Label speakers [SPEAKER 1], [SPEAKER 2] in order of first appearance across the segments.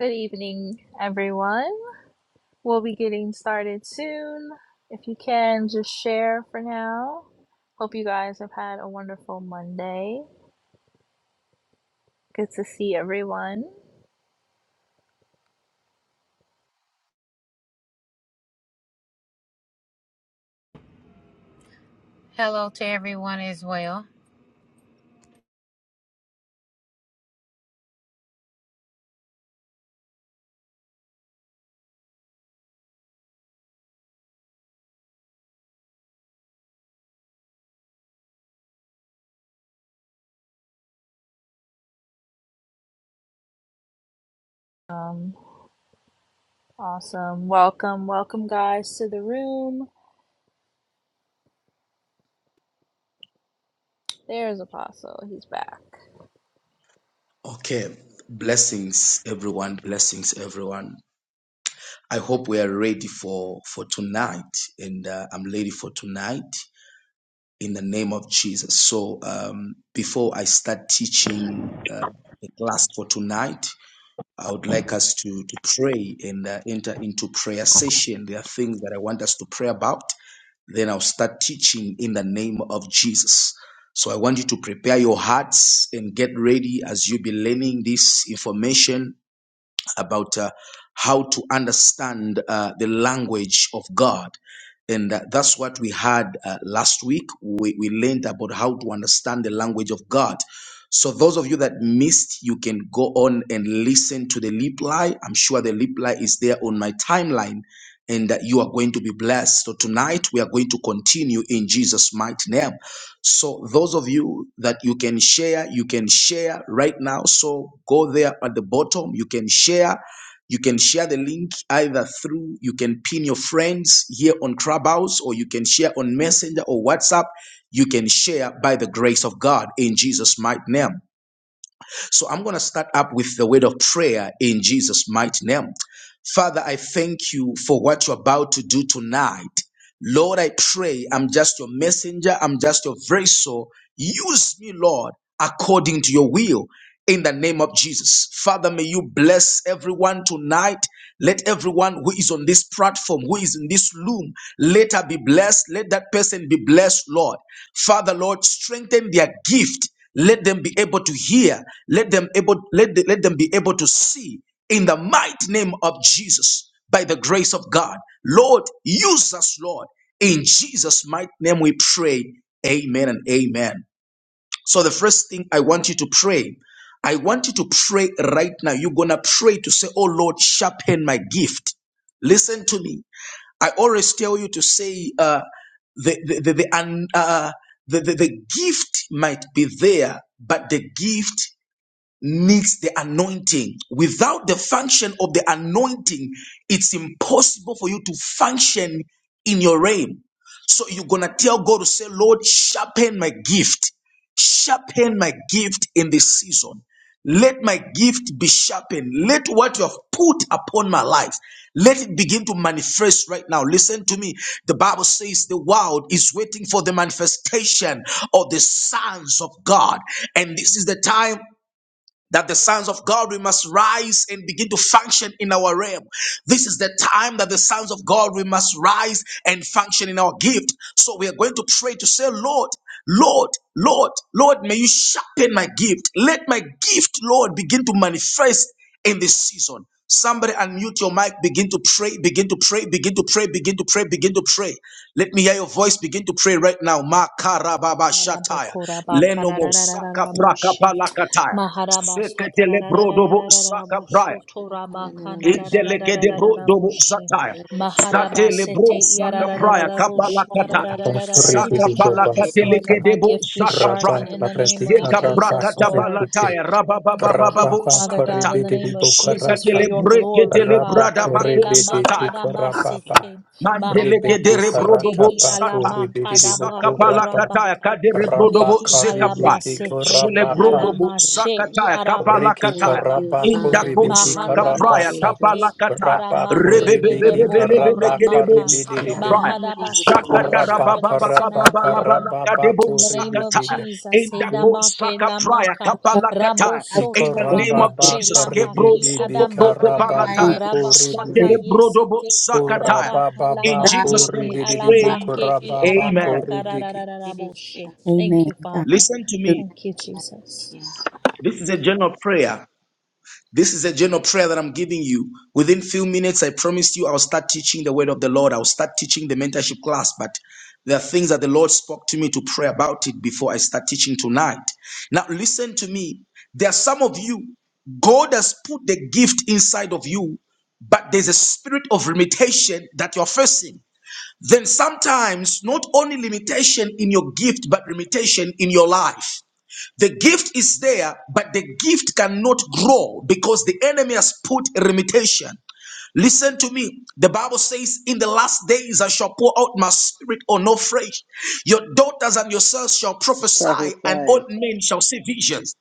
[SPEAKER 1] Good evening, everyone. We'll be getting started soon. If you can, just share for now. Hope you guys have had a wonderful Monday. Good to see everyone.
[SPEAKER 2] Hello to everyone as well.
[SPEAKER 1] Um, awesome. Welcome, welcome, guys, to the room. There's Apostle. He's back.
[SPEAKER 3] Okay, blessings everyone, blessings everyone. I hope we are ready for for tonight, and uh, I'm ready for tonight in the name of Jesus. So um, before I start teaching uh, the class for tonight, I would like us to, to pray and uh, enter into prayer session. There are things that I want us to pray about. Then I'll start teaching in the name of Jesus. So I want you to prepare your hearts and get ready as you be learning this information about uh, how to understand uh, the language of God. And uh, that's what we had uh, last week. We, we learned about how to understand the language of God. So, those of you that missed, you can go on and listen to the reply. I'm sure the reply is there on my timeline, and uh, you are going to be blessed. So, tonight we are going to continue in Jesus' mighty name. So those of you that you can share, you can share right now. So go there at the bottom. You can share. You can share the link either through, you can pin your friends here on Clubhouse or you can share on Messenger or WhatsApp. You can share by the grace of God in Jesus' mighty name. So I'm going to start up with the word of prayer in Jesus' mighty name. Father, I thank you for what you're about to do tonight. Lord, I pray, I'm just your messenger, I'm just your vessel. Use me, Lord, according to your will. In the name of Jesus. Father, may you bless everyone tonight. Let everyone who is on this platform, who is in this room, let her be blessed. Let that person be blessed, Lord. Father, Lord, strengthen their gift. Let them be able to hear. Let them able, let, let them be able to see in the mighty name of Jesus by the grace of God. Lord, use us, Lord. In Jesus' mighty name we pray. Amen and amen. So the first thing I want you to pray, I want you to pray right now. You're going to pray to say, Oh Lord, sharpen my gift. Listen to me. I always tell you to say, uh, the, the, the, the, un- uh, the, the, the gift might be there, but the gift needs the anointing. Without the function of the anointing, it's impossible for you to function in your realm. So you're going to tell God to say, Lord, sharpen my gift. Sharpen my gift in this season. Let my gift be sharpened. Let what you have put upon my life, let it begin to manifest right now. Listen to me. The Bible says the world is waiting for the manifestation of the sons of God. And this is the time that the sons of God we must rise and begin to function in our realm. This is the time that the sons of God we must rise and function in our gift. So we are going to pray to say, Lord, Lord, Lord, Lord, may you sharpen my gift. Let my gift, Lord, begin to manifest in this season. Somebody unmute your mic, begin to pray, begin to pray, begin to pray, begin to pray, begin to pray. Let me hear your voice, begin to pray right now. Makarababa shataya. Leno mosaka prakapalakataya.
[SPEAKER 1] Maharaba
[SPEAKER 3] Seketele brodobo saka
[SPEAKER 1] satararararararabo
[SPEAKER 3] praya.
[SPEAKER 2] Thank
[SPEAKER 1] sotoraba
[SPEAKER 3] Indeleke de
[SPEAKER 1] kanararararararabo
[SPEAKER 3] brodobo
[SPEAKER 1] shi.
[SPEAKER 3] sataya.
[SPEAKER 1] Maharaba
[SPEAKER 3] Satele bro
[SPEAKER 1] sete
[SPEAKER 3] saka praya
[SPEAKER 1] yarararararabo
[SPEAKER 3] kapala kataya.
[SPEAKER 1] shikarararararabo
[SPEAKER 3] Saka
[SPEAKER 1] sha.
[SPEAKER 4] Bafrepito
[SPEAKER 3] pala
[SPEAKER 1] Lord,
[SPEAKER 3] kateleke
[SPEAKER 1] let
[SPEAKER 4] Basanta,
[SPEAKER 3] de
[SPEAKER 1] my
[SPEAKER 3] bo
[SPEAKER 1] gift be
[SPEAKER 3] saka
[SPEAKER 1] sharpened
[SPEAKER 3] praya.
[SPEAKER 4] Rabat
[SPEAKER 1] in the name of
[SPEAKER 4] Lapretica
[SPEAKER 3] Seka
[SPEAKER 4] Rabat
[SPEAKER 1] Jesus,
[SPEAKER 3] prakata
[SPEAKER 1] Lord.
[SPEAKER 4] Repute,
[SPEAKER 3] balataya
[SPEAKER 1] Sharpen our
[SPEAKER 3] rabababababo
[SPEAKER 1] gift,
[SPEAKER 4] Rababa
[SPEAKER 1] Father God,
[SPEAKER 3] sakata.
[SPEAKER 1] in the
[SPEAKER 4] Corribidi
[SPEAKER 1] name of Jesus, for
[SPEAKER 3] Sekatele
[SPEAKER 4] Bocarata,
[SPEAKER 1] your
[SPEAKER 3] breke
[SPEAKER 1] glory,
[SPEAKER 3] tele
[SPEAKER 4] Rabba
[SPEAKER 3] brada
[SPEAKER 1] Father.
[SPEAKER 3] bako
[SPEAKER 1] Hela
[SPEAKER 4] Corribidi
[SPEAKER 3] sataya.
[SPEAKER 4] Kikorababa,
[SPEAKER 1] makadamasete,
[SPEAKER 3] Mandeleke de
[SPEAKER 4] Ribiti
[SPEAKER 1] mahadamasete,
[SPEAKER 4] Karata
[SPEAKER 3] rebrodobo
[SPEAKER 1] i ala
[SPEAKER 4] Baku
[SPEAKER 3] sata.
[SPEAKER 4] Ribidi Bokuraba,
[SPEAKER 3] Sakapalakataya
[SPEAKER 1] makadamakorabaka,
[SPEAKER 4] Rabba
[SPEAKER 3] kaderebrodobo
[SPEAKER 1] mehi
[SPEAKER 3] zekapra.
[SPEAKER 4] Corribidi
[SPEAKER 1] halamasete, i
[SPEAKER 4] Gorabaka,
[SPEAKER 1] ala
[SPEAKER 3] Jelebrodobo
[SPEAKER 1] mashe, i
[SPEAKER 3] sakataya
[SPEAKER 4] Riki
[SPEAKER 3] kapalakataya.
[SPEAKER 2] you,
[SPEAKER 4] Karaba
[SPEAKER 1] arabokorabaka,
[SPEAKER 2] Father,
[SPEAKER 3] Indako
[SPEAKER 2] in the
[SPEAKER 4] Corribiki
[SPEAKER 2] name of
[SPEAKER 3] sakapraya
[SPEAKER 4] Karabata,
[SPEAKER 1] mahadamasete,
[SPEAKER 2] Jesus.
[SPEAKER 1] i
[SPEAKER 3] kapalakataya.
[SPEAKER 4] Rabba
[SPEAKER 1] aramake,
[SPEAKER 4] Corribiki Karaba
[SPEAKER 3] Rebebebebebelebelekedebo
[SPEAKER 1] elebokorabaka,
[SPEAKER 4] Corribidi
[SPEAKER 3] sakapraya.
[SPEAKER 1] mahadamasete,
[SPEAKER 4] Koraba
[SPEAKER 1] sharpen us
[SPEAKER 4] karaba
[SPEAKER 1] tonight, Father.
[SPEAKER 4] karaba
[SPEAKER 3] Jakatarabababababalakadebo
[SPEAKER 1] In
[SPEAKER 4] baku
[SPEAKER 1] the name of
[SPEAKER 4] rididi
[SPEAKER 3] sakataya.
[SPEAKER 4] be.
[SPEAKER 1] Jesus,
[SPEAKER 3] Indako
[SPEAKER 1] Edamake
[SPEAKER 3] sakapraya
[SPEAKER 1] Lamaka,
[SPEAKER 5] Thank
[SPEAKER 1] Rabosoto
[SPEAKER 3] kapalakataya. In the name
[SPEAKER 4] Ikoramba
[SPEAKER 3] of
[SPEAKER 1] Rabake
[SPEAKER 4] baku
[SPEAKER 3] Jesus, Kebro
[SPEAKER 1] Lambaki
[SPEAKER 4] rididi be
[SPEAKER 3] Soko Broko
[SPEAKER 1] Adambaki,
[SPEAKER 4] karaba
[SPEAKER 3] Balataya,
[SPEAKER 4] baku
[SPEAKER 1] Rabashata
[SPEAKER 3] Satele
[SPEAKER 4] rididi.
[SPEAKER 3] Brodobo
[SPEAKER 1] Yesete I
[SPEAKER 3] Sakataya,
[SPEAKER 4] Koraba
[SPEAKER 1] Adabaka
[SPEAKER 3] in
[SPEAKER 4] baku
[SPEAKER 3] Jesus' name
[SPEAKER 1] Lambake
[SPEAKER 3] we
[SPEAKER 1] I
[SPEAKER 4] rididi bu
[SPEAKER 1] Alambake I
[SPEAKER 4] koraba
[SPEAKER 3] pray.
[SPEAKER 4] baku
[SPEAKER 3] Amen.
[SPEAKER 1] Alambaka
[SPEAKER 4] rididi.
[SPEAKER 1] Rarararaboshe. Thank
[SPEAKER 5] Amen.
[SPEAKER 1] you,
[SPEAKER 5] God.
[SPEAKER 1] Father.
[SPEAKER 3] Listen to me.
[SPEAKER 1] Thank you, Jesus.
[SPEAKER 3] This is a general prayer. This is a general prayer that I'm giving you. Within few minutes, I promised you I'll start teaching the word of the Lord. I'll start teaching the mentorship class, but there are things that the Lord spoke to me to pray about it before I start teaching tonight. Now, listen to me. There are some of you, God has put the gift inside of you, but there's a spirit of limitation that you're facing. then sometimes not only limitation in your gift, but limitation in your life. The gift is there, but the gift cannot grow because the enemy has put a limitation. Listen to me. The Bible says, In the last days I shall pour out my spirit on no flesh. Your daughters and your sons shall prophesy, and old
[SPEAKER 6] Prophesy.
[SPEAKER 3] men shall see visions.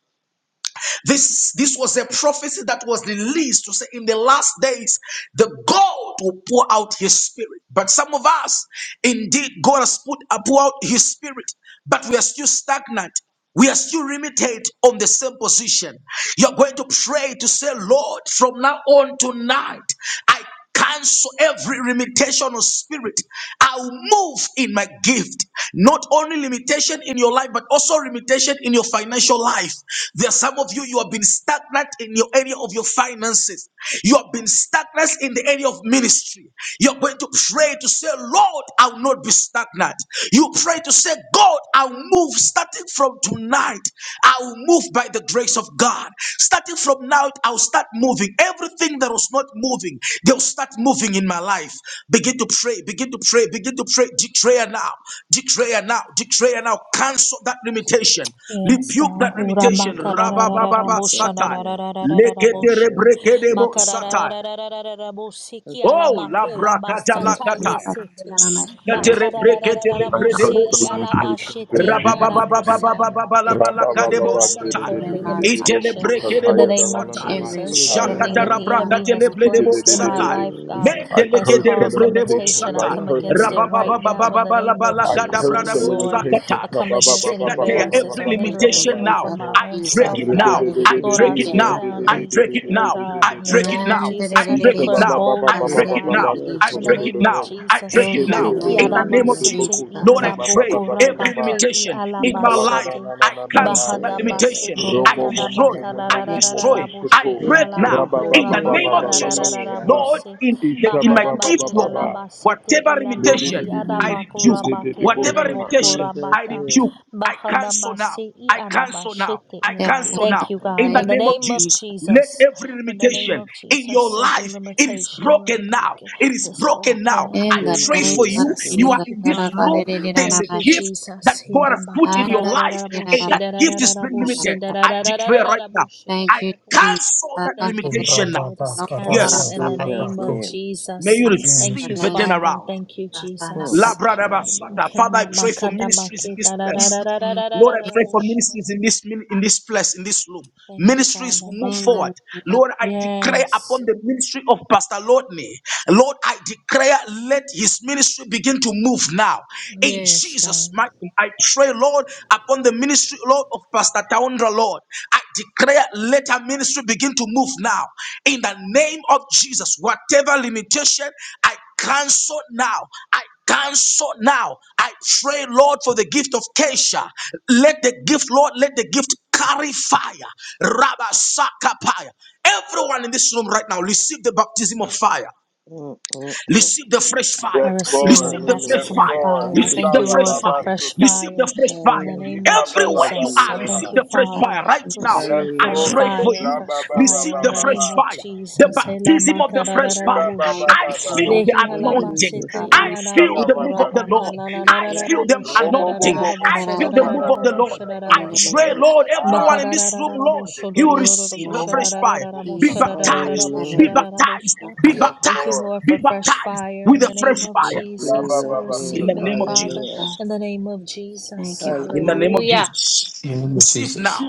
[SPEAKER 3] This, this was a prophecy that was released to say in the last days, the God will pour out his spirit. But some of us, indeed, God has put, uh, pour out his spirit, but we are still stagnant. We are still limited on the same position. You're going to pray to say, Lord, from now on tonight, I cancel every limitation of spirit. I'll move in my gift. Not only limitation in your life, but also limitation in your financial life. There are some of you, you have been stagnant in your area of your finances. You have been stagnant in the area of ministry. You're going to pray to say, Lord, I will not be stagnant. You pray to say, God, I'll move starting from tonight, I'll move by the grace of God. Starting from now, I'll start moving. Everything that was not moving, they'll start moving in my life. Begin to pray, begin to pray, begin to pray. Declare now, declare now, declare now. Cancel that limitation,
[SPEAKER 1] Yes,
[SPEAKER 3] rebuke
[SPEAKER 1] God.
[SPEAKER 3] that
[SPEAKER 6] That's
[SPEAKER 1] Ora
[SPEAKER 6] a
[SPEAKER 3] limitation.
[SPEAKER 6] man coming
[SPEAKER 1] makararararara
[SPEAKER 3] Rabababa
[SPEAKER 6] in Jesus'
[SPEAKER 3] Satai.
[SPEAKER 6] name.
[SPEAKER 1] boshanararararara
[SPEAKER 6] God
[SPEAKER 3] Lekete
[SPEAKER 1] boshi.
[SPEAKER 6] is my safe
[SPEAKER 3] rebrekedebo
[SPEAKER 6] and
[SPEAKER 3] Satai.
[SPEAKER 6] found
[SPEAKER 1] Makarararararara bosi ki ala
[SPEAKER 3] Oh, la
[SPEAKER 1] makela
[SPEAKER 3] bracata
[SPEAKER 6] God.
[SPEAKER 3] la
[SPEAKER 1] masata
[SPEAKER 3] cataya.
[SPEAKER 1] yesete.
[SPEAKER 3] Sucatere
[SPEAKER 6] Hallelujah.
[SPEAKER 3] brekete le
[SPEAKER 1] Bakararararara
[SPEAKER 7] I curse
[SPEAKER 1] bosi
[SPEAKER 3] bredebo
[SPEAKER 7] the
[SPEAKER 1] i ala
[SPEAKER 3] sata.
[SPEAKER 7] limitations
[SPEAKER 1] bashete
[SPEAKER 7] in
[SPEAKER 1] i ara
[SPEAKER 7] Jesus'
[SPEAKER 6] Hallelujah.
[SPEAKER 7] name.
[SPEAKER 1] bosa.
[SPEAKER 2] is
[SPEAKER 7] Ba ba ba
[SPEAKER 1] Thank you,
[SPEAKER 2] in
[SPEAKER 7] ba ba
[SPEAKER 3] Rababababababababalabalabalakadebo
[SPEAKER 1] Lord.
[SPEAKER 7] ba ba ba
[SPEAKER 1] I
[SPEAKER 3] sata.
[SPEAKER 1] cancel every
[SPEAKER 2] in my life,
[SPEAKER 3] Itele
[SPEAKER 1] limitation
[SPEAKER 2] Father.
[SPEAKER 1] in the
[SPEAKER 3] brekedebo
[SPEAKER 1] name of
[SPEAKER 3] sata.
[SPEAKER 7] ba
[SPEAKER 6] In
[SPEAKER 2] Every
[SPEAKER 1] Jesus.
[SPEAKER 6] Jesus'
[SPEAKER 1] Anything
[SPEAKER 2] stagnant
[SPEAKER 1] that
[SPEAKER 3] Shakatara
[SPEAKER 6] name.
[SPEAKER 1] the
[SPEAKER 7] ba
[SPEAKER 2] time,
[SPEAKER 7] ba
[SPEAKER 1] enemy
[SPEAKER 3] brakate
[SPEAKER 1] has
[SPEAKER 3] le bredebo
[SPEAKER 1] placed in my
[SPEAKER 3] sata.
[SPEAKER 7] ba.
[SPEAKER 1] life,
[SPEAKER 6] Hallelujah.
[SPEAKER 1] God,
[SPEAKER 2] Jesus,
[SPEAKER 7] I
[SPEAKER 1] that's
[SPEAKER 3] Mendeleke
[SPEAKER 7] curse
[SPEAKER 3] de
[SPEAKER 7] the
[SPEAKER 1] caused
[SPEAKER 3] rebredebo
[SPEAKER 1] limitation,
[SPEAKER 7] limitations.
[SPEAKER 1] I
[SPEAKER 7] I
[SPEAKER 3] sata.
[SPEAKER 2] we
[SPEAKER 1] come
[SPEAKER 6] Hallelujah.
[SPEAKER 7] curse the
[SPEAKER 1] against
[SPEAKER 6] name.
[SPEAKER 1] it right
[SPEAKER 7] limitations.
[SPEAKER 1] now
[SPEAKER 2] have
[SPEAKER 1] in the name of
[SPEAKER 7] I curse
[SPEAKER 2] to
[SPEAKER 7] the
[SPEAKER 1] Jesus,
[SPEAKER 6] Hallelujah.
[SPEAKER 3] Rabababababalabalakadabradabo
[SPEAKER 1] Lord.
[SPEAKER 2] remove it,
[SPEAKER 3] sakata.
[SPEAKER 7] limitations.
[SPEAKER 1] I
[SPEAKER 7] Ba
[SPEAKER 1] come
[SPEAKER 7] ba ba
[SPEAKER 1] against
[SPEAKER 7] ba
[SPEAKER 1] any
[SPEAKER 7] ba ba ba
[SPEAKER 3] Shekateya.
[SPEAKER 2] remove
[SPEAKER 1] barriers
[SPEAKER 6] Yes.
[SPEAKER 3] Every
[SPEAKER 1] or
[SPEAKER 2] it in
[SPEAKER 7] ba
[SPEAKER 2] the
[SPEAKER 1] hindrance,
[SPEAKER 3] limitation
[SPEAKER 1] even
[SPEAKER 2] name
[SPEAKER 3] now,
[SPEAKER 1] from
[SPEAKER 2] of
[SPEAKER 1] my
[SPEAKER 3] I
[SPEAKER 1] own
[SPEAKER 3] break
[SPEAKER 2] Jesus.
[SPEAKER 3] it
[SPEAKER 1] self,
[SPEAKER 7] ba
[SPEAKER 2] In
[SPEAKER 3] now.
[SPEAKER 1] God.
[SPEAKER 2] the
[SPEAKER 3] I
[SPEAKER 6] In
[SPEAKER 1] Lord,
[SPEAKER 3] break
[SPEAKER 1] I
[SPEAKER 3] it
[SPEAKER 2] name
[SPEAKER 1] tear
[SPEAKER 3] now.
[SPEAKER 6] Jesus'
[SPEAKER 2] of
[SPEAKER 1] down
[SPEAKER 3] I
[SPEAKER 6] name.
[SPEAKER 2] Jesus.
[SPEAKER 1] any
[SPEAKER 3] break it
[SPEAKER 7] ba
[SPEAKER 1] fear,
[SPEAKER 3] now.
[SPEAKER 1] God.
[SPEAKER 3] I
[SPEAKER 1] In
[SPEAKER 7] ba
[SPEAKER 1] the
[SPEAKER 3] break it
[SPEAKER 7] ba.
[SPEAKER 1] name of
[SPEAKER 3] now.
[SPEAKER 2] In the
[SPEAKER 3] I
[SPEAKER 1] Jesus,
[SPEAKER 2] name
[SPEAKER 1] I
[SPEAKER 2] of
[SPEAKER 3] break
[SPEAKER 7] Isha
[SPEAKER 3] it
[SPEAKER 7] ba
[SPEAKER 1] declare
[SPEAKER 2] Jesus.
[SPEAKER 7] ba
[SPEAKER 3] now.
[SPEAKER 7] ba ba
[SPEAKER 3] I
[SPEAKER 7] ba ba
[SPEAKER 1] boldness,
[SPEAKER 3] break
[SPEAKER 6] In
[SPEAKER 7] ba
[SPEAKER 3] it
[SPEAKER 1] God.
[SPEAKER 7] ba ba
[SPEAKER 3] now.
[SPEAKER 6] Jesus'
[SPEAKER 3] I
[SPEAKER 7] soto
[SPEAKER 1] In
[SPEAKER 7] do
[SPEAKER 1] the
[SPEAKER 3] break
[SPEAKER 7] do
[SPEAKER 6] name.
[SPEAKER 3] it
[SPEAKER 1] name
[SPEAKER 7] do
[SPEAKER 1] of
[SPEAKER 3] now.
[SPEAKER 7] do.
[SPEAKER 3] I
[SPEAKER 1] Jesus,
[SPEAKER 3] break it
[SPEAKER 7] Shake it
[SPEAKER 3] now.
[SPEAKER 7] it
[SPEAKER 3] In
[SPEAKER 7] it it
[SPEAKER 3] the
[SPEAKER 7] it
[SPEAKER 3] name of
[SPEAKER 7] it
[SPEAKER 6] Hallelujah.
[SPEAKER 7] it
[SPEAKER 1] Hekiadamasete
[SPEAKER 3] Jesus.
[SPEAKER 7] boku
[SPEAKER 3] Lord, I
[SPEAKER 7] sota ba ba ba
[SPEAKER 3] pray
[SPEAKER 7] ba
[SPEAKER 3] every
[SPEAKER 1] Iadabokorabake
[SPEAKER 3] limitation in my
[SPEAKER 7] Ikala na
[SPEAKER 3] life.
[SPEAKER 7] na
[SPEAKER 1] Ialamasete
[SPEAKER 7] na na
[SPEAKER 3] I
[SPEAKER 7] na na
[SPEAKER 6] Yeah,
[SPEAKER 3] cancel
[SPEAKER 7] na.
[SPEAKER 3] that
[SPEAKER 6] prayer.
[SPEAKER 3] limitation.
[SPEAKER 1] Bahadamasete
[SPEAKER 3] I
[SPEAKER 7] Romo mo mo
[SPEAKER 3] destroy.
[SPEAKER 7] mo mo mo
[SPEAKER 3] I
[SPEAKER 7] mo mo
[SPEAKER 3] destroy.
[SPEAKER 7] mo
[SPEAKER 3] I. I
[SPEAKER 7] soto.
[SPEAKER 1] Iadamakadadadadaboshe
[SPEAKER 3] pray
[SPEAKER 6] In
[SPEAKER 3] now
[SPEAKER 7] Raba ba
[SPEAKER 6] Jesus'
[SPEAKER 3] in
[SPEAKER 7] ba
[SPEAKER 3] the
[SPEAKER 7] ba
[SPEAKER 3] name
[SPEAKER 6] name.
[SPEAKER 7] ba
[SPEAKER 3] of
[SPEAKER 7] ba ba ba
[SPEAKER 3] Jesus,
[SPEAKER 6] Hallelujah.
[SPEAKER 7] shata.
[SPEAKER 3] Lord,
[SPEAKER 1] Ialabokoramakadadadadabose
[SPEAKER 3] in the,
[SPEAKER 7] Ishta
[SPEAKER 3] in
[SPEAKER 7] ba
[SPEAKER 3] my
[SPEAKER 7] ba ba
[SPEAKER 1] Bahadaba
[SPEAKER 3] gift, Lord,
[SPEAKER 1] Ialamasete
[SPEAKER 3] whatever
[SPEAKER 7] Le le
[SPEAKER 3] limitation
[SPEAKER 7] le
[SPEAKER 1] Ilamaki
[SPEAKER 7] le
[SPEAKER 3] I
[SPEAKER 7] le.
[SPEAKER 3] rebuke,
[SPEAKER 7] Kete te te
[SPEAKER 1] Adabakorabake
[SPEAKER 3] whatever
[SPEAKER 7] bosha.
[SPEAKER 6] In
[SPEAKER 3] limitation
[SPEAKER 6] Jesus'
[SPEAKER 3] I
[SPEAKER 1] Elebokorabaka
[SPEAKER 6] name.
[SPEAKER 3] rebuke, I cancel now.
[SPEAKER 1] Bahadamase
[SPEAKER 3] I cancel now.
[SPEAKER 1] Iadabashete
[SPEAKER 3] I
[SPEAKER 1] Ida.
[SPEAKER 3] cancel
[SPEAKER 6] Yes,
[SPEAKER 1] Thank
[SPEAKER 3] now.
[SPEAKER 1] you,
[SPEAKER 6] Lord.
[SPEAKER 3] In
[SPEAKER 1] God.
[SPEAKER 3] the
[SPEAKER 1] In the
[SPEAKER 3] name
[SPEAKER 6] In
[SPEAKER 3] of
[SPEAKER 1] name of
[SPEAKER 6] Jesus.
[SPEAKER 3] Jesus, let
[SPEAKER 1] Jesus,
[SPEAKER 3] every
[SPEAKER 1] in the name
[SPEAKER 3] limitation
[SPEAKER 1] of
[SPEAKER 3] in your
[SPEAKER 1] Jesus, every
[SPEAKER 3] life it is
[SPEAKER 1] limitation will
[SPEAKER 3] broken
[SPEAKER 1] rebuke
[SPEAKER 3] now.
[SPEAKER 1] it.
[SPEAKER 3] It
[SPEAKER 1] It
[SPEAKER 3] is
[SPEAKER 1] is
[SPEAKER 3] broken now.
[SPEAKER 1] broken in the
[SPEAKER 3] I
[SPEAKER 2] In
[SPEAKER 1] name
[SPEAKER 6] In
[SPEAKER 1] of
[SPEAKER 3] pray for you.
[SPEAKER 6] Jesus'
[SPEAKER 1] Jesus.
[SPEAKER 3] You
[SPEAKER 6] name.
[SPEAKER 3] are
[SPEAKER 1] Thank you,
[SPEAKER 3] in this
[SPEAKER 2] the
[SPEAKER 1] Father.
[SPEAKER 3] room. There
[SPEAKER 2] name
[SPEAKER 3] is
[SPEAKER 2] of
[SPEAKER 3] a
[SPEAKER 1] Thank you,
[SPEAKER 2] Jesus.
[SPEAKER 3] gift that
[SPEAKER 1] Jesus.
[SPEAKER 3] God has put in your
[SPEAKER 2] Andara
[SPEAKER 3] life,
[SPEAKER 2] ra
[SPEAKER 3] and that
[SPEAKER 2] ra ra
[SPEAKER 3] gift is being
[SPEAKER 2] ra ra
[SPEAKER 3] limited.
[SPEAKER 2] ra.
[SPEAKER 3] I declare right now. I
[SPEAKER 2] Thank you, Jesus.
[SPEAKER 3] Cancel that
[SPEAKER 1] Thank you,
[SPEAKER 2] Andara
[SPEAKER 3] limitation
[SPEAKER 1] Father.
[SPEAKER 3] now.
[SPEAKER 4] Koraba
[SPEAKER 1] It is
[SPEAKER 2] no kora ra
[SPEAKER 6] In
[SPEAKER 1] canceled
[SPEAKER 3] Yes.
[SPEAKER 1] in
[SPEAKER 2] ra
[SPEAKER 1] the
[SPEAKER 2] ra.
[SPEAKER 4] bakaraka
[SPEAKER 6] Jesus'
[SPEAKER 1] name of
[SPEAKER 4] baku.
[SPEAKER 6] name.
[SPEAKER 3] May
[SPEAKER 1] Jesus.
[SPEAKER 3] you
[SPEAKER 4] In the name of
[SPEAKER 1] Thank
[SPEAKER 2] In the
[SPEAKER 3] receive
[SPEAKER 1] you,
[SPEAKER 3] a
[SPEAKER 2] name
[SPEAKER 4] Jesus.
[SPEAKER 1] Father.
[SPEAKER 3] turnaround.
[SPEAKER 1] Thank you,
[SPEAKER 2] of
[SPEAKER 6] Hmm.
[SPEAKER 2] Sanaka.
[SPEAKER 1] Jesus.
[SPEAKER 3] Labradabasata.
[SPEAKER 6] Hallelujah.
[SPEAKER 3] Father, I pray for ministries in this
[SPEAKER 2] In
[SPEAKER 3] place.
[SPEAKER 2] the name
[SPEAKER 3] Lord, I
[SPEAKER 2] of
[SPEAKER 3] pray for
[SPEAKER 2] Jesus.
[SPEAKER 3] ministries in this min- in this place, in this room.
[SPEAKER 1] Thank you,
[SPEAKER 3] Ministries
[SPEAKER 1] Father.
[SPEAKER 3] will move
[SPEAKER 2] In the
[SPEAKER 3] forward.
[SPEAKER 2] name
[SPEAKER 3] Lord, I declare upon
[SPEAKER 1] Yes.
[SPEAKER 3] the ministry of Pastor Lordney. Lord, I declare let his ministry begin to move now. In Jesus' mighty name, I pray, Lord, upon the ministry, Lord, of Pastor Taundra, Lord. I declare let her ministry begin to move now. In the name of Jesus, whatever limitation, I cancel now. I cancel now. I pray, Lord, for the gift of Kesha. Let the gift, Lord, let the gift carry fire. Rabba Sakapaya. Everyone in this room right now, receive the baptism of fire.
[SPEAKER 6] Mm, mm, mm.
[SPEAKER 3] Receive the fresh
[SPEAKER 1] I
[SPEAKER 3] fire.
[SPEAKER 7] Yes
[SPEAKER 1] receive
[SPEAKER 7] Lord.
[SPEAKER 1] the
[SPEAKER 3] Receive the fresh
[SPEAKER 7] Yes
[SPEAKER 1] baptism
[SPEAKER 6] Hallelujah.
[SPEAKER 1] of
[SPEAKER 3] fire.
[SPEAKER 7] Lord.
[SPEAKER 1] fire. I
[SPEAKER 6] Thank you,
[SPEAKER 3] Receive
[SPEAKER 1] thank
[SPEAKER 7] Reba
[SPEAKER 3] the
[SPEAKER 1] you,
[SPEAKER 7] ba
[SPEAKER 3] fresh
[SPEAKER 1] Lord,
[SPEAKER 7] ba
[SPEAKER 6] Jesus.
[SPEAKER 1] for
[SPEAKER 3] fire.
[SPEAKER 1] fresh
[SPEAKER 7] soto.
[SPEAKER 3] Receive the
[SPEAKER 1] fire.
[SPEAKER 3] fresh
[SPEAKER 1] In
[SPEAKER 3] fire.
[SPEAKER 1] the name
[SPEAKER 6] Hallelujah.
[SPEAKER 1] of
[SPEAKER 7] Ikaba ba
[SPEAKER 3] Everywhere you
[SPEAKER 7] ba
[SPEAKER 1] Jesus,
[SPEAKER 3] are,
[SPEAKER 1] I thank
[SPEAKER 3] receive
[SPEAKER 7] shata.
[SPEAKER 6] Hallelujah.
[SPEAKER 1] you,
[SPEAKER 3] the fresh
[SPEAKER 2] of
[SPEAKER 1] Father.
[SPEAKER 3] fire right
[SPEAKER 2] Sanaka.
[SPEAKER 3] now.
[SPEAKER 7] Yes,
[SPEAKER 1] Receive
[SPEAKER 2] I
[SPEAKER 3] I
[SPEAKER 1] fresh
[SPEAKER 2] will
[SPEAKER 7] Lord.
[SPEAKER 3] pray
[SPEAKER 6] Hallelujah.
[SPEAKER 3] for
[SPEAKER 1] fire,
[SPEAKER 3] you.
[SPEAKER 7] Rabba
[SPEAKER 1] fresh
[SPEAKER 7] ba ba
[SPEAKER 1] fire.
[SPEAKER 3] Receive
[SPEAKER 7] ba
[SPEAKER 1] In
[SPEAKER 3] the
[SPEAKER 7] ba
[SPEAKER 1] the
[SPEAKER 3] fresh
[SPEAKER 7] ba.
[SPEAKER 1] name of
[SPEAKER 3] fire. The
[SPEAKER 2] take
[SPEAKER 1] Jesus. Hela
[SPEAKER 3] baptism of the fresh fire.
[SPEAKER 7] Riba ba
[SPEAKER 2] fire
[SPEAKER 7] ba
[SPEAKER 1] makarararabushi.
[SPEAKER 3] I
[SPEAKER 7] ba
[SPEAKER 2] in
[SPEAKER 7] ba
[SPEAKER 2] the
[SPEAKER 3] feel
[SPEAKER 2] name of
[SPEAKER 3] the
[SPEAKER 1] Behi
[SPEAKER 7] soko.
[SPEAKER 6] In
[SPEAKER 2] Jesus.
[SPEAKER 3] anointing.
[SPEAKER 6] Jesus'
[SPEAKER 1] halabasete
[SPEAKER 6] name.
[SPEAKER 3] I
[SPEAKER 2] Anama.
[SPEAKER 7] Isha
[SPEAKER 3] feel
[SPEAKER 7] ba
[SPEAKER 3] the
[SPEAKER 7] ba
[SPEAKER 3] move
[SPEAKER 7] ba
[SPEAKER 3] of the
[SPEAKER 7] nidi.
[SPEAKER 1] ialabokurabaka
[SPEAKER 3] Lord. I feel the
[SPEAKER 7] Robo bo
[SPEAKER 3] anointing.
[SPEAKER 7] bo bo
[SPEAKER 3] I
[SPEAKER 2] Andara ra
[SPEAKER 3] feel
[SPEAKER 2] ra ra. In the name of Jesus. Andara ra
[SPEAKER 3] the
[SPEAKER 2] ra ra.
[SPEAKER 7] saka
[SPEAKER 3] move
[SPEAKER 7] da
[SPEAKER 3] of
[SPEAKER 7] da
[SPEAKER 3] the
[SPEAKER 7] da da
[SPEAKER 3] Lord.
[SPEAKER 7] da da
[SPEAKER 3] I
[SPEAKER 2] In
[SPEAKER 7] ba.
[SPEAKER 3] pray,
[SPEAKER 1] lalarararabushadarararabushadarararabushadarararabushadarararabaka.
[SPEAKER 3] Lord, everyone in
[SPEAKER 7] Ah,
[SPEAKER 3] this room,
[SPEAKER 7] shit, shit,
[SPEAKER 3] Lord,
[SPEAKER 7] shit.
[SPEAKER 3] he will receive a
[SPEAKER 7] Robo
[SPEAKER 3] fresh
[SPEAKER 7] bo bo
[SPEAKER 3] fire.
[SPEAKER 7] bo
[SPEAKER 3] Be
[SPEAKER 7] saka.
[SPEAKER 3] baptized, be
[SPEAKER 6] Hallelujah.
[SPEAKER 3] baptized,
[SPEAKER 1] Bahadarararabushodorororobushadarararabushadarararabushadarararabushadarararabusha.
[SPEAKER 3] be
[SPEAKER 7] Yes,
[SPEAKER 1] Thank you,
[SPEAKER 3] baptized,
[SPEAKER 7] Lord.
[SPEAKER 1] Lord,
[SPEAKER 3] be
[SPEAKER 1] for fresh
[SPEAKER 3] baptized
[SPEAKER 1] fire
[SPEAKER 3] with
[SPEAKER 1] in
[SPEAKER 3] a
[SPEAKER 1] the
[SPEAKER 3] fresh
[SPEAKER 1] name of
[SPEAKER 6] In
[SPEAKER 3] fire
[SPEAKER 7] Rabba
[SPEAKER 1] Jesus.
[SPEAKER 7] ba
[SPEAKER 1] I
[SPEAKER 6] Jesus'
[SPEAKER 7] ba
[SPEAKER 3] in
[SPEAKER 6] name.
[SPEAKER 2] the
[SPEAKER 1] receive
[SPEAKER 3] the
[SPEAKER 2] name of
[SPEAKER 7] saka.
[SPEAKER 1] it,
[SPEAKER 3] name of
[SPEAKER 1] Father,
[SPEAKER 6] Hallelujah.
[SPEAKER 3] Jesus
[SPEAKER 1] in
[SPEAKER 2] Jesus.
[SPEAKER 1] the name of
[SPEAKER 2] Thank
[SPEAKER 1] Jesus.
[SPEAKER 2] you,
[SPEAKER 3] in
[SPEAKER 2] Father.
[SPEAKER 3] the name of
[SPEAKER 6] Hallelujah.
[SPEAKER 1] Hallelujah.
[SPEAKER 3] Jesus.
[SPEAKER 4] In the name of
[SPEAKER 3] Receive
[SPEAKER 4] Jesus.
[SPEAKER 3] now.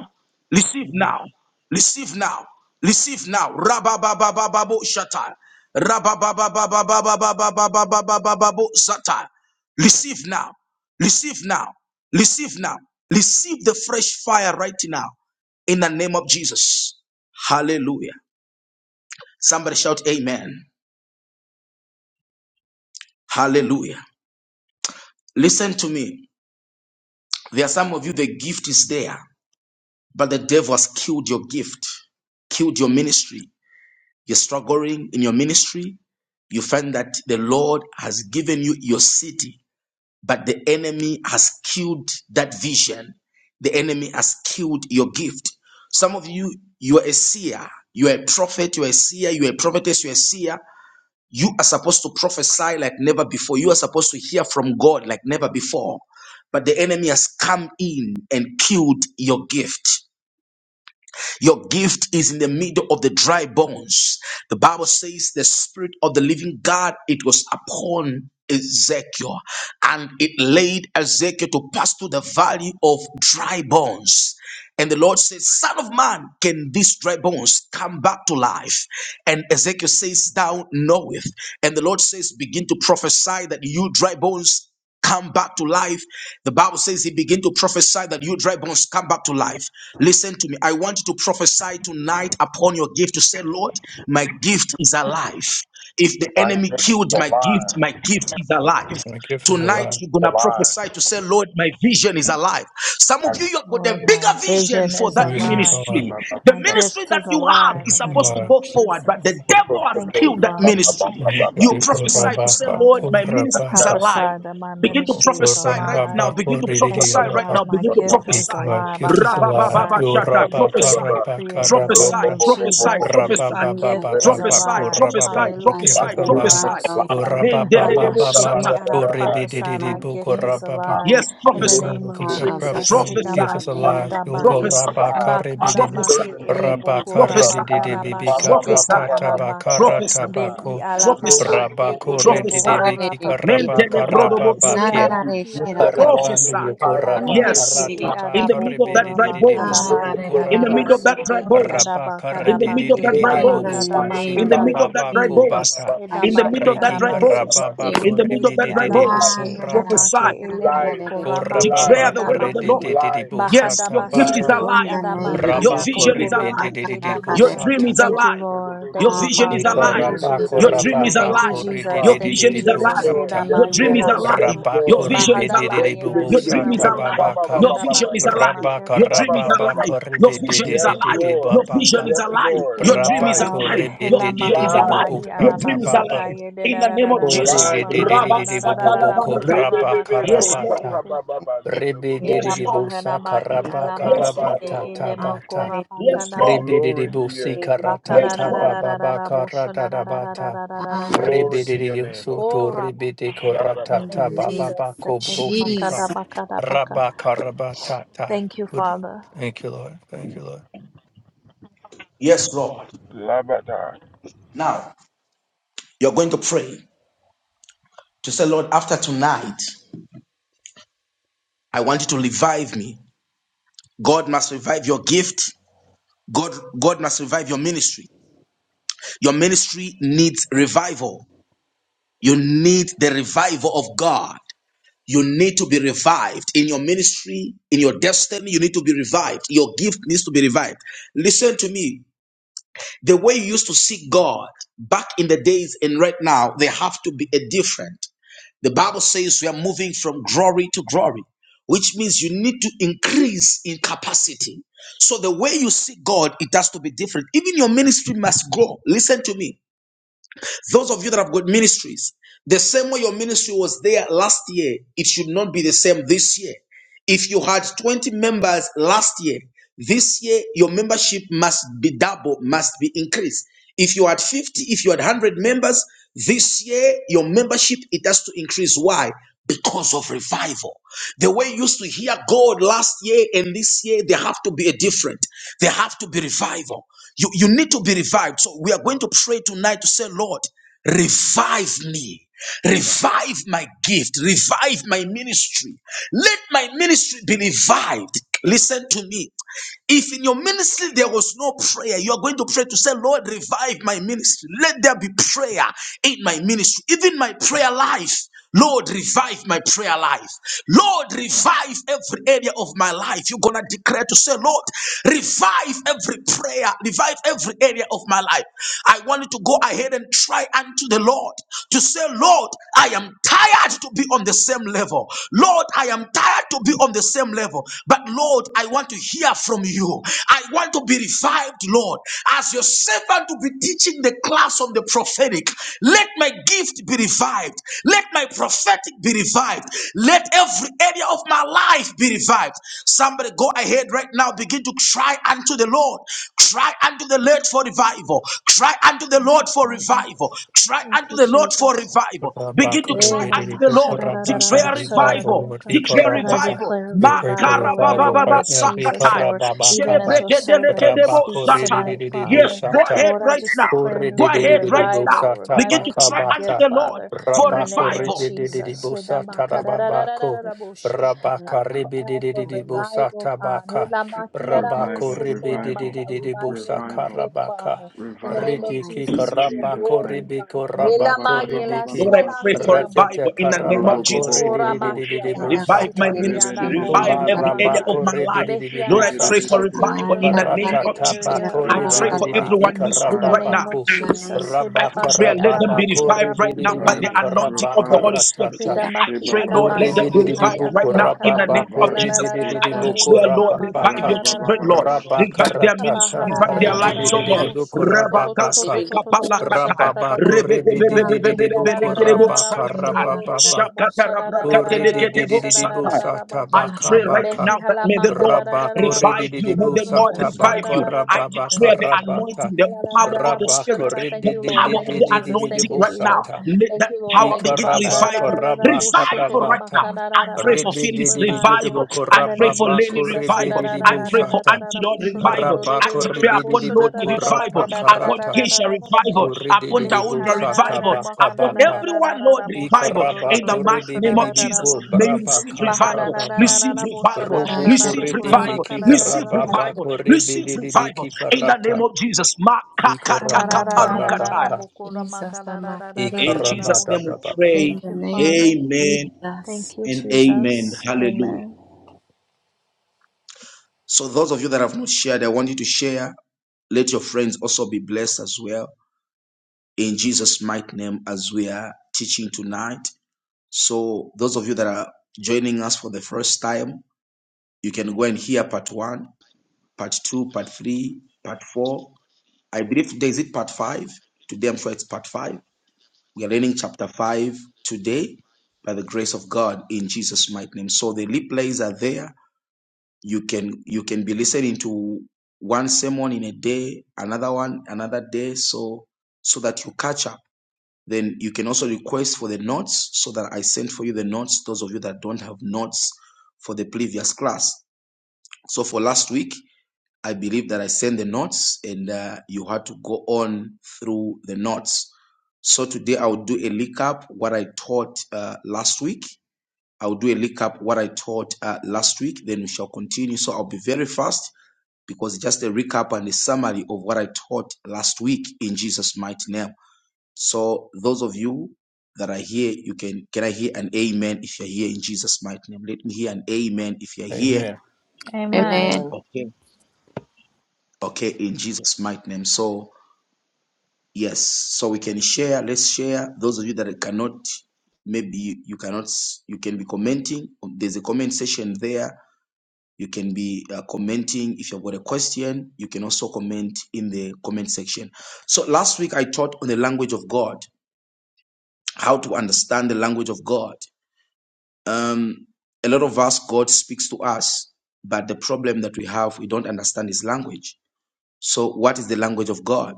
[SPEAKER 3] Receive now. Receive now. Receive now. Rabababababo shata. Rababababababababababababo zata. Receive now. Receive now. Receive now. Receive the fresh fire right now in the name of Jesus. Hallelujah. Somebody shout amen. Hallelujah. Listen to me. There are some of you, the gift is there. But the devil has killed your gift, killed your ministry. You're struggling in your ministry. You find that the Lord has given you your city, but the enemy has killed that vision. The enemy has killed your gift. Some of you, you are a seer. You are a prophet. You are a seer. You are a prophetess. You are a seer. You are supposed to prophesy like never before. You are supposed to hear from God like never before. But the enemy has come in and killed your gift. Your gift is in the middle of the dry bones. The Bible says the Spirit of the living God, it was upon Ezekiel and it laid Ezekiel to pass through the valley of dry bones. And the Lord says, Son of man, can these dry bones come back to life? And Ezekiel says, Thou knoweth. And the Lord says, Begin to prophesy that you dry bones come back to life. The Bible says he began to prophesy that you dry bones come back to life. Listen to me. I want you to prophesy tonight upon your gift to say, Lord, my gift is alive. If the
[SPEAKER 7] My
[SPEAKER 3] enemy
[SPEAKER 7] God,
[SPEAKER 3] killed
[SPEAKER 7] the
[SPEAKER 3] my gift,
[SPEAKER 7] line,
[SPEAKER 3] my gift is alive.
[SPEAKER 4] My gift is
[SPEAKER 3] Tonight
[SPEAKER 4] alive.
[SPEAKER 3] you're
[SPEAKER 7] the
[SPEAKER 3] gonna
[SPEAKER 7] line.
[SPEAKER 3] prophesy to say, Lord, my vision is alive. Some of
[SPEAKER 7] And
[SPEAKER 3] you you have got a
[SPEAKER 1] Lord, my
[SPEAKER 3] bigger vision
[SPEAKER 1] vision
[SPEAKER 3] for
[SPEAKER 1] is
[SPEAKER 3] that
[SPEAKER 4] My vision is
[SPEAKER 1] alive.
[SPEAKER 4] alive.
[SPEAKER 3] ministry.
[SPEAKER 7] ba ba
[SPEAKER 3] The
[SPEAKER 1] My
[SPEAKER 7] ba.
[SPEAKER 3] ministry
[SPEAKER 1] gift
[SPEAKER 3] that
[SPEAKER 1] is
[SPEAKER 3] you have
[SPEAKER 4] My
[SPEAKER 1] alive
[SPEAKER 3] is
[SPEAKER 1] in
[SPEAKER 4] vision
[SPEAKER 1] the
[SPEAKER 4] is
[SPEAKER 3] supposed to
[SPEAKER 1] name
[SPEAKER 4] alive.
[SPEAKER 1] of
[SPEAKER 3] go forward, but the
[SPEAKER 1] Jesus.
[SPEAKER 7] Koto
[SPEAKER 3] devil has
[SPEAKER 7] koto.
[SPEAKER 1] Thank you,
[SPEAKER 3] killed that
[SPEAKER 7] Ba
[SPEAKER 1] Father.
[SPEAKER 7] ba
[SPEAKER 3] ministry.
[SPEAKER 4] In
[SPEAKER 7] ba ba
[SPEAKER 4] the
[SPEAKER 7] ba
[SPEAKER 4] name of
[SPEAKER 7] ba.
[SPEAKER 3] You
[SPEAKER 4] Jesus.
[SPEAKER 3] prophesy
[SPEAKER 1] Thank
[SPEAKER 3] to
[SPEAKER 1] you,
[SPEAKER 4] Koraba
[SPEAKER 3] say, Lord,
[SPEAKER 1] Father.
[SPEAKER 4] baku
[SPEAKER 3] my
[SPEAKER 1] I
[SPEAKER 3] ministry
[SPEAKER 4] raba
[SPEAKER 3] is
[SPEAKER 4] baku
[SPEAKER 3] alive.
[SPEAKER 1] prophesy that my
[SPEAKER 3] Begin to
[SPEAKER 7] Soto.
[SPEAKER 1] ministry is
[SPEAKER 3] prophesy right
[SPEAKER 4] raba
[SPEAKER 1] alive
[SPEAKER 3] now.
[SPEAKER 4] baku
[SPEAKER 3] Begin to
[SPEAKER 7] Ba ba
[SPEAKER 1] Thank
[SPEAKER 7] ba
[SPEAKER 3] prophesy
[SPEAKER 1] you,
[SPEAKER 7] ba
[SPEAKER 4] rididi
[SPEAKER 3] right now.
[SPEAKER 1] God. My
[SPEAKER 7] ba
[SPEAKER 3] Begin to
[SPEAKER 7] ba
[SPEAKER 1] gift
[SPEAKER 4] If
[SPEAKER 1] is
[SPEAKER 3] prophesy.
[SPEAKER 7] ba.
[SPEAKER 1] alive. I
[SPEAKER 4] is
[SPEAKER 1] prophesy,
[SPEAKER 4] alive,
[SPEAKER 3] Rabababa
[SPEAKER 4] O
[SPEAKER 7] I'm
[SPEAKER 3] shata.
[SPEAKER 1] I
[SPEAKER 4] Rabba
[SPEAKER 1] declare
[SPEAKER 3] Prophesy.
[SPEAKER 1] and
[SPEAKER 4] Karaba
[SPEAKER 1] decree it in the name
[SPEAKER 3] Prophesy.
[SPEAKER 4] karabata
[SPEAKER 1] of
[SPEAKER 2] Father,
[SPEAKER 3] Prophesy.
[SPEAKER 1] Jesus.
[SPEAKER 2] in the
[SPEAKER 4] Rabba
[SPEAKER 3] Prophesy.
[SPEAKER 1] My
[SPEAKER 4] Baba
[SPEAKER 2] name of
[SPEAKER 1] gift is
[SPEAKER 4] Baba
[SPEAKER 2] Jesus,
[SPEAKER 3] Prophesy.
[SPEAKER 4] Baku
[SPEAKER 1] alive.
[SPEAKER 4] Rabba
[SPEAKER 3] Prophesy.
[SPEAKER 4] Baba, give
[SPEAKER 1] Hallelujah.
[SPEAKER 4] us
[SPEAKER 3] Prophesy.
[SPEAKER 2] we
[SPEAKER 1] Ho
[SPEAKER 7] choosing
[SPEAKER 4] alive,
[SPEAKER 7] to
[SPEAKER 2] brought
[SPEAKER 3] Prophesy.
[SPEAKER 2] both
[SPEAKER 4] O
[SPEAKER 1] rabaseti,
[SPEAKER 7] alive.
[SPEAKER 4] Rabba
[SPEAKER 7] Oh,
[SPEAKER 2] my
[SPEAKER 4] Baba
[SPEAKER 3] Mendeledebo
[SPEAKER 4] Baba
[SPEAKER 7] shala
[SPEAKER 2] gift,
[SPEAKER 3] shata.
[SPEAKER 4] Mama,
[SPEAKER 1] rabasheti.
[SPEAKER 7] da
[SPEAKER 1] And
[SPEAKER 7] da
[SPEAKER 1] I
[SPEAKER 7] da
[SPEAKER 4] Tori
[SPEAKER 7] da.
[SPEAKER 1] prophesy,
[SPEAKER 4] Bididi
[SPEAKER 2] my
[SPEAKER 1] my
[SPEAKER 4] Buko
[SPEAKER 1] gift
[SPEAKER 2] gifts,
[SPEAKER 1] is
[SPEAKER 4] Rabba
[SPEAKER 2] and
[SPEAKER 4] Baba,
[SPEAKER 1] alive
[SPEAKER 2] my
[SPEAKER 3] Yes,
[SPEAKER 7] My
[SPEAKER 1] in the
[SPEAKER 2] vision
[SPEAKER 7] spirit
[SPEAKER 3] prophesy.
[SPEAKER 1] name of
[SPEAKER 2] are
[SPEAKER 7] is
[SPEAKER 1] Jesus.
[SPEAKER 2] alive
[SPEAKER 4] Prophet,
[SPEAKER 3] Prophesy.
[SPEAKER 2] in the
[SPEAKER 4] give us
[SPEAKER 1] Hidambaki
[SPEAKER 2] name of
[SPEAKER 4] alive, Uko
[SPEAKER 2] Jesus.
[SPEAKER 1] adabake,
[SPEAKER 3] Prophesy.
[SPEAKER 4] Rabba
[SPEAKER 2] I
[SPEAKER 7] alive. My
[SPEAKER 4] Karibidi,
[SPEAKER 3] Prophesy.
[SPEAKER 1] bakadabake
[SPEAKER 2] say,
[SPEAKER 7] fervency
[SPEAKER 4] Rabba
[SPEAKER 2] please
[SPEAKER 1] eleboko
[SPEAKER 7] is
[SPEAKER 2] take
[SPEAKER 3] Prophesy.
[SPEAKER 4] Karididi
[SPEAKER 2] me,
[SPEAKER 7] alive.
[SPEAKER 4] Bibi
[SPEAKER 7] Ba,
[SPEAKER 2] don't
[SPEAKER 7] ba, ba,
[SPEAKER 1] rabakadabasete
[SPEAKER 7] ba,
[SPEAKER 1] i
[SPEAKER 7] ba,
[SPEAKER 3] Prophesy.
[SPEAKER 7] ba,
[SPEAKER 4] Karatata
[SPEAKER 7] ba,
[SPEAKER 2] get
[SPEAKER 7] ba,
[SPEAKER 1] adamaka,
[SPEAKER 4] Bakarata
[SPEAKER 3] Prophesy.
[SPEAKER 2] me,
[SPEAKER 1] be
[SPEAKER 7] ba.
[SPEAKER 1] i
[SPEAKER 4] Baku,
[SPEAKER 2] and I
[SPEAKER 7] Robo,
[SPEAKER 3] Prophesy.
[SPEAKER 7] bo,
[SPEAKER 4] Rabba
[SPEAKER 7] bo,
[SPEAKER 1] alabashete
[SPEAKER 7] bo,
[SPEAKER 2] need a
[SPEAKER 4] Korididi
[SPEAKER 7] My
[SPEAKER 2] quarter
[SPEAKER 3] Prophesy.
[SPEAKER 1] edeboko
[SPEAKER 2] of this
[SPEAKER 4] Biki
[SPEAKER 1] rabaka.
[SPEAKER 7] discernment
[SPEAKER 2] shit.
[SPEAKER 4] Karaba
[SPEAKER 7] is alive.
[SPEAKER 3] Mendelebrodobo
[SPEAKER 2] Not
[SPEAKER 3] shata.
[SPEAKER 4] Karababa
[SPEAKER 2] out of
[SPEAKER 7] Every
[SPEAKER 1] Helabaki
[SPEAKER 2] this
[SPEAKER 7] gift
[SPEAKER 2] shit, I
[SPEAKER 7] that is
[SPEAKER 2] can't
[SPEAKER 7] on
[SPEAKER 4] Karabandi
[SPEAKER 1] alabasete
[SPEAKER 3] prophesy.
[SPEAKER 2] get
[SPEAKER 1] i
[SPEAKER 2] a
[SPEAKER 7] inside of me
[SPEAKER 4] Kuraba
[SPEAKER 2] hundred
[SPEAKER 7] is
[SPEAKER 2] of
[SPEAKER 1] adabake
[SPEAKER 3] Yes,
[SPEAKER 1] i
[SPEAKER 4] Karata
[SPEAKER 2] this
[SPEAKER 7] alive.
[SPEAKER 4] Ba
[SPEAKER 3] in
[SPEAKER 2] shit.
[SPEAKER 3] the middle of that
[SPEAKER 1] adabokora
[SPEAKER 4] Karibidi
[SPEAKER 3] dry
[SPEAKER 4] Didi
[SPEAKER 3] bones,
[SPEAKER 2] Ah,
[SPEAKER 1] makadaba
[SPEAKER 7] Robo,
[SPEAKER 2] da,
[SPEAKER 4] Bobo
[SPEAKER 1] i
[SPEAKER 2] da, da, da, da, da,
[SPEAKER 7] bo,
[SPEAKER 3] in the
[SPEAKER 2] da, da.
[SPEAKER 7] bo,
[SPEAKER 4] Kuraba
[SPEAKER 3] middle
[SPEAKER 7] bo,
[SPEAKER 3] of that
[SPEAKER 1] alabasete
[SPEAKER 7] bo.
[SPEAKER 3] dry
[SPEAKER 1] i
[SPEAKER 3] bones,
[SPEAKER 4] Raba
[SPEAKER 3] in the
[SPEAKER 4] Karadi
[SPEAKER 3] middle
[SPEAKER 1] adabakadabake
[SPEAKER 3] of that dry
[SPEAKER 4] Didi
[SPEAKER 7] life,
[SPEAKER 2] In the
[SPEAKER 3] bones,
[SPEAKER 4] Bobo
[SPEAKER 7] life,
[SPEAKER 3] in
[SPEAKER 2] name
[SPEAKER 3] the
[SPEAKER 4] Sita
[SPEAKER 2] of
[SPEAKER 7] life.
[SPEAKER 3] middle of that
[SPEAKER 1] elabakadabakadabake
[SPEAKER 4] Baba
[SPEAKER 3] dry
[SPEAKER 2] Jesus,
[SPEAKER 3] bones,
[SPEAKER 4] Kobata
[SPEAKER 7] Shabba,
[SPEAKER 2] I
[SPEAKER 3] in
[SPEAKER 1] edaba
[SPEAKER 3] the
[SPEAKER 2] shall.
[SPEAKER 1] i
[SPEAKER 3] middle of
[SPEAKER 2] Ah,
[SPEAKER 3] that
[SPEAKER 4] Riki
[SPEAKER 3] dry
[SPEAKER 1] alabasete.
[SPEAKER 3] bones,
[SPEAKER 4] Karababa
[SPEAKER 3] in the
[SPEAKER 1] Be
[SPEAKER 3] middle of that
[SPEAKER 4] Koribidi
[SPEAKER 3] dry
[SPEAKER 4] Didi
[SPEAKER 7] Life,
[SPEAKER 3] bones,
[SPEAKER 1] aramake
[SPEAKER 2] da, da, da, da, da, da,
[SPEAKER 1] inamake
[SPEAKER 4] Bukubratata
[SPEAKER 3] prophesy,
[SPEAKER 2] da, da, da, da,
[SPEAKER 7] life,
[SPEAKER 2] da, da.
[SPEAKER 1] eleboko ramake
[SPEAKER 3] declare
[SPEAKER 4] Korababa
[SPEAKER 3] the word of the
[SPEAKER 1] edamake
[SPEAKER 4] Karidi
[SPEAKER 3] Lord.
[SPEAKER 2] Hallelujah.
[SPEAKER 4] Didi
[SPEAKER 7] life,
[SPEAKER 3] Yes, your
[SPEAKER 4] Busata
[SPEAKER 7] life,
[SPEAKER 3] gift is
[SPEAKER 7] life.
[SPEAKER 1] bahadabasete
[SPEAKER 4] Baka
[SPEAKER 1] i
[SPEAKER 2] In
[SPEAKER 3] alive.
[SPEAKER 2] the name
[SPEAKER 7] Yes,
[SPEAKER 1] aramake
[SPEAKER 2] of
[SPEAKER 3] Your
[SPEAKER 4] Raba
[SPEAKER 3] vision is
[SPEAKER 1] daboko
[SPEAKER 2] Jesus,
[SPEAKER 4] Koribidi
[SPEAKER 3] alive.
[SPEAKER 1] ramake
[SPEAKER 4] Didi
[SPEAKER 3] Your
[SPEAKER 2] Sakarakalia.
[SPEAKER 1] damaka.
[SPEAKER 3] dream
[SPEAKER 4] Busata
[SPEAKER 3] is
[SPEAKER 1] Thank you,
[SPEAKER 3] alive.
[SPEAKER 1] Lord.
[SPEAKER 3] Your
[SPEAKER 1] Thank you,
[SPEAKER 2] Oh,
[SPEAKER 3] vision
[SPEAKER 2] my
[SPEAKER 3] is
[SPEAKER 1] Father.
[SPEAKER 2] dream,
[SPEAKER 1] Thank
[SPEAKER 3] alive.
[SPEAKER 1] you,
[SPEAKER 2] my
[SPEAKER 4] Ikaraba
[SPEAKER 3] Your
[SPEAKER 2] vision
[SPEAKER 1] Jesus.
[SPEAKER 2] is
[SPEAKER 3] dream is
[SPEAKER 4] Korababa
[SPEAKER 1] Thank you,
[SPEAKER 2] alive.
[SPEAKER 3] alive.
[SPEAKER 2] God.
[SPEAKER 4] Koridi
[SPEAKER 7] Lord,
[SPEAKER 1] Jesus.
[SPEAKER 3] Your
[SPEAKER 1] Thank
[SPEAKER 3] vision
[SPEAKER 1] you,
[SPEAKER 4] Didi
[SPEAKER 3] is
[SPEAKER 7] yes,
[SPEAKER 1] Jesus.
[SPEAKER 2] My
[SPEAKER 3] alive.
[SPEAKER 7] Lord,
[SPEAKER 4] Busata
[SPEAKER 7] yes,
[SPEAKER 3] Your
[SPEAKER 1] Hedama
[SPEAKER 2] dream, my
[SPEAKER 3] dream is
[SPEAKER 1] yela
[SPEAKER 7] Lord.
[SPEAKER 3] alive.
[SPEAKER 2] vision, my
[SPEAKER 1] soto
[SPEAKER 3] Your
[SPEAKER 4] Rabako
[SPEAKER 2] gift
[SPEAKER 3] vision
[SPEAKER 2] is
[SPEAKER 3] is
[SPEAKER 1] bahadaba
[SPEAKER 2] alive.
[SPEAKER 4] ribididi
[SPEAKER 3] alive.
[SPEAKER 1] yela
[SPEAKER 2] In
[SPEAKER 3] Your
[SPEAKER 2] the
[SPEAKER 3] dream
[SPEAKER 1] siela
[SPEAKER 3] is
[SPEAKER 2] name
[SPEAKER 4] bubusata
[SPEAKER 2] of
[SPEAKER 3] alive.
[SPEAKER 1] kunamaki
[SPEAKER 4] babaka.
[SPEAKER 3] Your
[SPEAKER 2] Jesus,
[SPEAKER 3] vision is
[SPEAKER 1] adabake
[SPEAKER 3] alive.
[SPEAKER 4] Rabaka
[SPEAKER 1] damakeba.
[SPEAKER 3] Your dream is
[SPEAKER 2] I
[SPEAKER 3] alive.
[SPEAKER 4] rababako
[SPEAKER 3] Your vision is
[SPEAKER 7] Yes,
[SPEAKER 3] alive.
[SPEAKER 4] ribididididi
[SPEAKER 7] Lord,
[SPEAKER 3] Your vision
[SPEAKER 4] babaka.
[SPEAKER 3] is
[SPEAKER 7] yes,
[SPEAKER 2] thank
[SPEAKER 3] alive.
[SPEAKER 2] you
[SPEAKER 7] Lord,
[SPEAKER 3] Your
[SPEAKER 1] Thank you,
[SPEAKER 3] dream
[SPEAKER 2] for
[SPEAKER 3] is
[SPEAKER 2] the
[SPEAKER 7] life,
[SPEAKER 4] Rabako
[SPEAKER 1] Father.
[SPEAKER 3] alive.
[SPEAKER 2] name of
[SPEAKER 3] Your
[SPEAKER 1] Hela
[SPEAKER 3] vision is
[SPEAKER 4] ribididididi
[SPEAKER 2] Jesus.
[SPEAKER 7] Light
[SPEAKER 1] mahanama
[SPEAKER 3] alive.
[SPEAKER 1] i
[SPEAKER 3] Your
[SPEAKER 7] in
[SPEAKER 4] bubusata
[SPEAKER 3] dream
[SPEAKER 7] Jesus'
[SPEAKER 3] is
[SPEAKER 4] baba.
[SPEAKER 1] aramaseta
[SPEAKER 3] alive.
[SPEAKER 7] name.
[SPEAKER 1] yede
[SPEAKER 3] In
[SPEAKER 1] na
[SPEAKER 3] the
[SPEAKER 1] na
[SPEAKER 3] name
[SPEAKER 1] na
[SPEAKER 2] In
[SPEAKER 3] of
[SPEAKER 2] the name
[SPEAKER 3] Jesus.
[SPEAKER 7] Light,
[SPEAKER 2] of Jesus,
[SPEAKER 3] Rabba
[SPEAKER 7] Jesus.
[SPEAKER 4] Koridididididi bububoko
[SPEAKER 3] Satalabalata.
[SPEAKER 4] rabaka
[SPEAKER 7] Rebebebe
[SPEAKER 3] Yes, Lord.
[SPEAKER 4] rabata.
[SPEAKER 7] kosata
[SPEAKER 2] I thank you. for the name
[SPEAKER 3] Yes,
[SPEAKER 2] of
[SPEAKER 4] Ribidididi
[SPEAKER 3] Lord.
[SPEAKER 4] busaka
[SPEAKER 1] Enamahanama i
[SPEAKER 2] Jesus.
[SPEAKER 4] karabaka
[SPEAKER 3] Yes, Lord.
[SPEAKER 1] alamasete
[SPEAKER 4] rabata
[SPEAKER 2] Ah, but
[SPEAKER 4] tabata.
[SPEAKER 1] enemokora
[SPEAKER 2] it is-
[SPEAKER 3] Yes, Lord.
[SPEAKER 1] makanamateke
[SPEAKER 4] Ribididi
[SPEAKER 7] Glory to your
[SPEAKER 4] karata
[SPEAKER 3] Yes,
[SPEAKER 4] ratata
[SPEAKER 3] Lord.
[SPEAKER 4] bababaka
[SPEAKER 2] Ah,
[SPEAKER 7] glory to
[SPEAKER 1] makanarararararaboshanararararararabose
[SPEAKER 7] your
[SPEAKER 4] Rebede
[SPEAKER 7] name, O God.
[SPEAKER 4] soto
[SPEAKER 1] kora
[SPEAKER 4] rebede
[SPEAKER 1] makanamakana.
[SPEAKER 7] Sharababa.
[SPEAKER 2] in
[SPEAKER 1] Thank
[SPEAKER 2] the
[SPEAKER 4] koratata
[SPEAKER 1] you,
[SPEAKER 2] name
[SPEAKER 1] Jesus.
[SPEAKER 4] bababa
[SPEAKER 2] of
[SPEAKER 1] Second makana
[SPEAKER 4] kobrosika
[SPEAKER 2] Jesus, I
[SPEAKER 1] makana maka.
[SPEAKER 4] rabakarabatata.
[SPEAKER 1] Thank you,
[SPEAKER 4] Budi-
[SPEAKER 1] Father.
[SPEAKER 4] Thank you, Lord. Thank you, Lord.
[SPEAKER 3] Yes, Lord.
[SPEAKER 7] Labada.
[SPEAKER 3] Now you're going to pray to say, Lord, after tonight, I want you to revive me. God must revive your gift. God, God must revive your ministry. Your ministry needs revival. You need the revival of God. You need to be revived in your ministry, in your destiny. You need to be revived. Your gift needs to be revived. Listen to me. The way you used to seek God back in the days and right now, they have to be a different. The Bible says we are moving from glory to glory, which means you need to increase in capacity. So the way you see God, it has to be different. Even your ministry must grow. Listen to me. Those of you that have got ministries, the same way your ministry was there last year, it should not be the same this year. If you had 20 members last year, this year your membership must be double, must be increased. If you had 50, if you had 100 members, this year your membership it has to increase. Why? Because of revival. The way you used to hear God last year and this year, they have to be a different. They have to be revival. You, you need to be revived. So we are going to pray tonight to say, Lord, Revive me. Revive my gift. Revive my ministry. Let my ministry be revived. Listen to me. If in your ministry there was no prayer, you are going to pray to say, Lord, revive my ministry. Let there be prayer in my ministry, even my prayer life. Lord, revive my prayer life. Lord, revive every area of my life. You're going to declare to say, Lord, revive every prayer, revive every area of my life. I want you to go ahead and try and." unto the Lord to say, Lord, I am tired to be on the same level. Lord, I am tired to be on the same level. But Lord, I want to hear from you. I want to be revived, Lord, as your servant to be teaching the class on the prophetic. Let my gift be revived. Let my prophetic be revived. Let every area of my life be revived. Somebody go ahead right now, begin to cry unto the Lord. Cry unto the Lord for revival. Cry unto the
[SPEAKER 1] Thank you,
[SPEAKER 3] Lord for
[SPEAKER 1] Father.
[SPEAKER 3] revival. Cry
[SPEAKER 1] Thank
[SPEAKER 3] unto
[SPEAKER 1] you,
[SPEAKER 3] the Lord for
[SPEAKER 1] Jesus.
[SPEAKER 3] revival. Begin to
[SPEAKER 1] Eh,
[SPEAKER 3] cry unto
[SPEAKER 4] Rabakorebede
[SPEAKER 1] Rama,
[SPEAKER 3] the Lord.
[SPEAKER 1] sharararara,
[SPEAKER 4] bokorababa.
[SPEAKER 1] bu
[SPEAKER 3] Declare
[SPEAKER 4] Revival,
[SPEAKER 3] revival.
[SPEAKER 4] Lord.
[SPEAKER 1] sharararamaka.
[SPEAKER 3] Declare
[SPEAKER 1] God, I
[SPEAKER 4] Ikorababa.
[SPEAKER 3] revival.
[SPEAKER 1] declare
[SPEAKER 4] We pray for
[SPEAKER 1] revival in the
[SPEAKER 4] revival
[SPEAKER 1] name
[SPEAKER 3] Makarabababa
[SPEAKER 4] right
[SPEAKER 1] of
[SPEAKER 4] now.
[SPEAKER 1] Jesus,
[SPEAKER 3] sakataya.
[SPEAKER 1] Lord, even as
[SPEAKER 4] Bikarababakaba.
[SPEAKER 1] your servant
[SPEAKER 3] Zelebrekedelekebo
[SPEAKER 1] speaks
[SPEAKER 3] zataya.
[SPEAKER 1] tonight,
[SPEAKER 3] Yes,
[SPEAKER 1] Father.
[SPEAKER 3] go
[SPEAKER 4] Rabakoredededebosata.
[SPEAKER 3] ahead
[SPEAKER 1] Lord, I
[SPEAKER 3] right
[SPEAKER 1] just
[SPEAKER 3] now.
[SPEAKER 1] declare and
[SPEAKER 3] Go
[SPEAKER 1] decree
[SPEAKER 3] ahead right now.
[SPEAKER 1] revival,
[SPEAKER 4] Orididididibosata
[SPEAKER 3] Begin to
[SPEAKER 1] revival for
[SPEAKER 3] cry
[SPEAKER 1] my
[SPEAKER 3] unto
[SPEAKER 1] gift,
[SPEAKER 4] bakabata.
[SPEAKER 3] the Lord
[SPEAKER 1] Father,
[SPEAKER 3] for
[SPEAKER 1] in the
[SPEAKER 4] Rabako
[SPEAKER 1] name of
[SPEAKER 3] revival.
[SPEAKER 2] thank you
[SPEAKER 1] Jesus. Eh, Rama,
[SPEAKER 4] ribidididibosata rababako.
[SPEAKER 1] kararararara,
[SPEAKER 2] for
[SPEAKER 1] bu shi.
[SPEAKER 2] the rest
[SPEAKER 1] God, I
[SPEAKER 4] Rabaka
[SPEAKER 1] cry
[SPEAKER 2] of
[SPEAKER 1] out for
[SPEAKER 2] my life.
[SPEAKER 1] revival,
[SPEAKER 4] ribidididibosata
[SPEAKER 1] God. Eh,
[SPEAKER 4] baka.
[SPEAKER 2] I
[SPEAKER 1] Rama, kiara, bu
[SPEAKER 4] Rabako
[SPEAKER 7] Revival,
[SPEAKER 1] soto,
[SPEAKER 7] revival,
[SPEAKER 1] Ramaka. Revival in my
[SPEAKER 4] ribidididibosaka
[SPEAKER 7] revival,
[SPEAKER 1] gift,
[SPEAKER 4] rabaka.
[SPEAKER 1] Father, in the name of
[SPEAKER 7] revival.
[SPEAKER 2] thank
[SPEAKER 4] Rikiki
[SPEAKER 2] you. I
[SPEAKER 7] In
[SPEAKER 1] Jesus, for your
[SPEAKER 7] Jesus'
[SPEAKER 4] karabako
[SPEAKER 7] name.
[SPEAKER 1] glory,
[SPEAKER 4] ribiko
[SPEAKER 1] Father.
[SPEAKER 7] Ba ba
[SPEAKER 1] Hela
[SPEAKER 7] ba
[SPEAKER 1] ma
[SPEAKER 4] rabako
[SPEAKER 7] ba
[SPEAKER 1] yela
[SPEAKER 4] ribiki.
[SPEAKER 3] Lord, I
[SPEAKER 1] siala
[SPEAKER 3] pray for
[SPEAKER 2] thank
[SPEAKER 7] suto.
[SPEAKER 1] kela
[SPEAKER 4] Ratete
[SPEAKER 1] boko
[SPEAKER 3] revival in the
[SPEAKER 1] rabaka.
[SPEAKER 3] name
[SPEAKER 2] you.
[SPEAKER 7] Robo
[SPEAKER 3] of
[SPEAKER 7] bo
[SPEAKER 4] karabako
[SPEAKER 7] bo
[SPEAKER 3] Jesus.
[SPEAKER 1] Ora bakia, la
[SPEAKER 2] Sera
[SPEAKER 7] shata.
[SPEAKER 3] Revive
[SPEAKER 2] kare
[SPEAKER 3] my
[SPEAKER 1] basite
[SPEAKER 4] rididididibosata.
[SPEAKER 2] dede
[SPEAKER 7] Rebe
[SPEAKER 1] yada
[SPEAKER 3] ministry.
[SPEAKER 7] de
[SPEAKER 2] sera
[SPEAKER 7] de de
[SPEAKER 3] Revive
[SPEAKER 7] de
[SPEAKER 1] boko
[SPEAKER 2] kare
[SPEAKER 7] de de
[SPEAKER 3] every
[SPEAKER 7] de
[SPEAKER 2] dada
[SPEAKER 7] de
[SPEAKER 3] area of
[SPEAKER 1] rabaka.
[SPEAKER 3] my
[SPEAKER 4] Kubarabakore
[SPEAKER 3] life.
[SPEAKER 1] Behia
[SPEAKER 3] Lord,
[SPEAKER 7] Shake
[SPEAKER 3] I
[SPEAKER 7] it
[SPEAKER 1] raba
[SPEAKER 3] pray for
[SPEAKER 4] dididibusata.
[SPEAKER 1] shite.
[SPEAKER 3] revival in the
[SPEAKER 1] Revive
[SPEAKER 3] name
[SPEAKER 1] every
[SPEAKER 3] of Jesus.
[SPEAKER 1] area of
[SPEAKER 3] I
[SPEAKER 4] Paratatapakore
[SPEAKER 1] my
[SPEAKER 3] pray
[SPEAKER 1] life,
[SPEAKER 3] for
[SPEAKER 7] Revival,
[SPEAKER 4] bididibiki
[SPEAKER 1] Father.
[SPEAKER 3] everyone in this
[SPEAKER 1] In
[SPEAKER 3] room
[SPEAKER 1] the
[SPEAKER 3] right
[SPEAKER 7] revival,
[SPEAKER 1] name
[SPEAKER 3] now.
[SPEAKER 4] karababaku.
[SPEAKER 1] of Jesus.
[SPEAKER 3] I
[SPEAKER 1] Dabaki
[SPEAKER 3] declare, let them be
[SPEAKER 1] adabaki
[SPEAKER 4] Rabakarababakore
[SPEAKER 3] revived
[SPEAKER 1] ala
[SPEAKER 3] right now
[SPEAKER 2] the
[SPEAKER 1] boko
[SPEAKER 2] name of Jesus
[SPEAKER 3] by
[SPEAKER 2] hallelujah
[SPEAKER 3] the
[SPEAKER 4] bididibiki
[SPEAKER 7] revival,
[SPEAKER 1] rabaka.
[SPEAKER 2] ada
[SPEAKER 3] anointing of the
[SPEAKER 2] dada
[SPEAKER 3] Holy
[SPEAKER 7] revival.
[SPEAKER 3] Spirit.
[SPEAKER 4] karabakarata.
[SPEAKER 2] sera
[SPEAKER 3] I
[SPEAKER 1] Hidamaki
[SPEAKER 7] Sheba
[SPEAKER 3] pray,
[SPEAKER 7] ba
[SPEAKER 3] Lord,
[SPEAKER 7] ba
[SPEAKER 4] Kuri
[SPEAKER 3] let
[SPEAKER 7] ba
[SPEAKER 4] di
[SPEAKER 3] them
[SPEAKER 7] ba
[SPEAKER 2] kara
[SPEAKER 4] di
[SPEAKER 7] ba
[SPEAKER 3] be
[SPEAKER 4] di
[SPEAKER 1] adabasite
[SPEAKER 7] ba.
[SPEAKER 4] di
[SPEAKER 1] i
[SPEAKER 3] revived
[SPEAKER 2] kare
[SPEAKER 4] buku
[SPEAKER 3] right
[SPEAKER 2] sera
[SPEAKER 3] now
[SPEAKER 1] adabaka
[SPEAKER 3] in the
[SPEAKER 4] rababa
[SPEAKER 3] name
[SPEAKER 1] dabaka
[SPEAKER 3] of
[SPEAKER 1] la
[SPEAKER 4] kuri
[SPEAKER 1] la
[SPEAKER 7] Revival,
[SPEAKER 4] di
[SPEAKER 3] Jesus.
[SPEAKER 1] la
[SPEAKER 4] di di
[SPEAKER 1] la
[SPEAKER 3] I
[SPEAKER 4] di
[SPEAKER 1] la
[SPEAKER 2] sera
[SPEAKER 4] buku
[SPEAKER 7] revival.
[SPEAKER 3] declare,
[SPEAKER 1] boko
[SPEAKER 2] kare
[SPEAKER 3] Lord,
[SPEAKER 1] rabaka
[SPEAKER 3] revive
[SPEAKER 1] la
[SPEAKER 4] Rababaka
[SPEAKER 7] Reba
[SPEAKER 3] your
[SPEAKER 1] la
[SPEAKER 7] ba
[SPEAKER 1] la
[SPEAKER 7] ba
[SPEAKER 3] children,
[SPEAKER 1] la
[SPEAKER 7] ba ba
[SPEAKER 3] Lord.
[SPEAKER 7] ba.
[SPEAKER 1] bush.
[SPEAKER 4] rabaka
[SPEAKER 7] Soto.
[SPEAKER 3] Revive their ministry,
[SPEAKER 4] ratata
[SPEAKER 2] na
[SPEAKER 3] revive
[SPEAKER 2] na
[SPEAKER 4] kari
[SPEAKER 3] their
[SPEAKER 2] na
[SPEAKER 4] di di
[SPEAKER 3] lives,
[SPEAKER 2] na
[SPEAKER 3] oh
[SPEAKER 4] di di
[SPEAKER 1] Baharararararara
[SPEAKER 2] na
[SPEAKER 4] di
[SPEAKER 3] Lord.
[SPEAKER 4] buku
[SPEAKER 1] bosho to
[SPEAKER 2] na
[SPEAKER 1] to to to to
[SPEAKER 4] Rababaka
[SPEAKER 1] to to
[SPEAKER 2] dede
[SPEAKER 1] to to bosha ta
[SPEAKER 3] Rabakasekapalakata.
[SPEAKER 1] ta
[SPEAKER 4] rababa
[SPEAKER 1] ta ta ta.
[SPEAKER 4] kuri di di
[SPEAKER 2] kora
[SPEAKER 4] di di
[SPEAKER 2] kare
[SPEAKER 4] Rababako Redidididiboko
[SPEAKER 2] sera
[SPEAKER 3] Rebebebebebebebebelekebo
[SPEAKER 2] kare
[SPEAKER 1] Behiyarararararara
[SPEAKER 4] Rabaka
[SPEAKER 1] bosho
[SPEAKER 3] sakata.
[SPEAKER 2] dede
[SPEAKER 1] ro ro
[SPEAKER 2] dada
[SPEAKER 1] ro ro
[SPEAKER 4] Rabababa
[SPEAKER 1] bosha rararararara
[SPEAKER 3] Shakatarabrakateleketebo
[SPEAKER 1] bosha
[SPEAKER 4] Koredidididibusa
[SPEAKER 1] rararararara
[SPEAKER 3] sata. I
[SPEAKER 1] basha.
[SPEAKER 4] tabaka
[SPEAKER 3] pray right
[SPEAKER 4] baka.
[SPEAKER 3] now that may the
[SPEAKER 1] Behihalamaka
[SPEAKER 3] Lord
[SPEAKER 4] Rabba
[SPEAKER 1] bosho
[SPEAKER 3] revive
[SPEAKER 1] ro
[SPEAKER 3] you.
[SPEAKER 1] ro
[SPEAKER 3] May
[SPEAKER 1] ro
[SPEAKER 3] the
[SPEAKER 2] in
[SPEAKER 1] ro
[SPEAKER 4] koredididibusa
[SPEAKER 3] Lord
[SPEAKER 2] the
[SPEAKER 1] bosha
[SPEAKER 3] revive
[SPEAKER 2] name
[SPEAKER 4] tabaka
[SPEAKER 3] you.
[SPEAKER 2] of
[SPEAKER 3] I
[SPEAKER 1] rararararara
[SPEAKER 4] rababaka
[SPEAKER 1] bosha.
[SPEAKER 3] declare the
[SPEAKER 4] rabata
[SPEAKER 3] anointing, the
[SPEAKER 2] in
[SPEAKER 3] power
[SPEAKER 1] Behihalararararara
[SPEAKER 3] of the
[SPEAKER 4] rabba
[SPEAKER 1] bosha
[SPEAKER 3] Spirit,
[SPEAKER 1] rara.
[SPEAKER 4] kuri
[SPEAKER 1] Thank
[SPEAKER 4] di
[SPEAKER 3] the
[SPEAKER 1] you,
[SPEAKER 4] di
[SPEAKER 2] the
[SPEAKER 1] Lord.
[SPEAKER 3] power
[SPEAKER 1] Thank
[SPEAKER 3] of
[SPEAKER 4] Rabba
[SPEAKER 1] you,
[SPEAKER 3] the
[SPEAKER 2] name
[SPEAKER 1] Jesus. Thank
[SPEAKER 3] anointing
[SPEAKER 1] you,
[SPEAKER 3] right now.
[SPEAKER 1] Jesus.
[SPEAKER 4] koredididididibusa
[SPEAKER 3] Let
[SPEAKER 1] Thank
[SPEAKER 3] that
[SPEAKER 1] you, Lord.
[SPEAKER 3] power
[SPEAKER 1] Thank you,
[SPEAKER 3] begin to
[SPEAKER 1] Father.
[SPEAKER 3] revive
[SPEAKER 4] Ikarabaka
[SPEAKER 3] you.
[SPEAKER 1] Rararararara
[SPEAKER 4] rabaka
[SPEAKER 1] bosho to
[SPEAKER 3] Revival right
[SPEAKER 4] rabata.
[SPEAKER 3] now.
[SPEAKER 1] rabaka
[SPEAKER 3] I
[SPEAKER 2] of
[SPEAKER 3] pray for
[SPEAKER 2] Jesus
[SPEAKER 1] Receive
[SPEAKER 3] Phyllis
[SPEAKER 1] revival.
[SPEAKER 3] revival.
[SPEAKER 4] Rididididididiboko
[SPEAKER 3] I
[SPEAKER 1] In the
[SPEAKER 3] pray
[SPEAKER 1] name
[SPEAKER 3] for
[SPEAKER 1] of
[SPEAKER 3] Lenny
[SPEAKER 4] rababako
[SPEAKER 1] Jesus.
[SPEAKER 2] In
[SPEAKER 3] revival.
[SPEAKER 2] the
[SPEAKER 3] I pray
[SPEAKER 2] name
[SPEAKER 3] for
[SPEAKER 4] ribididibusata.
[SPEAKER 2] of
[SPEAKER 3] Auntie Lord
[SPEAKER 2] Jesus,
[SPEAKER 3] revival revival. I
[SPEAKER 4] Rabako
[SPEAKER 3] declare upon Lord
[SPEAKER 4] ribididiboko
[SPEAKER 3] revival,
[SPEAKER 4] rata
[SPEAKER 3] upon
[SPEAKER 4] karata.
[SPEAKER 3] Keisha revival, upon Kaunda
[SPEAKER 4] Kuridididibusata
[SPEAKER 3] revival,
[SPEAKER 4] baka
[SPEAKER 3] upon
[SPEAKER 4] baka.
[SPEAKER 3] everyone, Lord revival. In the
[SPEAKER 4] Ikarabako
[SPEAKER 3] mighty name of Jesus,
[SPEAKER 4] ribididibiko
[SPEAKER 3] may you receive
[SPEAKER 4] brabaka
[SPEAKER 3] revival,
[SPEAKER 4] brababa.
[SPEAKER 3] receive revival,
[SPEAKER 2] I
[SPEAKER 4] Rubu
[SPEAKER 2] shall
[SPEAKER 3] receive
[SPEAKER 2] pray
[SPEAKER 3] revival,
[SPEAKER 4] kurididiki
[SPEAKER 2] this
[SPEAKER 3] receive
[SPEAKER 4] karababa
[SPEAKER 3] revival, receive revival.
[SPEAKER 4] kuridididibiki
[SPEAKER 3] In the name
[SPEAKER 4] karata.
[SPEAKER 3] of Jesus,
[SPEAKER 2] in the
[SPEAKER 4] ikarabaka
[SPEAKER 2] name
[SPEAKER 3] Makakatakapalukataya.
[SPEAKER 2] of
[SPEAKER 4] rabata.
[SPEAKER 2] Jesus. I'm not kidding.
[SPEAKER 3] in Jesus'
[SPEAKER 4] Ikarabada
[SPEAKER 3] name we
[SPEAKER 4] brababa.
[SPEAKER 2] In
[SPEAKER 3] pray.
[SPEAKER 1] Thank
[SPEAKER 2] the
[SPEAKER 1] you,
[SPEAKER 2] name of
[SPEAKER 1] Father.
[SPEAKER 3] Amen
[SPEAKER 2] Jesus.
[SPEAKER 1] Thank you,
[SPEAKER 3] and amen.
[SPEAKER 1] Jesus.
[SPEAKER 3] Hallelujah.
[SPEAKER 1] Amen.
[SPEAKER 3] So, those of you that have not shared, I want you to share. Let your friends also be blessed as well. in Jesus' mighty name as we are teaching tonight. So, those of you that are joining us for the first time, you can go and hear part one, part two, part three, part four. I believe today is it part five. Today, I'm sure it's part five. We are learning chapter five today by the grace of God in Jesus' mighty name. So the replays are there. You can you can be listening to one sermon in a day, another one another day, so so that you catch up Then you can also request for the notes so that I sent for you the notes, those of you that don't have notes for the previous class. So for last week, I believe that I sent the notes and uh, you had to go on through the notes. So today I'll do a recap what I taught uh, last week. I'll do a recap what I taught uh, last week. Then we shall continue. So I'll be very fast because just a recap and a summary of what I taught last week in Jesus' mighty name. So those of you that are here, you can can I hear an amen if you're here in Jesus' mighty name. Let me hear an amen if you're here.
[SPEAKER 1] Amen.
[SPEAKER 2] Amen.
[SPEAKER 6] Amen.
[SPEAKER 3] Okay. Okay, in Jesus' mighty name. So yes, so we can share. Let's share. Those of you that cannot, maybe you, you cannot you can be commenting. There's a comment section there. You can be uh, commenting. If you've got a question, you can also comment in the comment section. So last week I taught on the language of God, how to understand the language of God. Um, a lot of us, God speaks to us, but the problem that we have, we don't understand His language. So, what is the language of God?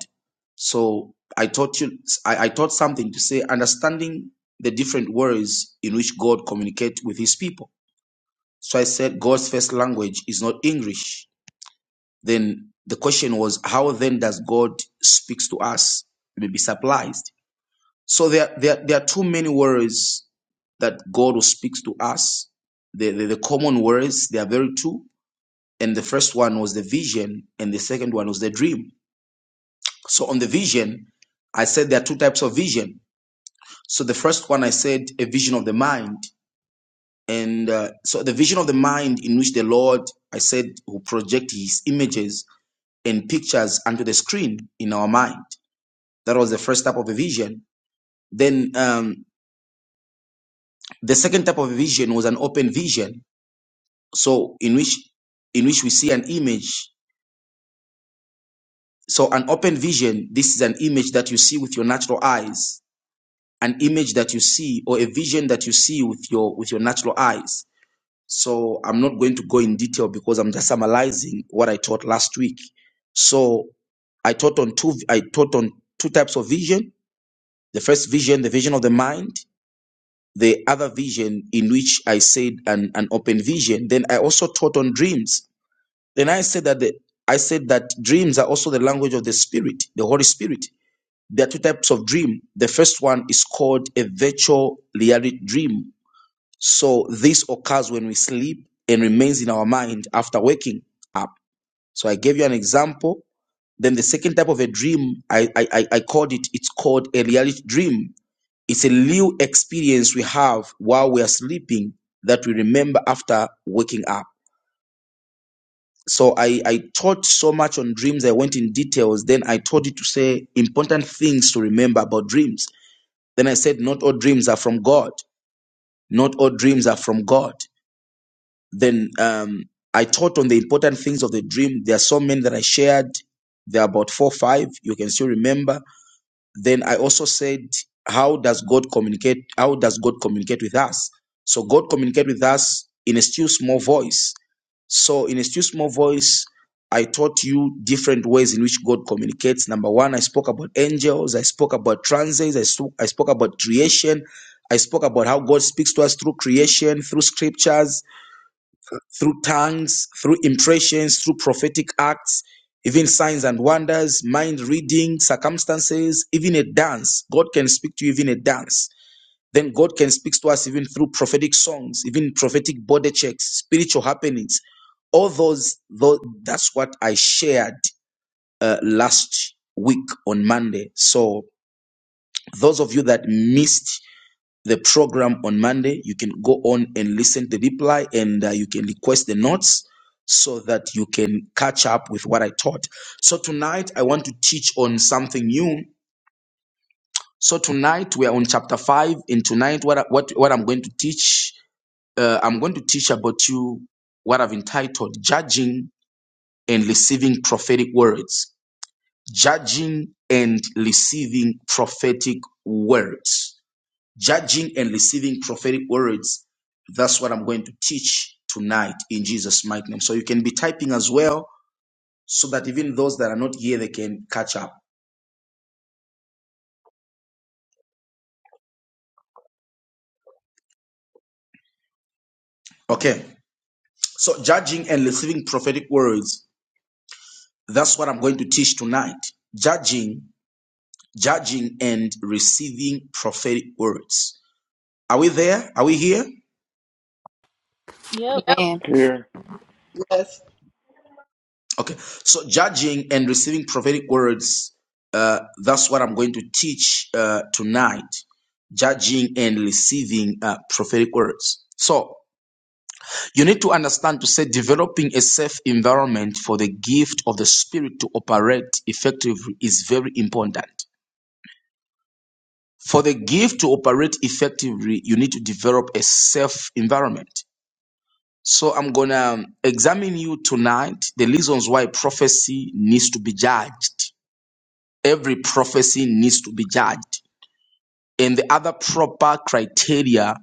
[SPEAKER 3] So, I taught you, I, I taught something to say, understanding the different words in which God communicates with His people. So, I said God's first language is not English. Then the question was, how then does God speaks to us? It may be surprised. So there, there, there are too many worries that God speaks to us. The, the, the common worries, there are very two. And the first one was the vision, and the second one was the dream. So on the vision, I said there are two types of vision. So the first one I said a vision of the mind. And uh, so the vision of the mind in which the Lord, I said, who project his images and pictures onto the screen in our mind. That was the first type of a vision. Then um, the second type of a vision was an open vision so in which in which we see an image so an open vision this is an image that you see with your natural eyes an image that you see or a vision that you see with your with your natural eyes so i'm not going to go in detail because i'm just summarizing what i taught last week so i taught on two i taught on two types of vision the first vision the vision of the mind the other vision in which i said an, an open vision then i also taught on dreams Then I said that the, I said that dreams are also the language of the spirit, the Holy Spirit. There are two types of dream. The first one is called a virtual reality dream. So this occurs when we sleep and remains in our mind after waking up. So I gave you an example. Then the second type of a dream, I I, I I called it. It's called a reality dream. It's a new experience we have while we are sleeping that we remember after waking up. so I, I taught so much on dreams. I went in details. Then I told you to say important things to remember about dreams. Then I said, not all dreams are from God. Not all dreams are from God. Then um, I taught on the important things of the dream. There are so many that I shared. There are about four, or five. You can still remember then i also said how does god communicate how does god communicate with us so god communicate with us in a still small voice so in a still small voice i taught you different ways in which god communicates number one i spoke about angels i spoke about transits i, spoke I spoke about creation i spoke about how god speaks to us through creation through scriptures through tongues, through impressions, through prophetic acts, even signs and wonders, mind reading, circumstances, even a dance. God can speak to you even a dance. Then God can speak to us even through prophetic songs, even prophetic body checks, spiritual happenings. All those, those that's what I shared uh, last week on Monday. So those of you that missed the program on Monday. You can go on and listen to the reply and uh, you can request the notes so that you can catch up with what I taught. So tonight I want to teach on something new. So tonight we are on chapter 5 and tonight what I- what what I'm going to teach uh, I'm going to teach about you what I've entitled judging and receiving prophetic words. Judging and receiving prophetic words judging and receiving prophetic words. That's what I'm going to teach tonight in Jesus' mighty name. So you can be typing as well, so that even those that are not here, they can catch up. Okay. So judging and receiving prophetic words. That's what I'm going to teach tonight. Judging, judging and receiving prophetic words. Are we there? Are we here?
[SPEAKER 1] Yep.
[SPEAKER 2] Amen.
[SPEAKER 7] Here.
[SPEAKER 6] Yes.
[SPEAKER 3] Okay. So judging and receiving prophetic words, uh, that's what I'm going to teach uh, tonight. Judging and receiving uh, prophetic words. So you need to understand to say developing a safe environment for the gift of the spirit to operate effectively is very important. For the gift to operate effectively, you need to develop a safe environment. So I'm gonna um, examine you tonight the reasons why prophecy needs to be judged every prophecy needs to be judged. And the other proper criteria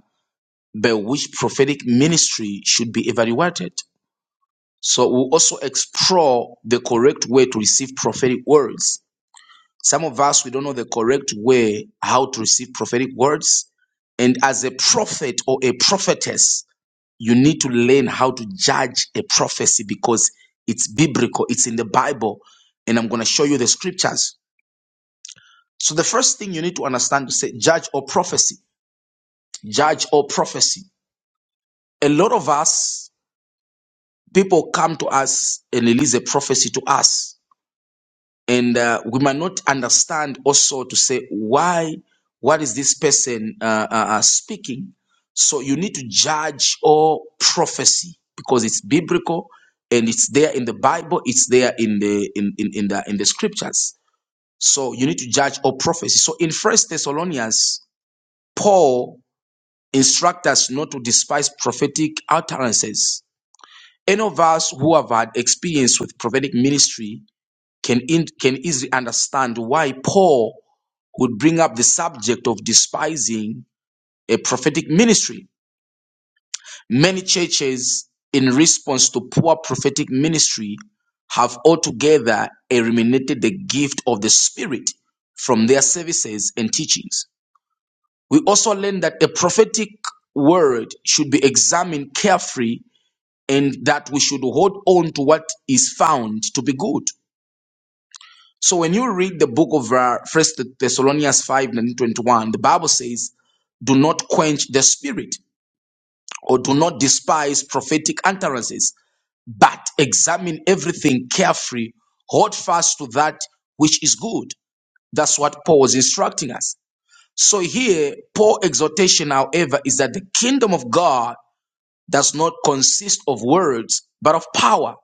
[SPEAKER 3] by which prophetic ministry should be evaluated. So we also explore the correct way to receive prophetic words. Some of us, we don't know the correct way how to receive prophetic words. And as a prophet or a prophetess, you need to learn how to judge a prophecy because it's biblical, it's in the Bible. And I'm going to show you the scriptures So the first thing you need to understand is say judge or prophecy, judge or prophecy. A lot of us people come to us and release a prophecy to us, and uh, we might not understand also to say why, what is this person uh, uh, uh, speaking? So you need to judge all prophecy because it's biblical and it's there in the Bible, it's there in the in in, in the in the scriptures. So you need to judge all prophecy. So in First Thessalonians, Paul instruct us not to despise prophetic utterances. Any of us who have had experience with prophetic ministry can, in, can easily understand why Paul would bring up the subject of despising a prophetic ministry. Many churches, in response to poor prophetic ministry, have altogether eliminated the gift of the Spirit from their services and teachings. We also learn that a prophetic word should be examined carefully and that we should hold on to what is found to be good. So when you read the book of uh, First uh, Thessalonians 5 and 21, the Bible says, do not quench the spirit or do not despise prophetic utterances, but examine everything carefully, hold fast to that which is good. That's what Paul was instructing us. So here, Paul's exhortation, however, is that the kingdom of God does not consist of words, but of power.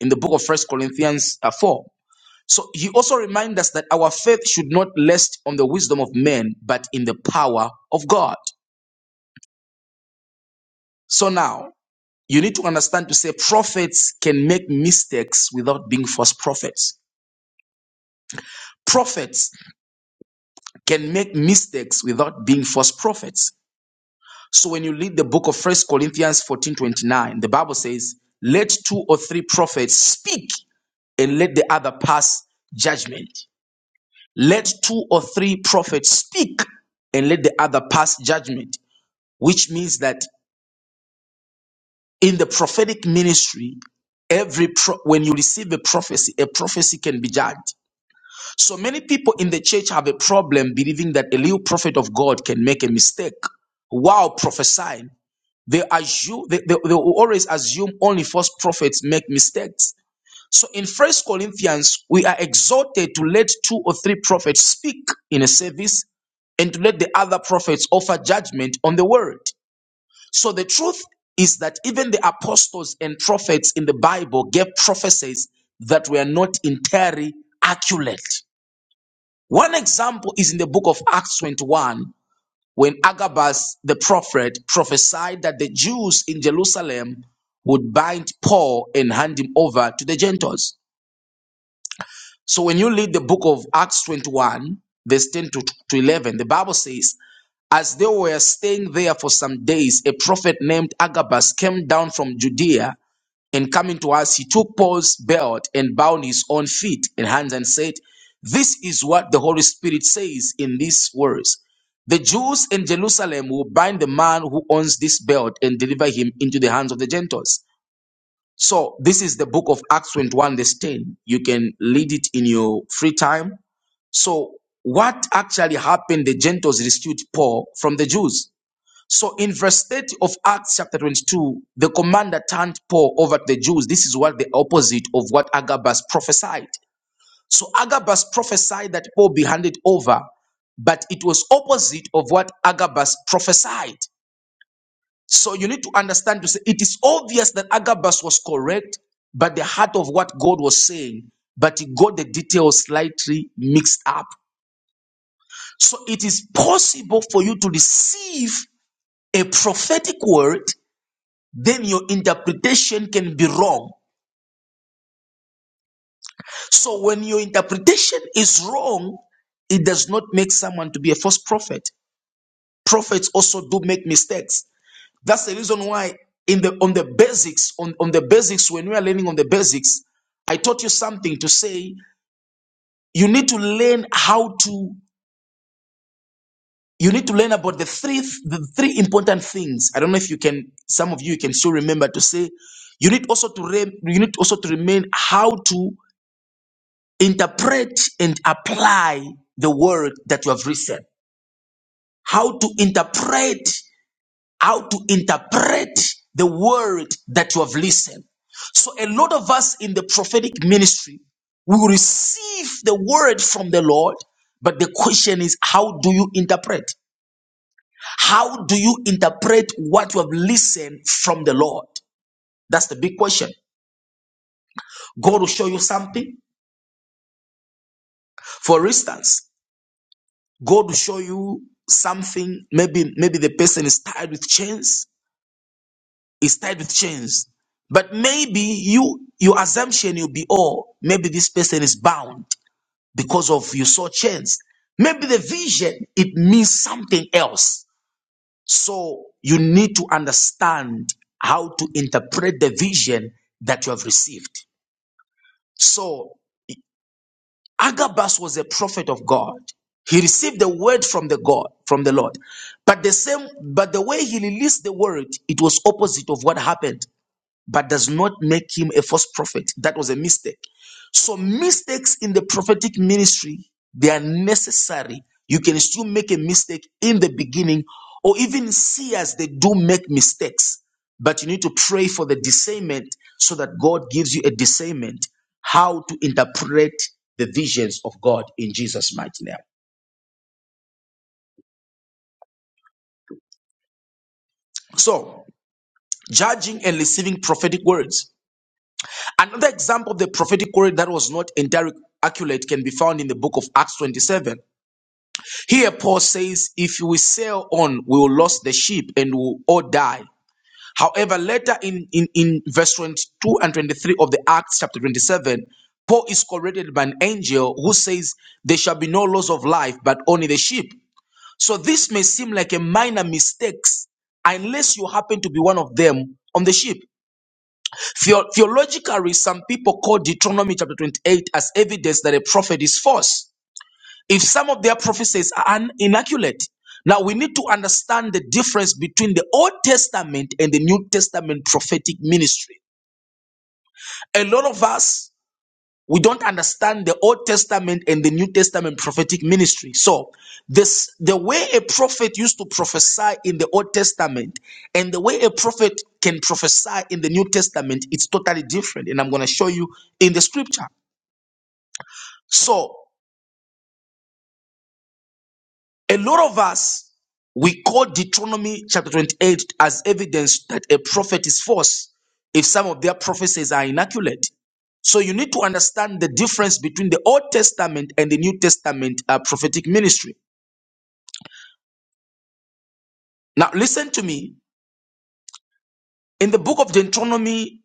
[SPEAKER 3] in the book of First Corinthians uh, 4. So he also reminds us that our faith should not rest on the wisdom of men, but in the power of God. So now you need to understand to say prophets can make mistakes without being false prophets. Prophets can make mistakes without being false prophets. So when you read the book of First Corinthians 14 29, the Bible says, Let two or three prophets speak and let the other pass judgment. Let two or three prophets speak and let the other pass judgment, which means that in the prophetic ministry, every pro- when you receive a prophecy, a prophecy can be judged. So many people in the church have a problem believing that a little prophet of God can make a mistake while prophesying. They assume they, they, they will always assume only false prophets make mistakes So in First Corinthians, we are exhorted to let two or three prophets speak in a service and to let the other prophets offer judgment on the word. So the truth is that even the apostles and prophets in the Bible gave prophecies that were not entirely accurate. One example is in the book of Acts 21, when Agabus the prophet prophesied that the Jews in Jerusalem would bind Paul and hand him over to the Gentiles. So when you read the book of Acts 21, verse 10 to, to 11, the Bible says, As they were staying there for some days, a prophet named Agabus came down from Judea, and coming to us, he took Paul's belt and bound his own feet and hands and said, This is what the Holy Spirit says in these words. The Jews in Jerusalem will bind the man who owns this belt and deliver him into the hands of the Gentiles so this is the book of Acts 21, verse 10. You can read it in your free time. So what actually happened? The Gentiles rescued Paul from the Jews. So in verse 30 of Acts chapter 22, the commander turned Paul over to the Jews. This is what the opposite of what Agabus prophesied. So Agabus prophesied that Paul be handed over, but it was opposite of what Agabus prophesied. So you need to understand to say it is obvious that Agabus was correct, but the heart of what God was saying, but he got the details slightly mixed up. So it is possible for you to receive a prophetic word, then your interpretation can be wrong. So when your interpretation is wrong, it does not make someone to be a false prophet. Prophets also do make mistakes. That's the reason why in the on the basics, on, on the basics, when we are learning on the basics, I taught you something to say you need to learn how to you need to learn about the three the three important things. I don't know if you can some of you can still remember to say you need also to re, you need also to remain how to interpret and apply the word that you have written. How to interpret how to interpret the word that you have listened. So, a lot of us in the prophetic ministry we will receive the word from the Lord, but the question is, how do you interpret? How do you interpret what you have listened from the Lord? That's the big question. God will show you something. For instance, God will show you something. Maybe, maybe the person is tied with chains Is tied with chains. But maybe you your assumption you'll be, oh, maybe this person is bound because of you saw chains. Maybe the vision it means something else. So you need to understand how to interpret the vision that you have received. So Agabus was a prophet of God. He received the word from the God, from the Lord. But the same, but the way he released the word, it was opposite of what happened. but does not make him a false prophet. That was a mistake. So mistakes in the prophetic ministry, they are necessary. You can still make a mistake in the beginning, or even see as they do make mistakes. But you need to pray for the discernment so that God gives you a discernment how to interpret the visions of God in Jesus' mighty name. So, judging and receiving prophetic words. Another example of the prophetic word that was not entirely accurate can be found in the book of Acts 27. Here, Paul says, If we sail on, we will lose the sheep and we will all die. However, later in, in, in verse 22 and 23 of the Acts chapter 27, Paul is corrected by an angel who says, There shall be no loss of life, but only the sheep. So this may seem like a minor mistake unless you happen to be one of them on the ship. Theo- theologically, some people call Deuteronomy chapter 28 as evidence that a prophet is false. If some of their prophecies are un- inaccurate, now we need to understand the difference between the Old Testament and the New Testament prophetic ministry. A lot of us we don't understand the old testament and the new testament prophetic ministry so this the way a prophet used to prophesy in the old testament and the way a prophet can prophesy in the new testament it's totally different and i'm going to show you in the scripture so A lot of us, we quote Deuteronomy chapter 28 as evidence that a prophet is false if some of their prophecies are inaccurate. So you need to understand the difference between the Old Testament and the New Testament uh, prophetic ministry. Now, listen to me. In the book of Deuteronomy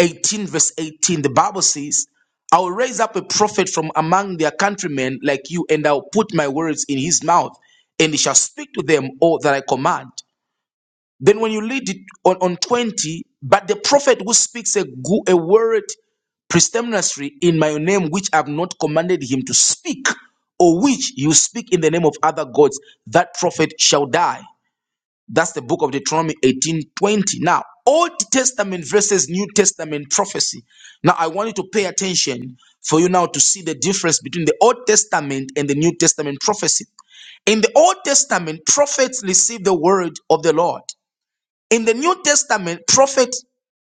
[SPEAKER 3] 18, verse 18, the Bible says, I will raise up a prophet from among their countrymen like you, and I will put my words in his mouth, and he shall speak to them all that I command. Then when you lead it on, on 20, but the prophet who speaks a, gu- a word presumptuously in my name, which I've not commanded him to speak, or which you speak in the name of other gods, that prophet shall die. That's the book of Deuteronomy 18 20. Now, Old Testament versus New Testament prophecy. Now, I want you to pay attention for you now to see the difference between the Old Testament and the New Testament prophecy. In the Old Testament, prophets received the word of the Lord. In the New Testament, prophet,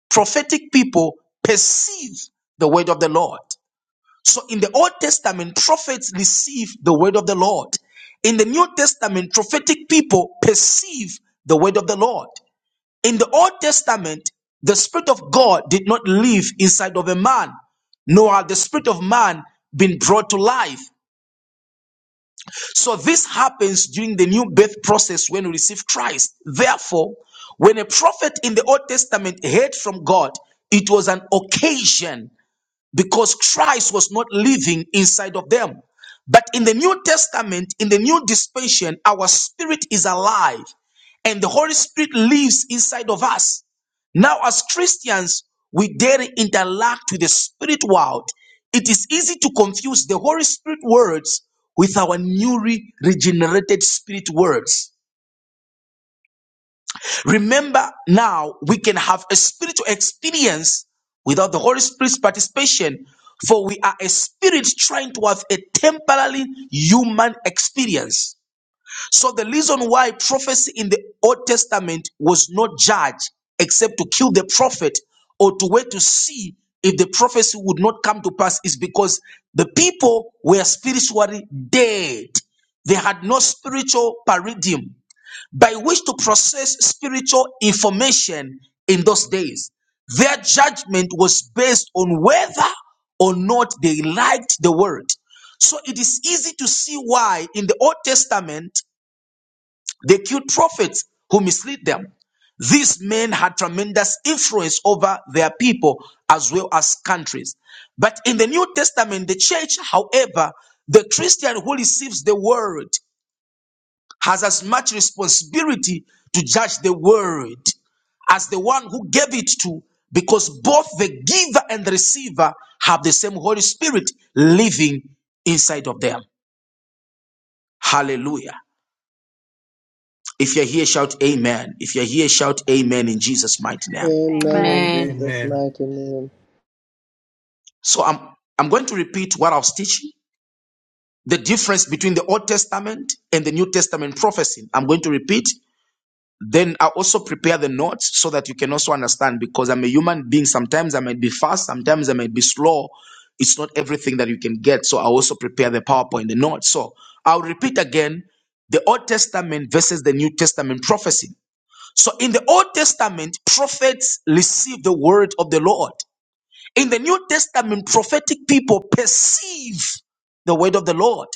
[SPEAKER 3] prophetic people perceive the word of the Lord. So in the Old Testament, prophets receive the word of the Lord. In the New Testament, prophetic people perceive the word of the Lord. In the Old Testament, the Spirit of God did not live inside of a man, nor had the Spirit of man been brought to life. So this happens during the new birth process when we receive Christ. Therefore, when a prophet in the Old Testament heard from God, it was an occasion because Christ was not living inside of them. But in the New Testament, in the new dispensation, our spirit is alive and the Holy Spirit lives inside of us. Now, as Christians, we daily interact with the spirit world. It is easy to confuse the Holy Spirit words with our newly regenerated spirit words. Remember now, we can have a spiritual experience without the Holy Spirit's participation, for we are a spirit trying to have a temporarily human experience. So, the reason why prophecy in the Old Testament was not judged except to kill the prophet or to wait to see if the prophecy would not come to pass is because the people were spiritually dead. They had no spiritual paradigm by which to process spiritual information in those days. Their judgment was based on whether or not they liked the word. So it is easy to see why in the Old Testament they killed prophets who misled them. These men had tremendous influence over their people as well as countries. But in the New Testament, the church, however, the Christian who receives the word has as much responsibility to judge the world as the one who gave it to, because both the giver and the receiver have the same Holy Spirit living inside of them. Hallelujah. If you're here, shout amen. If you're here, shout amen in Jesus' mighty name.
[SPEAKER 6] Amen in
[SPEAKER 1] Amen.
[SPEAKER 2] Amen.
[SPEAKER 6] Jesus'
[SPEAKER 4] Amen.
[SPEAKER 6] mighty name.
[SPEAKER 3] So I'm I'm going to repeat what I was teaching. The difference between the Old Testament and the New Testament prophecy. I'm going to repeat Then I also prepare the notes so that you can also understand because I'm a human being. Sometimes I might be fast, sometimes I might be slow. It's not everything that you can get. So I also prepare the PowerPoint, the notes. So I'll repeat again the Old Testament versus the New Testament prophecy. So in the Old Testament, prophets receive the word of the Lord. In the New Testament, prophetic people perceive the word of the Lord.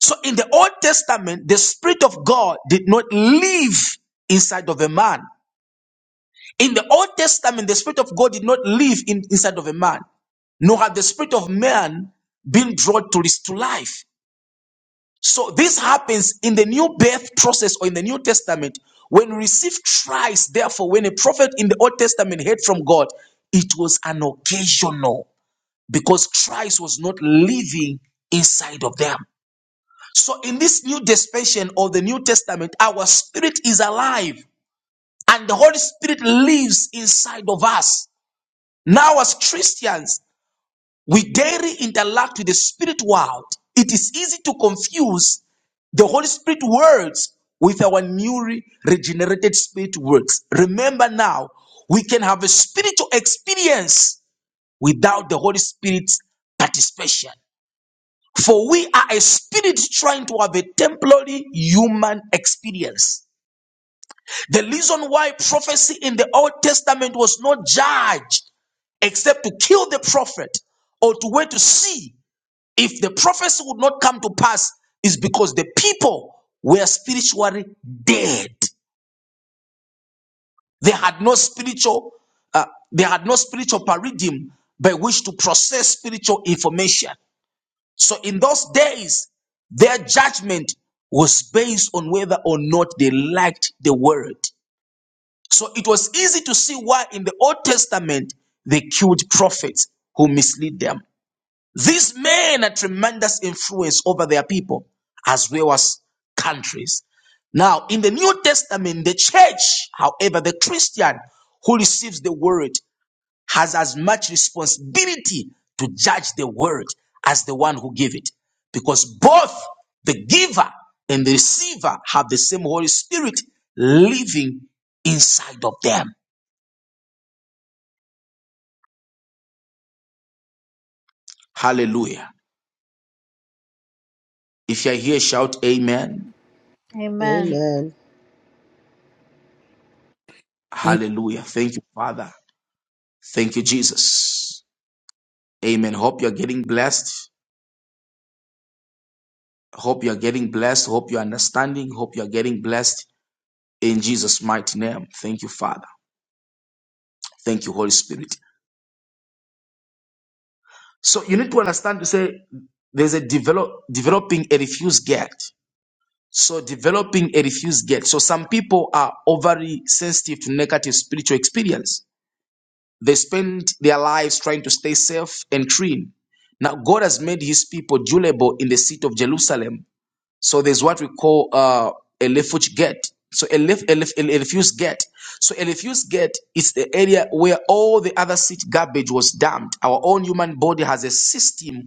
[SPEAKER 3] So in the Old Testament, the Spirit of God did not live inside of a man. In the Old Testament, the Spirit of God did not live in, inside of a man, nor had the Spirit of man been drawn to, this, to life. So this happens in the new birth process or in the New Testament. When we receive Christ, therefore, when a prophet in the Old Testament heard from God, it was an occasional because Christ was not living inside of them. So in this new dispensation of the New Testament, our spirit is alive and the Holy Spirit lives inside of us. Now, as Christians, we daily interact with the spirit world. It is easy to confuse the Holy Spirit words with our newly regenerated spirit words. Remember now, we can have a spiritual experience without the Holy Spirit's participation. For we are a spirit trying to have a temporary human experience. The reason why prophecy in the Old Testament was not judged except to kill the prophet or to wait to see if the prophecy would not come to pass is because the people were spiritually dead. They had no spiritual, uh, they had no spiritual paradigm by which to process spiritual information. So in those days, their judgment was based on whether or not they liked the word. So it was easy to see why in the Old Testament they killed prophets who mislead them. These men had tremendous influence over their people as well as countries. Now, in the New Testament, the church, however, the Christian who receives the word has as much responsibility to judge the word as the one who gave it because both the giver and the receiver have the same Holy Spirit living inside of them. Hallelujah. If you're here, shout amen.
[SPEAKER 1] Amen.
[SPEAKER 6] Amen.
[SPEAKER 3] Hallelujah. Thank you, Father. Thank you, Jesus. Amen. Hope you're getting blessed. Hope you're getting blessed. Hope you're understanding. Hope you're getting blessed in Jesus' mighty name. Thank you, Father. Thank you, Holy Spirit. So you need to understand to say there's a develop developing a refuse gate. So developing a refuse gate. So some people are overly sensitive to negative spiritual experience They spend their lives trying to stay safe and clean. Now, God has made his people durable in the city of Jerusalem. So there's what we call uh, a refuge gate. So a, lef- a, lef- a refuse gate. So a refuse gate is the area where all the other city garbage was dumped. Our own human body has a system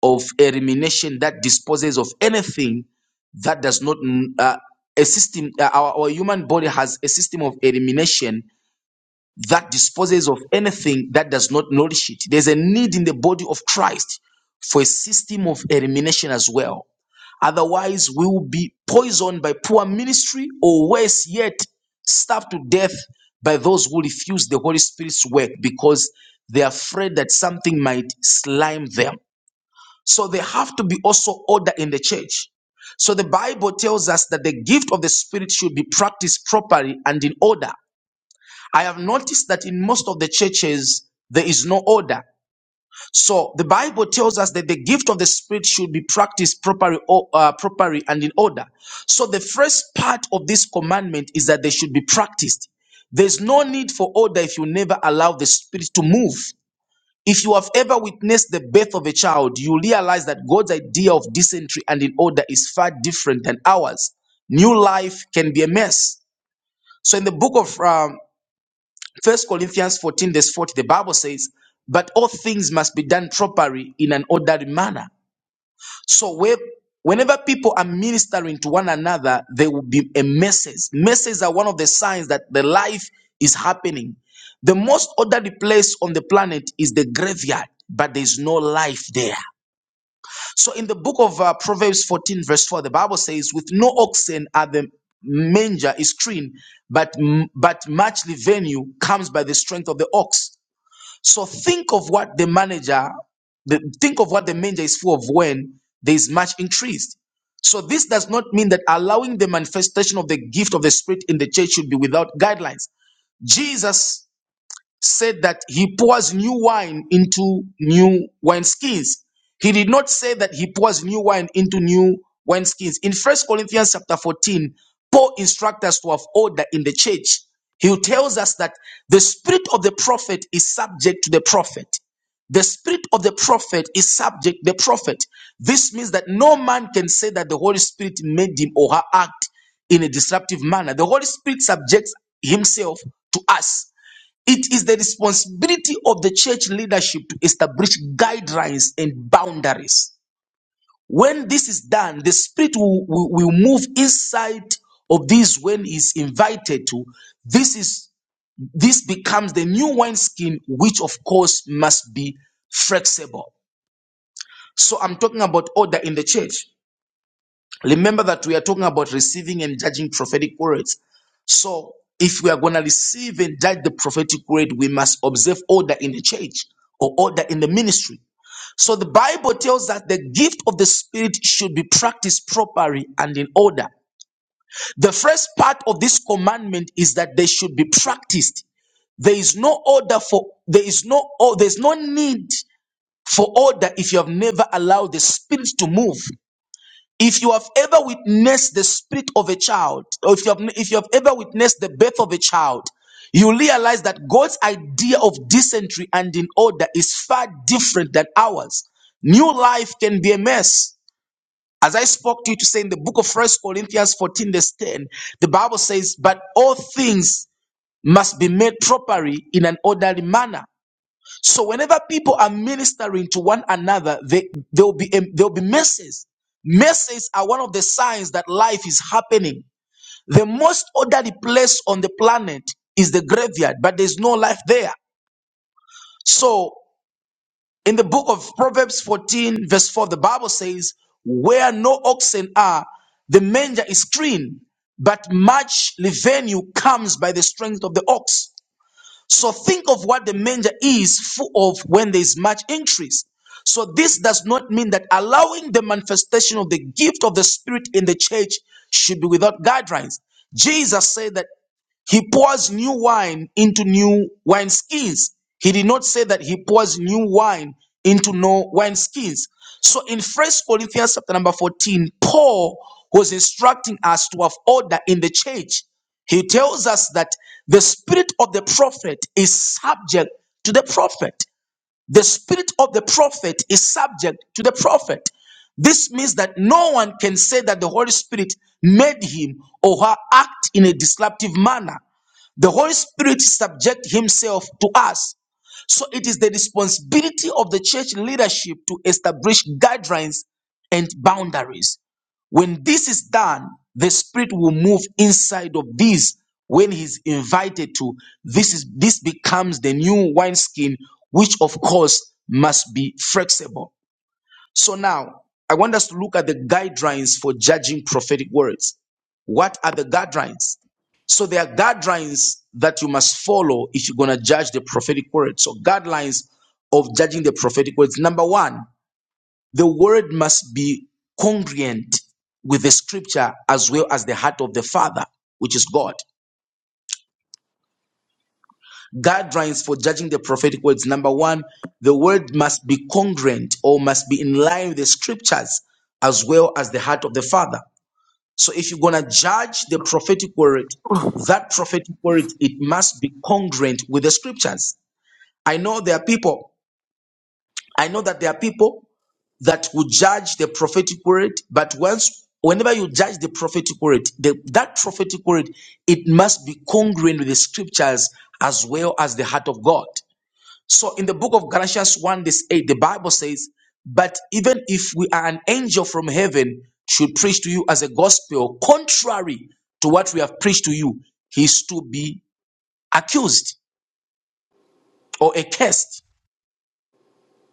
[SPEAKER 3] of elimination that disposes of anything that does not mm, uh, a system uh, our, our human body has a system of elimination that disposes of anything that does not nourish it. There's a need in the body of Christ for a system of elimination as well. Otherwise, we will be poisoned by poor ministry or worse yet, starved to death by those who refuse the Holy Spirit's work because they're afraid that something might slime them. So there have to be also order in the church. So the Bible tells us that the gift of the Spirit should be practiced properly and in order. I have noticed that in most of the churches, there is no order. So the Bible tells us that the gift of the Spirit should be practiced properly, uh, properly and in order. So the first part of this commandment is that they should be practiced. There's no need for order if you never allow the Spirit to move. If you have ever witnessed the birth of a child, you realize that God's idea of dysentery and in order is far different than ours. New life can be a mess. So in the book of um, First Corinthians 14, verse 40, the Bible says, But all things must be done properly in an orderly manner. So where whenever people are ministering to one another, there will be a message. Messages are one of the signs that the life is happening. The most orderly place on the planet is the graveyard, but there's no life there. So in the book of uh, Proverbs 14, verse 4, the Bible says, With no oxen are the manger is clean, but, but muchly venue comes by the strength of the ox. So think of what the manager, the, think of what the manager is full of when there is much increased. So this does not mean that allowing the manifestation of the gift of the Spirit in the church should be without guidelines. Jesus said that he pours new wine into new wineskins. He did not say that he pours new wine into new wineskins. In First Corinthians chapter 14, Paul instructs us to have order in the church. He tells us that the spirit of the prophet is subject to the prophet. The spirit of the prophet is subject to the prophet. This means that no man can say that the Holy Spirit made him or her act in a disruptive manner. The Holy Spirit subjects himself to us. It is the responsibility of the church leadership to establish guidelines and boundaries. When this is done, the Spirit will, will, will move inside of this when is invited to. This is this becomes the new wineskin, which of course must be flexible. So I'm talking about order in the church. Remember that we are talking about receiving and judging prophetic words. So, if we are going to receive and judge the prophetic word, we must observe order in the church or order in the ministry. So, the Bible tells that the gift of the Spirit should be practiced properly and in order. The first part of this commandment is that they should be practiced. There is no order for there is no or there's no need for order if you have never allowed the spirit to move. If you have ever witnessed the spirit of a child, or if you have, if you have ever witnessed the birth of a child, you realize that God's idea of dysentery and in order is far different than ours. New life can be a mess. As I spoke to you to say in the book of First Corinthians 14, verse 10, the Bible says, But all things must be made properly in an orderly manner. So whenever people are ministering to one another, they there'll be there'll be messes. Messes are one of the signs that life is happening. The most orderly place on the planet is the graveyard, but there's no life there. So in the book of Proverbs 14, verse 4, the Bible says, Where no oxen are, the manger is clean, but much revenue comes by the strength of the ox. So think of what the manger is full of when there is much increase. So this does not mean that allowing the manifestation of the gift of the Spirit in the church should be without guidelines. Jesus said that. He pours new wine into new wineskins. He did not say that he pours new wine into no wineskins. So in First Corinthians chapter number 14, Paul was instructing us to have order in the church. He tells us that the spirit of the prophet is subject to the prophet. The spirit of the prophet is subject to the prophet. This means that no one can say that the Holy Spirit made him or her act in a disruptive manner. The Holy Spirit subject himself to us. So it is the responsibility of the church leadership to establish guidelines and boundaries. When this is done, the spirit will move inside of this when he's invited to. This is this becomes the new wineskin, which of course must be flexible. So now I want us to look at the guidelines for judging prophetic words. What are the guidelines? So there are guidelines that you must follow if you're gonna judge the prophetic word. So guidelines of judging the prophetic words. Number one, the word must be congruent with the scripture as well as the heart of the Father, which is God. Guidelines for judging the prophetic words. Number one, the word must be congruent or must be in line with the scriptures as well as the heart of the Father. So if you're going to judge the prophetic word,
[SPEAKER 8] Oh,
[SPEAKER 3] that prophetic word, it must be congruent with the scriptures. I know there are people, I know that there are people that will judge the prophetic word, but once whenever you judge the prophetic word, the, that prophetic word it must be congruent with the scriptures as well as the heart of God. So in the book of Galatians 1, this 8, the Bible says, But even if we are an angel from heaven should preach to you as a gospel, contrary to what we have preached to you, he is to be accused or accursed.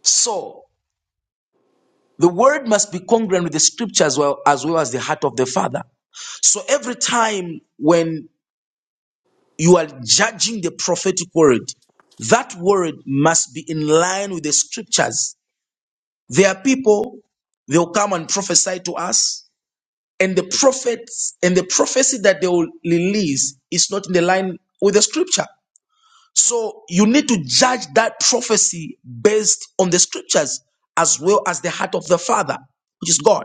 [SPEAKER 3] So The word must be congruent with the scripture as well as well as the heart of the father. So every time when you are judging the prophetic word, that word must be in line with the scriptures. There are people they'll come and prophesy to us, and the prophets and the prophecy that they will release is not in the line with the scripture. So you need to judge that prophecy based on the scriptures as well as the heart of the Father, which is God.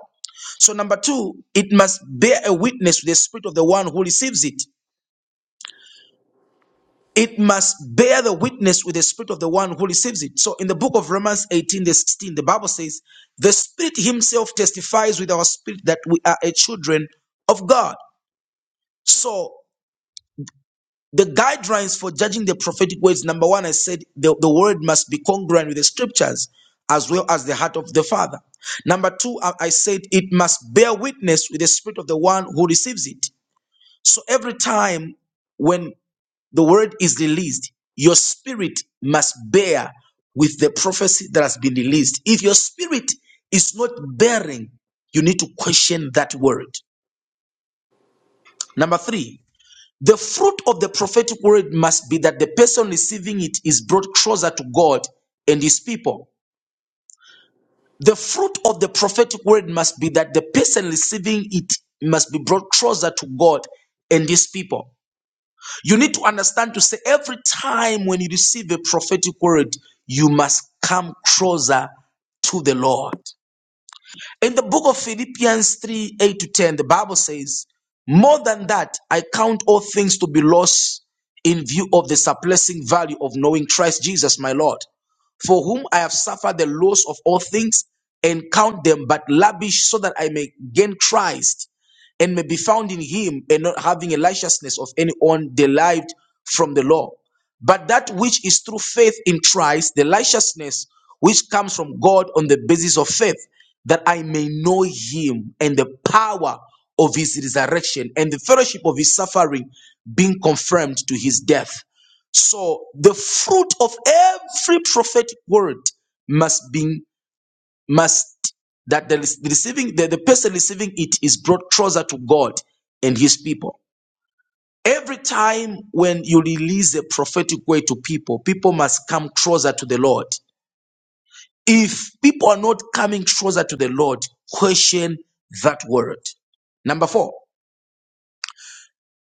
[SPEAKER 3] So, number two, it must bear a witness with the spirit of the one who receives it. It must bear the witness with the spirit of the one who receives it. So, in the book of Romans 18, the 16, the Bible says, The Spirit Himself testifies with our spirit that we are a children of God. So. the guidelines for judging the prophetic words number one i said the, the word must be congruent with the scriptures as well as the heart of the father number two i I said it must bear witness with the spirit of the one who receives it so every time when the word is released your spirit must bear with the prophecy that has been released if your spirit is not bearing you need to question that word number three the fruit of the prophetic word must be that the person receiving it is brought closer to God and his people. The fruit of the prophetic word must be that the person receiving it must be brought closer to God and his people. You need to understand to say every time when you receive a prophetic word, you must come closer to the Lord. In the book of Philippians 3 8 to 10, the Bible says, More than that, I count all things to be lost in view of the surpassing value of knowing Christ Jesus, my Lord, for whom I have suffered the loss of all things and count them but lavish so that I may gain Christ and may be found in him and not having a licentiousness of any one derived from the law. But that which is through faith in Christ, the righteousness which comes from God on the basis of faith, that I may know him and the power of his resurrection and the fellowship of his suffering, being confirmed to his death. So the fruit of every prophetic word must be must that the rec- the receiving the, the person receiving it is brought closer to God and his people. Every time when you release a prophetic word to people, people must come closer to the Lord. If people are not coming closer to the Lord, question that word. Number four,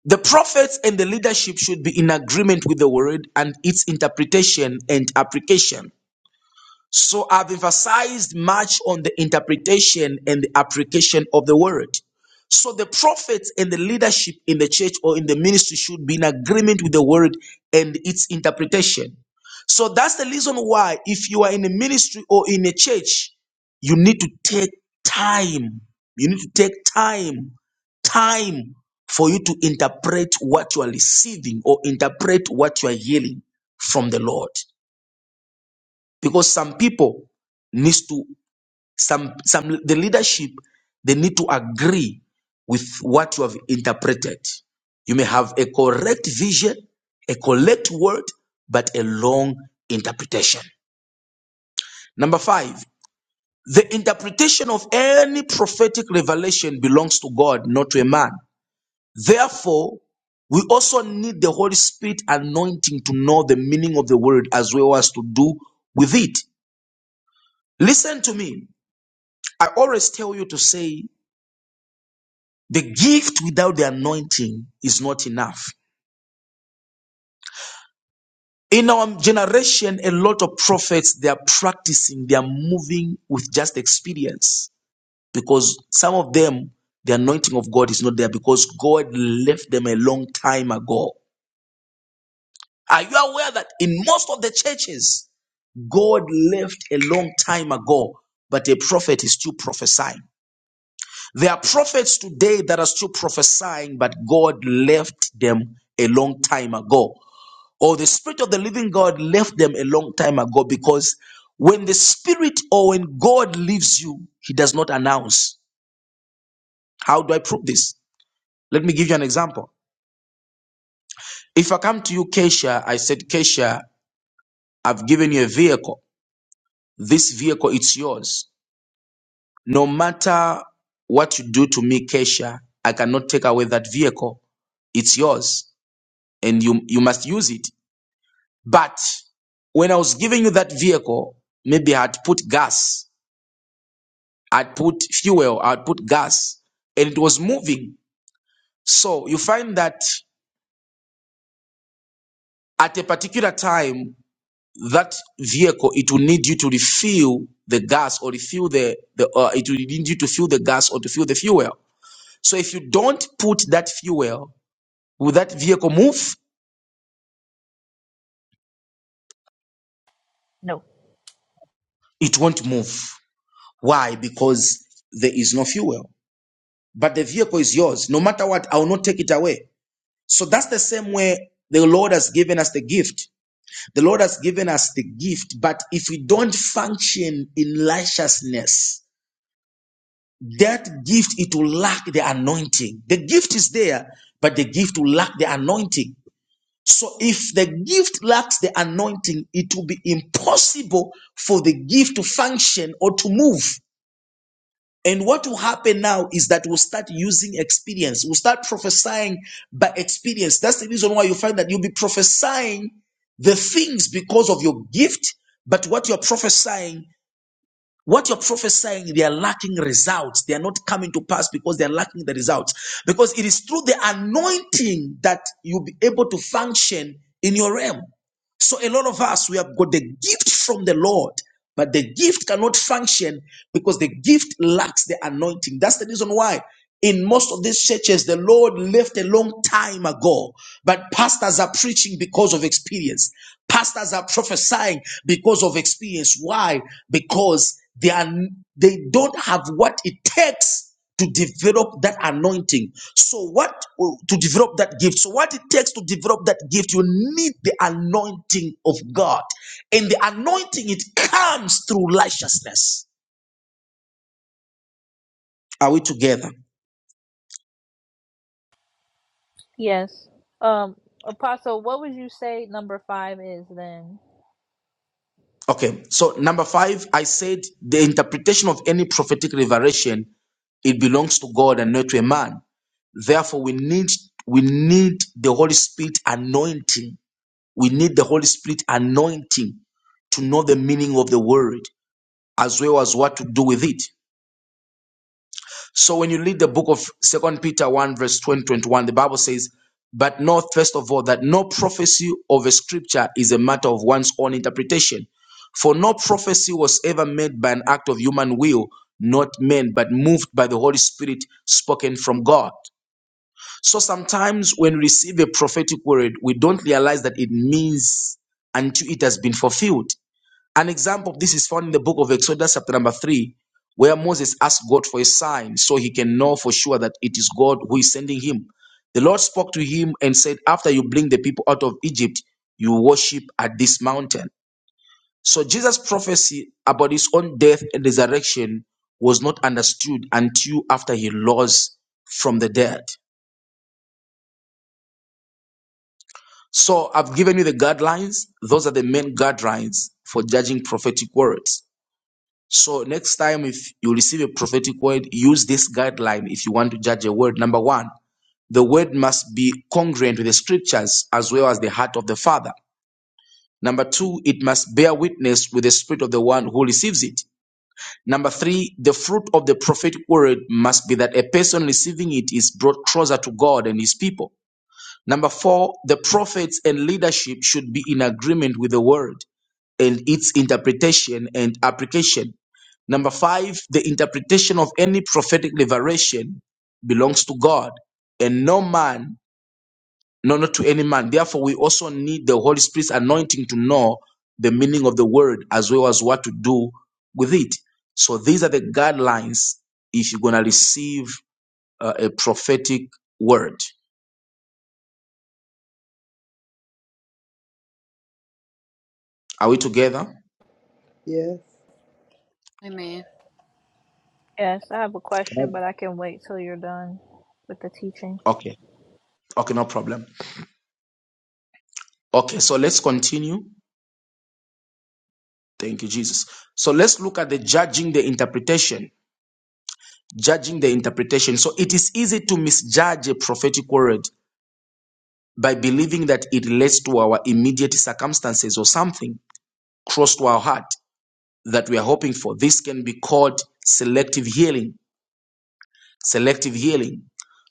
[SPEAKER 3] the prophets and the leadership should be in agreement with the word and its interpretation and application. So I've emphasized much on the interpretation and the application of the word. So the prophets and the leadership in the church or in the ministry should be in agreement with the word and its interpretation. So that's the reason why, if you are in a ministry or in a church, you need to take time. You need to take time, time for you to interpret what you are receiving or interpret what you are hearing from the Lord because some people needs to some some the leadership they need to agree with what you have interpreted you may have a correct vision a correct word but a long interpretation number 5 the interpretation of any prophetic revelation belongs to God not to a man therefore we also need the Holy Spirit anointing to know the meaning of the word as well as to do with it. Listen to me. I always tell you to say the gift without the anointing is not enough. In our generation, a lot of prophets, they are practicing, they are moving with just experience because some of them, the anointing of God is not there because God left them a long time ago. Are you aware that in most of the churches, God left a long time ago, but a prophet is still prophesying? There are prophets today that are still prophesying, but God left them a long time ago. Or the Spirit of the living God left them a long time ago because when the Spirit or when God leaves you, He does not announce. How do I prove this? Let me give you an example. If I come to you, Keisha, I said, Keisha, I've given you a vehicle. This vehicle, it's yours. No matter what you do to me, Keisha, I cannot take away that vehicle. It's yours. and you you must use it. But when I was giving you that vehicle, maybe I had put gas, I'd put fuel, I'd put gas, and it was moving. So you find that at a particular time, that vehicle it will need you to refill the gas or refill the the uh, it will need you to fill the gas or to fill the fuel. So if you don't put that fuel, will that vehicle move?
[SPEAKER 1] No.
[SPEAKER 3] It won't move. Why? Because there is no fuel. but the vehicle is yours. No matter what, I will not take it away. So that's the same way the Lord has given us the gift. The Lord has given us the gift, but if we don't function in righteousness, that gift it will lack the anointing. The gift is there, but the gift will lack the anointing. So if the gift lacks the anointing, it will be impossible for the gift to function or to move. And what will happen now is that we'll start using experience. We'll start prophesying by experience. That's the reason why you find that you'll be prophesying the things because of your gift, but what you're prophesying, what you're prophesying, they are lacking results. They are not coming to pass because they are lacking the results. Because it is through the anointing that you'll be able to function in your realm. So a lot of us, we have got the gift from the Lord, but the gift cannot function because the gift lacks the anointing. That's the reason why in most of these churches, the Lord left a long time ago, but pastors are preaching because of experience. Pastors are prophesying because of experience. Why? Because they are, they don't have what it takes to develop that anointing. So, what to develop that gift? So, what it takes to develop that gift, you need the anointing of God, and the anointing it comes through righteousness. Are we together?
[SPEAKER 1] Yes. Um, Apostle, what would you say number five is then?
[SPEAKER 3] Okay. So, number five, I said the interpretation of any prophetic revelation it belongs to God and not to a man. Therefore, we need we need the Holy Spirit anointing. We need the Holy Spirit anointing to know the meaning of the word. as well as what to do with it. So when you read the book of Second Peter 1, verse 20 21, the Bible says, But know first of all that no prophecy of a scripture is a matter of one's own interpretation. For no prophecy was ever made by an act of human will, not men, but moved by the Holy Spirit spoken from God. So sometimes when we receive a prophetic word, we don't realize that it means until it has been fulfilled. An example of this is found in the book of Exodus, chapter number three, where Moses asked God for a sign so he can know for sure that it is God who is sending him. The Lord spoke to him and said, After you bring the people out of Egypt, you worship at this mountain. So Jesus' prophecy about his own death and resurrection was not understood until after he rose from the dead. So I've given you the guidelines. Those are the main guidelines for judging prophetic words. So next time, if you receive a prophetic word, use this guideline if you want to judge a word. Number one, the word must be congruent with the scriptures as well as the heart of the Father. Number two, it must bear witness with the spirit of the one who receives it. Number three, the fruit of the prophetic word must be that a person receiving it is brought closer to God and his people. Number four, the prophets and leadership should be in agreement with the word and its interpretation and application. Number five, the interpretation of any prophetic liberation belongs to God and no man, no, not to any man. Therefore, we also need the Holy Spirit's anointing to know the meaning of the word as well as what to do with it. So these are the guidelines if you're going to receive uh, a prophetic word. Are we together?
[SPEAKER 6] Yes.
[SPEAKER 2] Amen.
[SPEAKER 1] Yes, I have a question, but I can wait till you're done with the teaching.
[SPEAKER 3] Okay. Okay, no problem. Okay, so let's continue. Thank you, Jesus. So let's look at the judging the interpretation. judging the interpretation. So it is easy to misjudge a prophetic word by believing that it relates to our immediate circumstances or something close to our heart that we are hoping for. This can be called selective healing. Selective healing.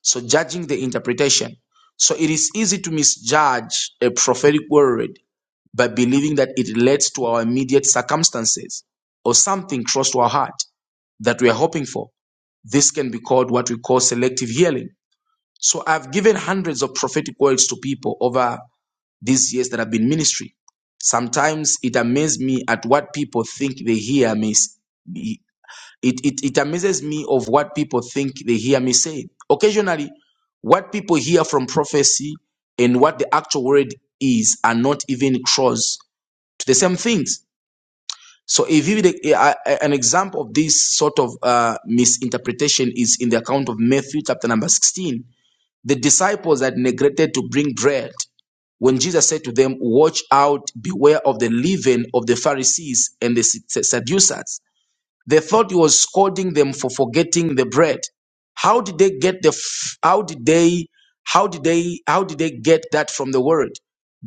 [SPEAKER 3] So judging the interpretation. So it is easy to misjudge a prophetic word by believing that it relates to our immediate circumstances or something close to our heart that we are hoping for. This can be called what we call selective healing. So I've given hundreds of prophetic words to people over these years that I've been ministry. Sometimes it amazes me at what people think they hear me. It, it, it amazes me of what people think they hear me say. Occasionally, what people hear from prophecy and what the actual word is are not even close to the same things. So, if you, a- an example of this sort of uh, misinterpretation is in the account of Matthew chapter number 16 the disciples had neglected to bring bread. When Jesus said to them, Watch out, beware of the leaven of the Pharisees and the Sadducees, they thought he was scolding them for forgetting the bread. How did they get the f- how did they how did they how did they get that from the word?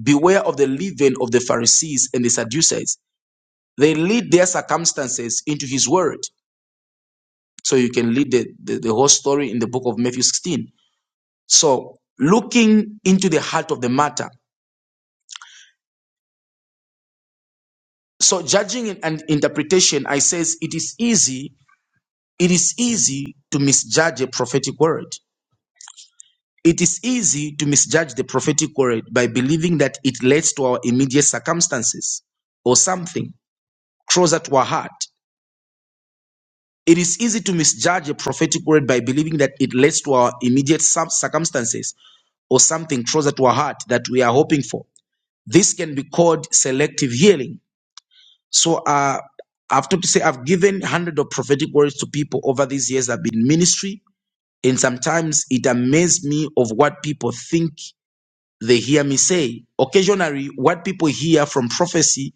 [SPEAKER 3] Beware of the leaven of the Pharisees and the Sadducees. They lead their circumstances into his word. So you can read the, the, the whole story in the book of Matthew 16 so looking into the heart of the matter. So judging and interpretation, I says it is easy. It is easy to misjudge a prophetic word. It is easy to misjudge the prophetic word by believing that it relates to our immediate circumstances or something closer to our heart. It is easy to misjudge a prophetic word by believing that it relates to our immediate cir- circumstances or something closer to our heart that we are hoping for. This can be called selective healing So uh, I have to say I've given hundreds of prophetic words to people over these years I've been in ministry, and sometimes it amazes me of what people think they hear me say. Occasionally, what people hear from prophecy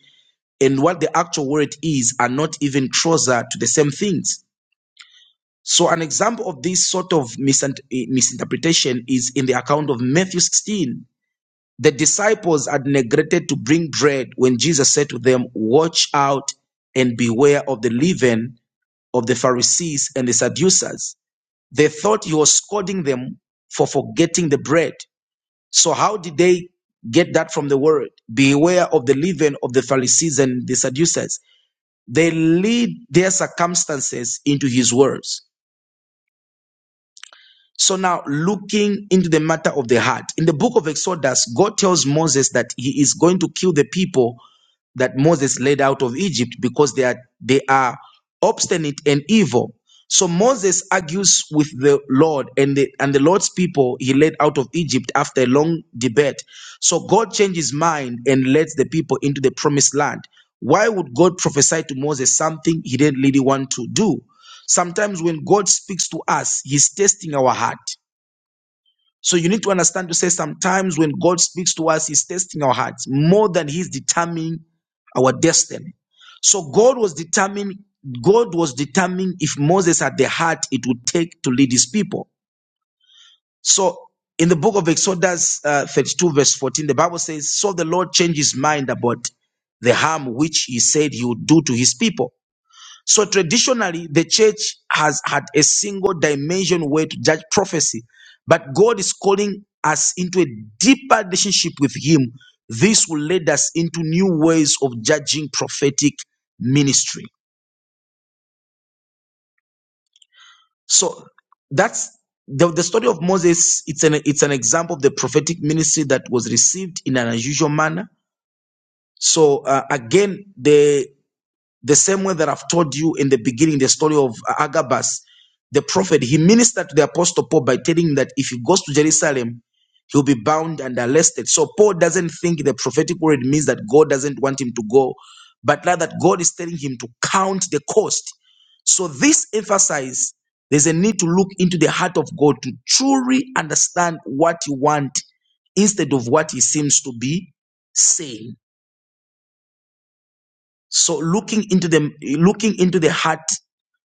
[SPEAKER 3] and what the actual word is are not even closer to the same things. So an example of this sort of eh, misinterpretation is in the account of Matthew 16. The disciples had neglected to bring bread when Jesus said to them, Watch out and beware of the leaven of the Pharisees and the Sadducees. They thought he was scolding them for forgetting the bread. So, how did they get that from the word? Beware of the leaven of the Pharisees and the Sadducees. They lead their circumstances into his words. So now, looking into the matter of the heart, in the book of Exodus, God tells Moses that he is going to kill the people that Moses led out of Egypt because they are they are obstinate and evil. So Moses argues with the Lord and the and the Lord's people he led out of Egypt after a long debate. So God changes mind and lets the people into the promised land. Why would God prophesy to Moses something he didn't really want to do? Sometimes when God speaks to us, He's testing our heart. So you need to understand to say sometimes when God speaks to us, He's testing our hearts more than He's determining our destiny. So God was determining. God was determining if Moses had the heart it would take to lead his people. So in the book of Exodus uh, 32, verse 14, the Bible says, So the Lord changed his mind about the harm which he said he would do to his people. So traditionally, the church has had a single dimension way to judge prophecy, but God is calling us into a deeper relationship with Him. This will lead us into new ways of judging prophetic ministry. So that's the, the story of Moses. It's an it's an example of the prophetic ministry that was received in an unusual manner. So uh, again, the The same way that I've told you in the beginning, the story of Agabus, the prophet, he ministered to the apostle Paul by telling him that if he goes to Jerusalem, he'll be bound and arrested. So Paul doesn't think the prophetic word means that God doesn't want him to go, but rather God is telling him to count the cost. So this emphasizes there's a need to look into the heart of God to truly understand what you want instead of what he seems to be saying. So looking into the looking into the heart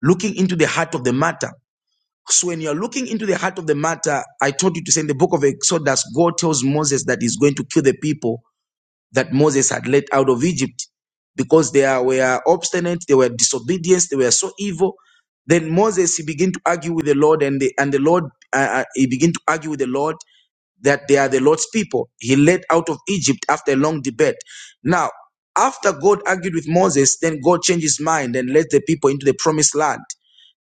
[SPEAKER 3] looking into the heart of the matter. So when you're looking into the heart of the matter, I told you to say in the book of Exodus, God tells Moses that he's going to kill the people that Moses had led out of Egypt because they are- were obstinate, they were disobedient, they were so evil. Then Moses he began to argue with the Lord, and the and the Lord uh, uh, he began to argue with the Lord that they are the Lord's people. He led out of Egypt after a long debate. Now, after God argued with Moses, then God changed his mind and led the people into the promised land.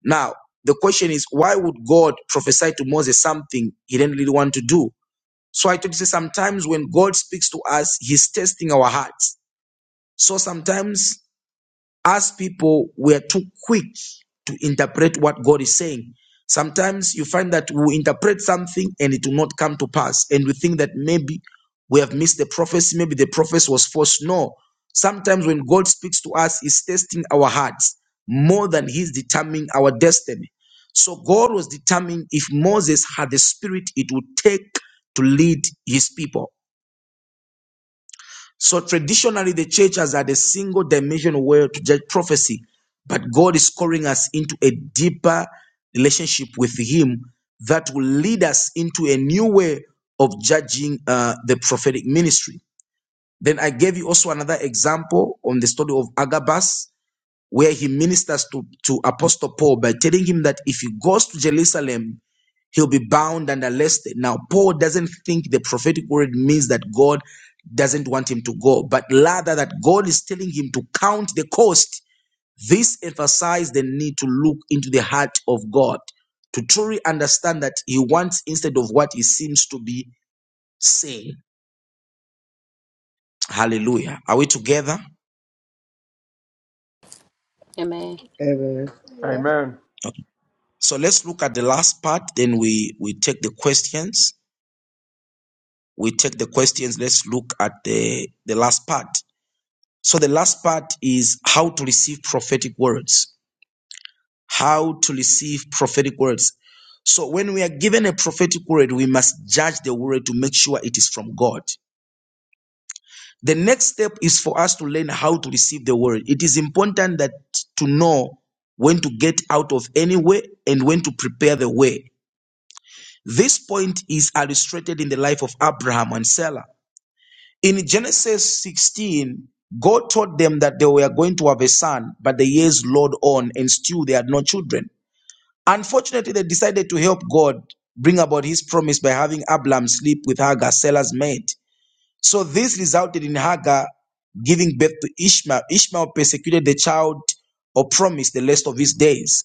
[SPEAKER 3] Now, the question is, why would God prophesy to Moses something he didn't really want to do? So I told you sometimes when God speaks to us, He's testing our hearts. So sometimes as people, we're too quick to interpret what God is saying. Sometimes you find that we interpret something and it will not come to pass. And we think that maybe we have missed the prophecy, maybe the prophecy was false. No. Sometimes when God speaks to us, He's testing our hearts more than He's determining our destiny. So God was determining if Moses had the spirit it would take to lead His people. So traditionally, the church has had a single dimension word to judge prophecy, but God is calling us into a deeper relationship with Him that will lead us into a new way of judging uh, the prophetic ministry. Then I gave you also another example on the story of Agabus, where he ministers to, to Apostle Paul by telling him that if he goes to Jerusalem He'll be bound and arrested. Now, Paul doesn't think the prophetic word means that God doesn't want him to go, but rather that God is telling him to count the cost. This emphasized the need to look into the heart of God to truly understand that he wants instead of what he seems to be saying. Hallelujah. Are we together?
[SPEAKER 2] Amen.
[SPEAKER 6] Amen.
[SPEAKER 1] Yeah.
[SPEAKER 7] Amen.
[SPEAKER 3] Okay. So let's look at the last part, then we, we take the questions. We take the questions. Let's look at the, the last part. So the last part is how to receive prophetic words. How to receive prophetic words. So when we are given a prophetic word, we must judge the word to make sure it is from God. The next step is for us to learn how to receive the word. It is important that to know when to get out of any way and when to prepare the way. This point is illustrated in the life of Abraham and Sarah. In Genesis 16, God told them that they were going to have a son, but the years rolled on and still they had no children. Unfortunately, they decided to help God bring about his promise by having Abram sleep with Hagar, Sarah's maid. So this resulted in Hagar giving birth to Ishmael. Ishmael persecuted the child or promised the rest of his days.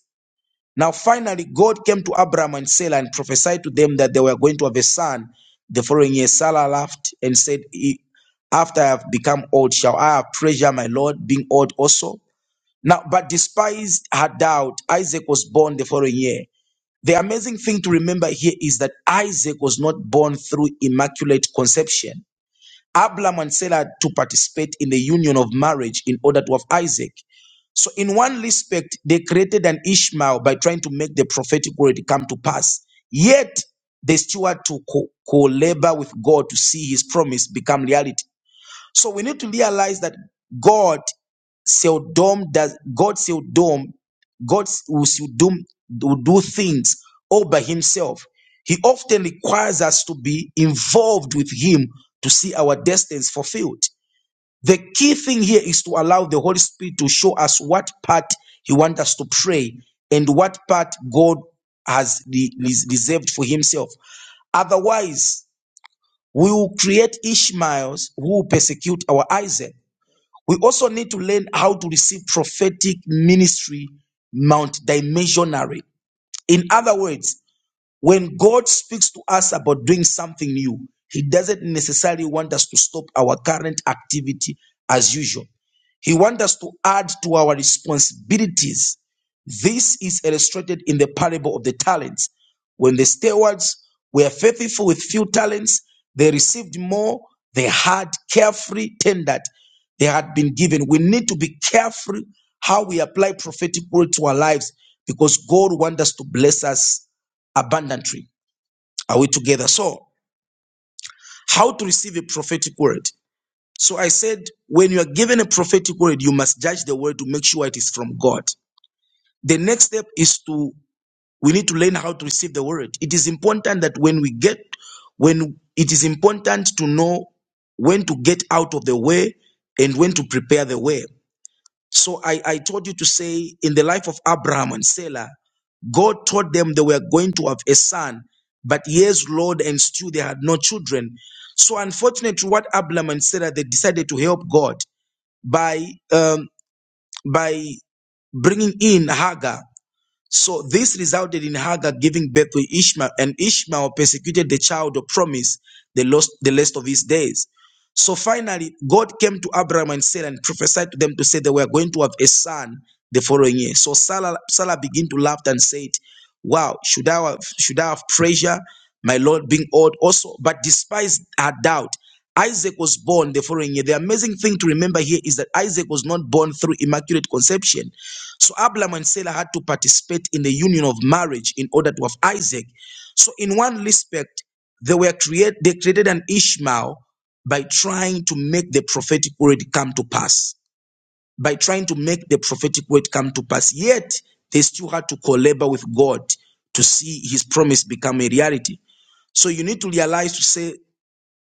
[SPEAKER 3] Now, finally, God came to Abraham and Sarah and prophesied to them that they were going to have a son. The following year, Sarah laughed and said, "E- After I have become old, shall I have pleasure, my Lord, being old also? Now, but despised her doubt, Isaac was born the following year. The amazing thing to remember here is that Isaac was not born through immaculate conception. Abram and Sarah had to participate in the union of marriage in order to have Isaac. So, in one respect, they created an Ishmael by trying to make the prophetic word come to pass. Yet, they still had to co- co-labor with God to see His promise become reality. So we need to realize that God seldom does God seldom God will seldom do do things all by himself. He often requires us to be involved with him to see our destinies fulfilled. The key thing here is to allow the Holy Spirit to show us what part he wants us to pray and what part God has re- res- reserved for himself. Otherwise, we will create Ishmaels who will persecute our Isaac. We also need to learn how to receive prophetic ministry multidimensionally. In other words, when God speaks to us about doing something new, He doesn't necessarily want us to stop our current activity as usual. He wants us to add to our responsibilities. This is illustrated in the parable of the talents. When the stewards were faithful with few talents, they received more. They had carefree tendered. They had been given. We need to be careful how we apply prophetic word to our lives because God wants us to bless us abundantly. Are we together? So, how to receive a prophetic word? So, I said, when you are given a prophetic word, you must judge the word to make sure it is from God. The next step is to, we need to learn how to receive the word. It is important that when we get, when it is important to know when to get out of the way and when to prepare the way. So I, I told you to say in the life of Abraham and Sarah, God told them they were going to have a son, but years Lord and still they had no children. So unfortunately, what Abraham and Sarah they decided to help God by um, by bringing in Hagar. So this resulted in Hagar giving birth to Ishmael, and Ishmael persecuted the child of promise the lost the rest of his days. So finally, God came to Abraham and said and prophesied to them to say they were going to have a son the following year. So Sarah Salah began to laugh and said, Wow, should I have should I have pressure, my Lord being old also? But despite her doubt, Isaac was born the following year. The amazing thing to remember here is that Isaac was not born through immaculate conception. So Abraham and Sarah had to participate in the union of marriage in order to have Isaac. So in one respect, they were create they created an Ishmael by trying to make the prophetic word come to pass. By trying to make the prophetic word come to pass. Yet they still had to collaborate with God to see his promise become a reality. So you need to realize to say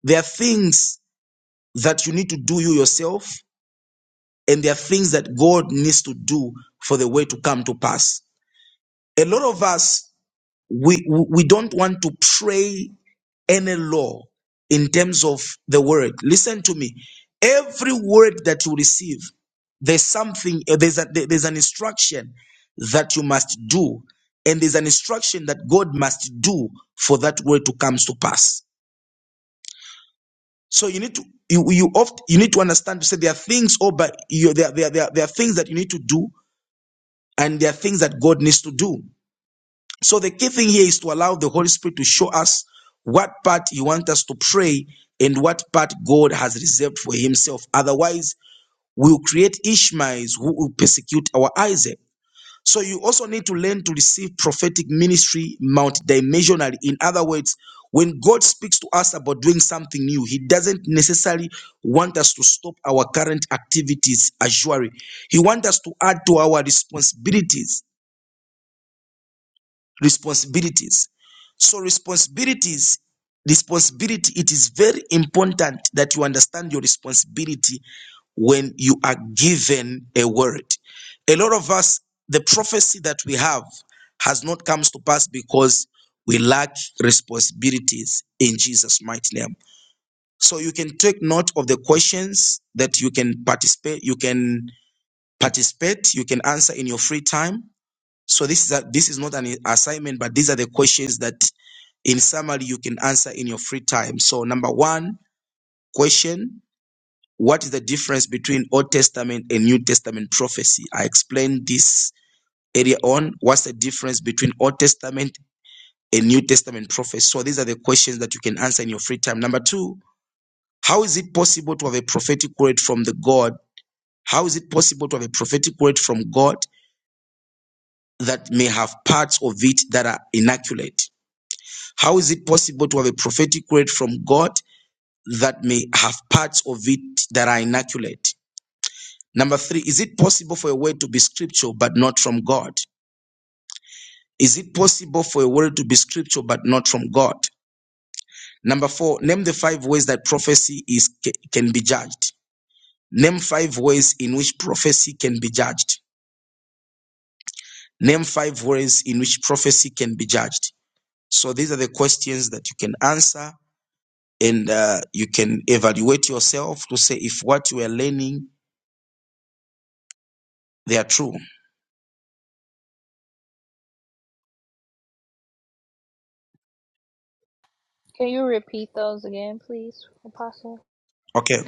[SPEAKER 3] there are things that you need to do you yourself, and there are things that God needs to do for the way to come to pass. A lot of us, we, we don't want to pray any law in terms of the word. Listen to me. Every word that you receive, there's something, uh, there's, a, there- there's an instruction that you must do, and there's an instruction that God must do for that word to comes to pass. So you need to you you oft you need to understand to say there are things oh but you, there, are- there, are- there are there are things that you need to do and there are things that God needs to do. So the key thing here is to allow the Holy Spirit to show us what part He wants us to pray and what part God has reserved for Himself. Otherwise, we'll create Ishmaels who will persecute our Isaac. So you also need to learn to receive prophetic ministry multidimensionally. In other words, when God speaks to us about doing something new, He doesn't necessarily want us to stop our current activities as usual. He wants us to add to our responsibilities responsibilities so responsibilities responsibility it is very important that you understand your responsibility when you are given a word a lot of us the prophecy that we have has not comes to pass because we lack responsibilities in jesus mighty name so you can take note of the questions that you can participate you can participate you can answer in your free time so this is a, this is not an assignment, but these are the questions that, in summary, you can answer in your free time. So number one question: What is the difference between Old Testament and New Testament prophecy? I explained this earlier on. What's the difference between Old Testament and New Testament prophecy? So these are the questions that you can answer in your free time. Number two: How is it possible to have a prophetic word from the God? How is it possible to have a prophetic word from God that may have parts of it that are inaccurate? How is it possible to have a prophetic word from God that may have parts of it that are inaccurate? Number three, is it possible for a word to be scripture but not from God? Is it possible for a word to be scripture but not from God? Number four, name the five ways that prophecy is can be judged. Name five ways in which prophecy can be judged. Name five ways in which prophecy can be judged. So these are the questions that you can answer and uh, you can evaluate yourself to say if what you are learning they are true
[SPEAKER 1] Can you repeat those again, please, Apostle?
[SPEAKER 3] okay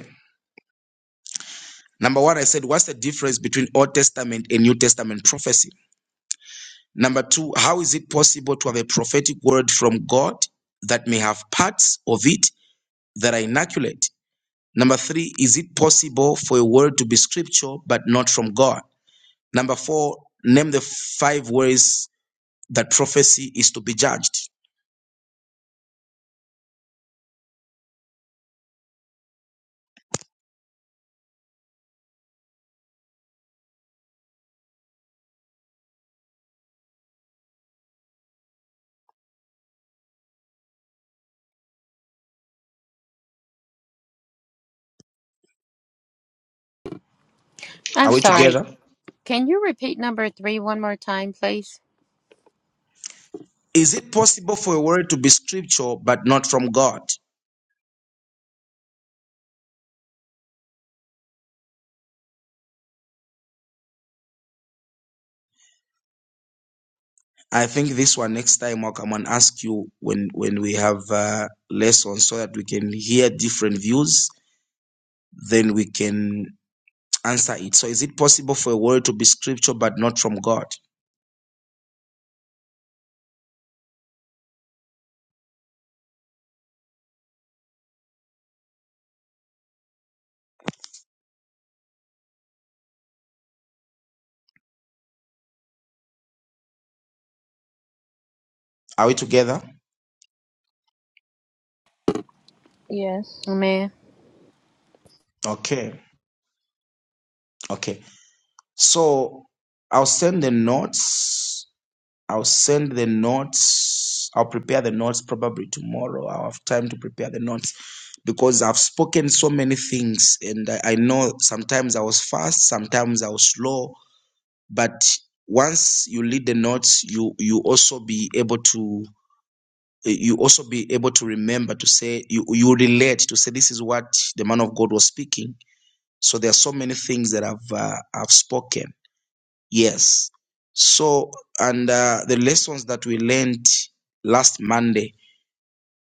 [SPEAKER 3] number one i said what's the difference between old testament and new testament prophecy number two how is it possible to have a prophetic word from god that may have parts of it that are inaccurate number three is it possible for a word to be scripture but not from god number four name the five ways that prophecy is to be judged are
[SPEAKER 2] I'm
[SPEAKER 3] we
[SPEAKER 2] sorry.
[SPEAKER 3] together
[SPEAKER 2] Can you repeat number three one more time, please?
[SPEAKER 3] Is it possible for a word to be scripture but not from God? I think this one next time I'll come and ask you when when we have uh, lessons so that we can hear different views. Then we can answer it. So, is it possible for a word to be scripture but not from God? Are we together?
[SPEAKER 1] Yes.
[SPEAKER 2] Amen.
[SPEAKER 3] Okay, okay. So I'll send the notes I'll send the notes. I'll prepare the notes probably tomorrow. I'll have time to prepare the notes because I've spoken so many things and I, I know sometimes I was fast, sometimes I was slow, but once you lead the notes, you you also be able to you also be able to remember to say you you relate to say this is what the man of God was speaking. So there are so many things that I've uh, I've spoken Yes. So, and uh, the lessons that we learned last Monday,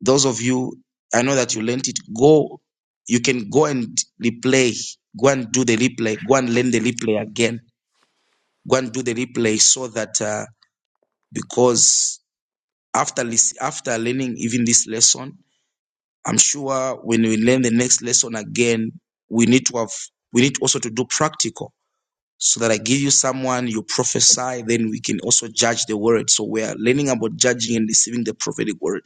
[SPEAKER 3] those of you, I know that you learned it. Go, you can go and replay, go and do the replay, go and learn the replay again, go and do the replay so that uh, because after lis- after learning even this lesson, I'm sure when we learn the next lesson again, we need to have we need also to do practical so that I give you someone, you prophesy, then we can also judge the word. So we are learning about judging and receiving the prophetic word.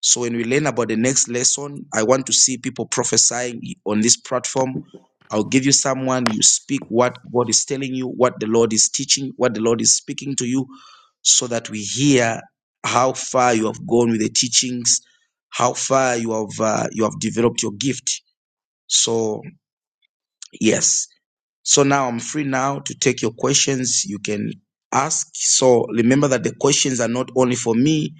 [SPEAKER 3] So when we learn about the next lesson, I want to see people prophesying on this platform. I'll give you someone, you speak what God is telling you, what the Lord is teaching, what the Lord is speaking to you, so that we hear how far you have gone with the teachings, how far you have uh, you have developed your gift. So yes, so now I'm free now to take your questions. You can ask. So remember that the questions are not only for me,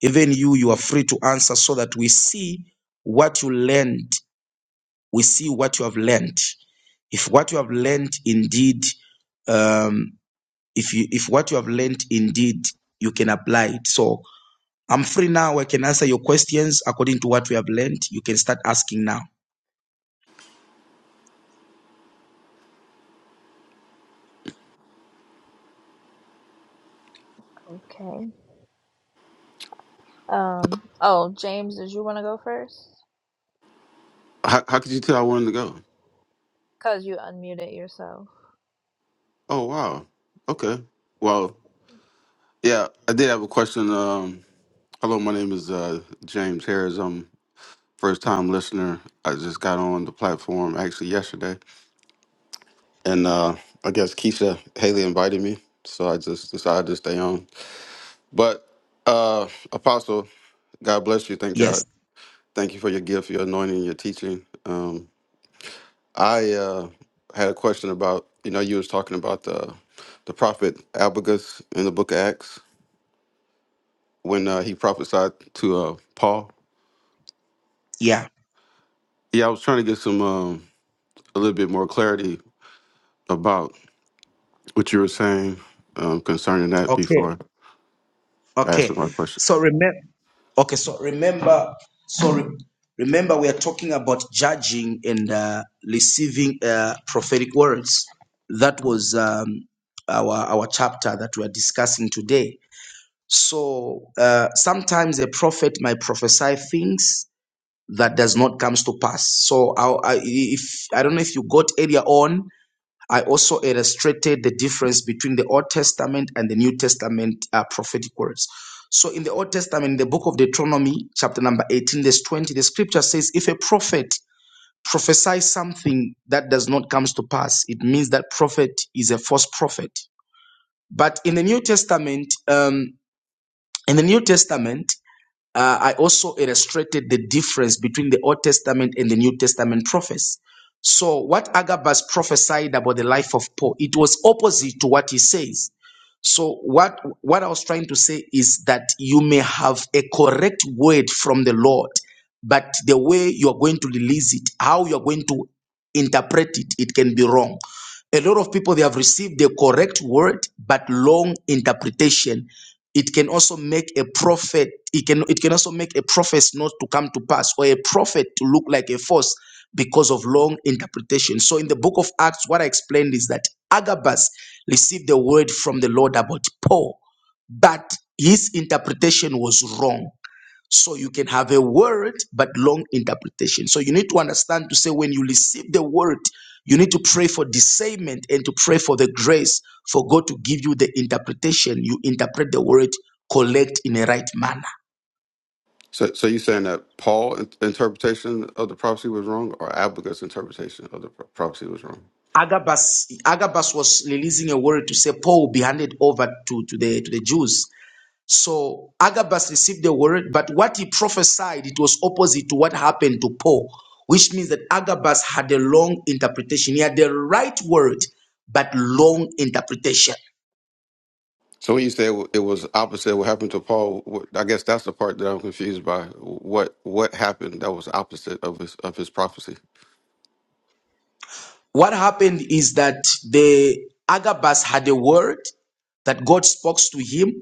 [SPEAKER 3] even you, you are free to answer so that we see what you learned. We see what you have learned. If what you have learned indeed, um, if you, if what you have learned indeed, you can apply it. So I'm free now. I can answer your questions according to what we have learned. You can start asking now.
[SPEAKER 1] Okay. Um, oh, James, did you want to go first?
[SPEAKER 8] how, how could you tell I wanted to go?
[SPEAKER 1] Because you unmuted yourself.
[SPEAKER 8] Oh wow. Okay. Well, yeah, I did have a question. Um, hello, my name is uh, James Harris. I'm first time listener. I just got on the platform actually yesterday, and uh, I guess Keisha Haley invited me, so I just decided to stay on. But uh, Apostle, God bless you. Thank God.
[SPEAKER 3] Yes.
[SPEAKER 8] Thank you for your gift, your anointing, your teaching. Um, I uh, had a question about you know you was talking about the the prophet Abagus in the book of Acts when uh, he prophesied to uh, Paul.
[SPEAKER 3] Yeah.
[SPEAKER 8] Yeah, I was trying to get some um, a little bit more clarity about what you were saying um, concerning that
[SPEAKER 3] Okay.
[SPEAKER 8] before I asked
[SPEAKER 3] Okay.
[SPEAKER 8] my question.
[SPEAKER 3] So remember. Okay, so remember, sorry, remember we are talking about judging and uh, receiving uh, prophetic words. That was um, our our chapter that we are discussing today. So uh, sometimes a prophet might prophesy things that does not comes to pass. So I, I, if I don't know if you got earlier on, I also illustrated the difference between the Old Testament and the New Testament uh, prophetic words. So, in the Old Testament, in the book of Deuteronomy, chapter number 18, verse 20, the scripture says, If a prophet prophesies something that does not come to pass, it means that prophet is a false prophet. But in the New Testament, um, in the New Testament, uh, I also illustrated the difference between the Old Testament and the New Testament prophets. So, what Agabus prophesied about the life of Paul, it was opposite to what he says. So, what, what I was trying to say is that you may have a correct word from the Lord, but the way you are going to release it, how you are going to interpret it, it can be wrong. A lot of people, they have received the correct word, but long interpretation it can also make a prophet it can it can also make a prophet not to come to pass or a prophet to look like a false because of long interpretation so in the book of acts what i explained is that agabus received the word from the lord about paul but his interpretation was wrong so you can have a word but long interpretation. So you need to understand to say when you receive the word, you need to pray for discernment and to pray for the grace for God to give you the interpretation. You interpret the word correct in a right manner.
[SPEAKER 8] So, so you saying that Paul in- interpretation of the prophecy was wrong, or Abagus' interpretation of the pro- prophecy was wrong?
[SPEAKER 3] Agabus, Agabus was releasing a word to say Paul be handed over to, to the to the Jews. So Agabus received the word, but what he prophesied, it was opposite to what happened to Paul, which means that Agabus had a long interpretation. He had the right word, but long interpretation.
[SPEAKER 8] So when you said it was opposite what happened to Paul, what- I guess that's the part that I'm confused by. What what happened that was opposite of his of his prophecy?
[SPEAKER 3] What happened is that the Agabus had a word that God spoke to him,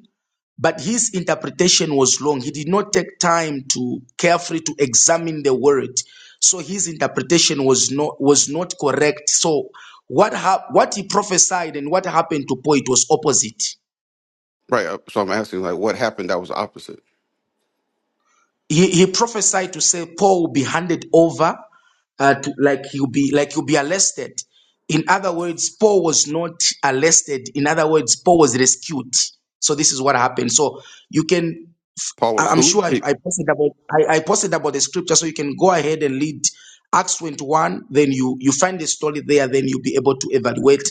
[SPEAKER 3] but his interpretation was long. He did not take time to carefully to examine the word, so his interpretation was not was not correct. So what hap- what he prophesied and what happened to Paul it was opposite.
[SPEAKER 8] Right. uh, So I'm asking like, what happened that was opposite?
[SPEAKER 3] he, he prophesied to say Paul will be handed over, uh, to, like he'll be like he'll be arrested. In other words, Paul was not arrested. In other words, Paul was rescued. So this is what happened. So you can,
[SPEAKER 8] Paul
[SPEAKER 3] I-
[SPEAKER 8] was
[SPEAKER 3] I'm
[SPEAKER 8] who?
[SPEAKER 3] sure I,
[SPEAKER 8] He-
[SPEAKER 3] I posted about I, I posted about the scripture, so you can go ahead and read Acts 21. Then you you find the story there. Then you'll be able to evaluate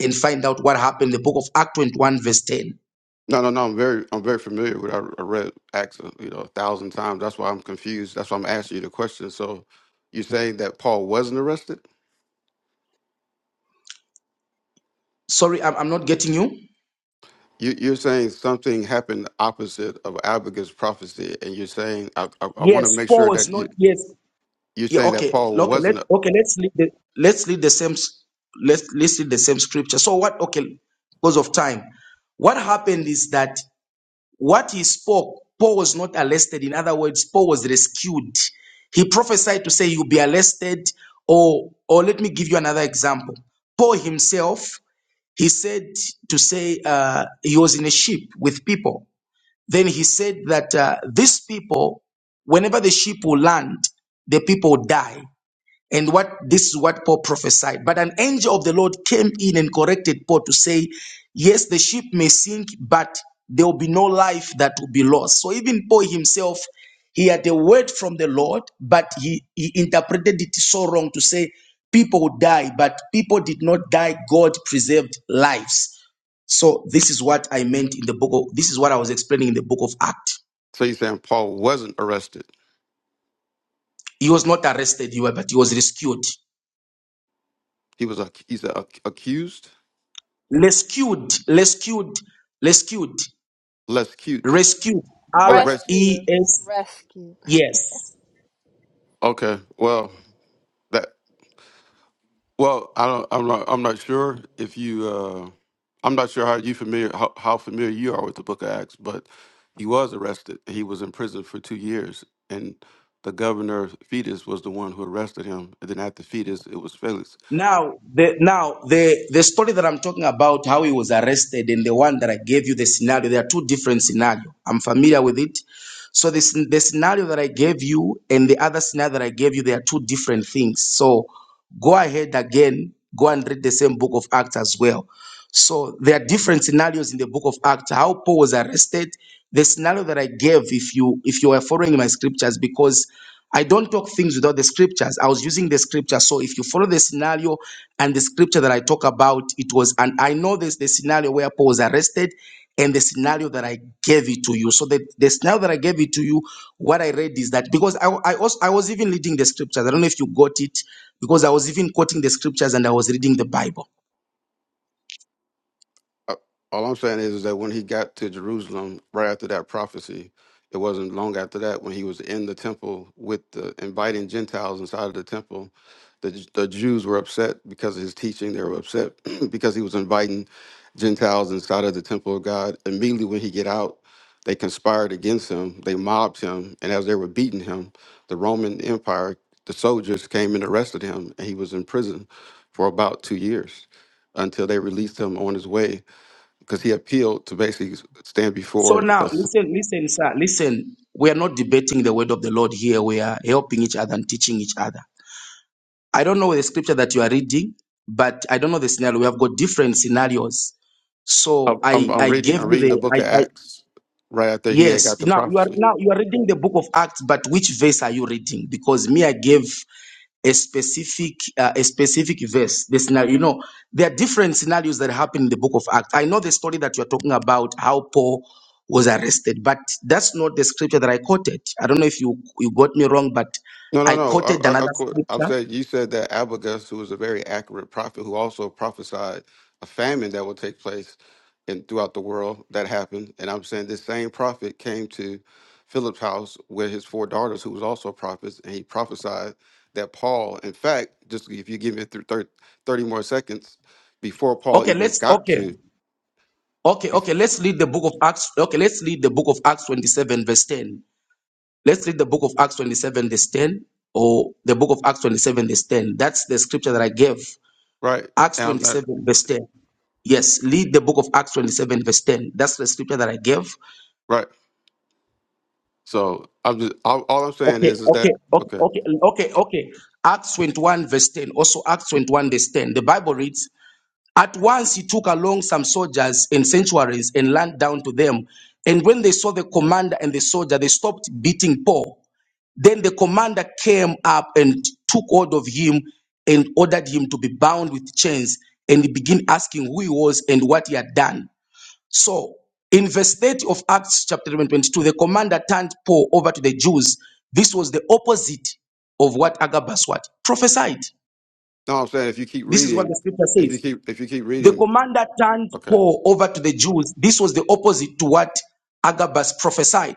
[SPEAKER 3] and find out what happened. The book of Acts 21, verse 10.
[SPEAKER 8] no, no, no. I'm very I'm very familiar with. I I read Acts, uh, you know, a thousand times. That's why I'm confused. That's why I'm asking you the question. So you're saying that Paul wasn't arrested?
[SPEAKER 3] Sorry, I'm, I'm not getting you.
[SPEAKER 8] You, you're saying something happened opposite of Abigail's prophecy, and you're saying I I, I want to
[SPEAKER 3] Yes,
[SPEAKER 8] make sure
[SPEAKER 3] Paul was
[SPEAKER 8] that
[SPEAKER 3] not.
[SPEAKER 8] you
[SPEAKER 3] Yes,
[SPEAKER 8] you're
[SPEAKER 3] Yeah,
[SPEAKER 8] saying that
[SPEAKER 3] okay,
[SPEAKER 8] Paul
[SPEAKER 3] okay, let
[SPEAKER 8] wasn't
[SPEAKER 3] okay, let's leave the let's leave the same s- let's let's read the same scripture. So what okay, because of time. What happened is that what he spoke, Paul was not arrested. In other words, Paul was rescued. He prophesied to say you'll be arrested, or or let me give you another example. Paul himself, he said to say uh, he was in a ship with people. Then he said that uh, these people, whenever the ship will land, the people die. And what this is what Paul prophesied. But an angel of the Lord came in and corrected Paul to say, Yes, the ship may sink, but there will be no life that will be lost. So even Paul himself, he had a word from the Lord, but he, he interpreted it so wrong to say people die, but people did not die. God preserved lives. So this is what I meant in the book of this is what I was explaining in the book of Acts.
[SPEAKER 8] So he's saying Paul wasn't arrested.
[SPEAKER 3] He was not arrested, he but he was rescued.
[SPEAKER 8] He was ac- he's a, accused,
[SPEAKER 3] rescued, rescued, rescued,
[SPEAKER 8] less cute.
[SPEAKER 3] rescued.
[SPEAKER 8] Oh,
[SPEAKER 3] R
[SPEAKER 8] rest.
[SPEAKER 1] Rescue.
[SPEAKER 3] E S.
[SPEAKER 1] Rescue.
[SPEAKER 3] Yes.
[SPEAKER 8] Okay. Well, that. Well, I don't. I'm not. I'm not sure if you. Uh, I'm not sure how you familiar how, how familiar you are with the Book of Acts, but he was arrested. He was in prison for two years, and the governor Fetus was the one who arrested him. And then after Fetus, it was Felix.
[SPEAKER 3] Now the now the the story that I'm talking about, how he was arrested, and the one that I gave you the scenario. There are two different scenarios. I'm familiar with it. So this the scenario that I gave you and the other scenario that I gave you, they are two different things. So go ahead again, go and read the same book of Acts as well. So there are different scenarios in the book of Acts. How Paul was arrested, the scenario that I gave, if you if you are following my scriptures, because I don't talk things without the scriptures. I was using the scripture. So if you follow the scenario and the scripture that I talk about, it was and I know this the scenario where Paul was arrested and the scenario that I gave it to you. So the, the scenario that I gave it to you, what I read is that because I, I also I was even reading the scriptures. I don't know if you got it, because I was even quoting the scriptures and I was reading the Bible.
[SPEAKER 8] Uh, all I'm saying is, is that when he got to Jerusalem, right after that prophecy, it wasn't long after that when he was in the temple with the inviting Gentiles inside of the temple. The, the Jews were upset because of his teaching. They were upset because he was inviting Gentiles inside of the temple of God. Immediately when he get out, they conspired against him. They mobbed him, and as they were beating him, the Roman Empire, the soldiers came and arrested him, and he was in prison for about two years until they released him on his way because he appealed to basically stand
[SPEAKER 3] So
[SPEAKER 8] before
[SPEAKER 3] now,
[SPEAKER 8] us.
[SPEAKER 3] listen, listen, sir, listen. We are not debating the word of the Lord here. We are helping each other and teaching each other. I don't know the scripture that you are reading, but I don't know the scenario. We have got different scenarios. So
[SPEAKER 8] I'm, I'm
[SPEAKER 3] I,
[SPEAKER 8] I'm
[SPEAKER 3] I
[SPEAKER 8] reading
[SPEAKER 3] gave
[SPEAKER 8] I'm
[SPEAKER 3] you
[SPEAKER 8] reading the
[SPEAKER 3] the, I,
[SPEAKER 8] book of
[SPEAKER 3] I,
[SPEAKER 8] Acts right after he had got
[SPEAKER 3] yes.
[SPEAKER 8] the
[SPEAKER 3] Now you are
[SPEAKER 8] prophecy.
[SPEAKER 3] now you are reading the book of Acts, but which verse are you reading? Because me, I gave a specific uh, a specific verse the scenario you know there are different scenarios that happen in the book of acts i know the story that you're talking about how paul was arrested but that's not the scripture that i quoted i don't know if you you got me wrong but
[SPEAKER 8] No, no,
[SPEAKER 3] i
[SPEAKER 8] no. I,
[SPEAKER 3] quoted
[SPEAKER 8] I, I,
[SPEAKER 3] another
[SPEAKER 8] quote- I'm
[SPEAKER 3] scripture
[SPEAKER 8] saying you said that Abagus, who was a very accurate prophet, who also prophesied a famine that will take place in throughout the world, that happened. And I'm saying this same prophet came to Philip's house with his four daughters, who was also prophets, and he prophesied that Paul, in fact, just if you give me through 30, thirty more seconds, before Paul
[SPEAKER 3] okay
[SPEAKER 8] even
[SPEAKER 3] let's
[SPEAKER 8] got
[SPEAKER 3] okay
[SPEAKER 8] to
[SPEAKER 3] okay okay let's read the book of acts okay let's read the book of acts 27 verse 10 let's read the book of acts 27 verse 10 or the book of acts 27 verse 10 that's the scripture that i gave
[SPEAKER 8] right,
[SPEAKER 3] acts
[SPEAKER 8] and I'm, I,
[SPEAKER 3] 27 verse 10 Yes, lead the book of Acts 27, verse 10. That's the scripture that I gave.
[SPEAKER 8] right. So I'm just all, all I'm saying
[SPEAKER 3] Okay,
[SPEAKER 8] is, is
[SPEAKER 3] okay,
[SPEAKER 8] that
[SPEAKER 3] okay,
[SPEAKER 8] okay?
[SPEAKER 3] okay, okay, okay. Acts 21, verse 10. Also, Acts 21, verse 10. The Bible reads At once he took along some soldiers and sanctuaries and leaned down to them. And when they saw the commander and the soldier, they stopped beating Paul. Then the commander came up and took hold of him and ordered him to be bound with chains. And he began asking who he was and what he had done. So, in verse 30 of Acts chapter 11, 22, the commander turned Paul over to the Jews. This was the opposite of what Agabus what prophesied.
[SPEAKER 8] No, I'm saying if you keep
[SPEAKER 3] This is what the
[SPEAKER 8] reading,
[SPEAKER 3] scripture
[SPEAKER 8] if you
[SPEAKER 3] says.
[SPEAKER 8] keep if you keep
[SPEAKER 3] The
[SPEAKER 8] reading,
[SPEAKER 3] commander turned
[SPEAKER 8] okay.
[SPEAKER 3] Paul over to the Jews. This was the opposite to what Agabus prophesied.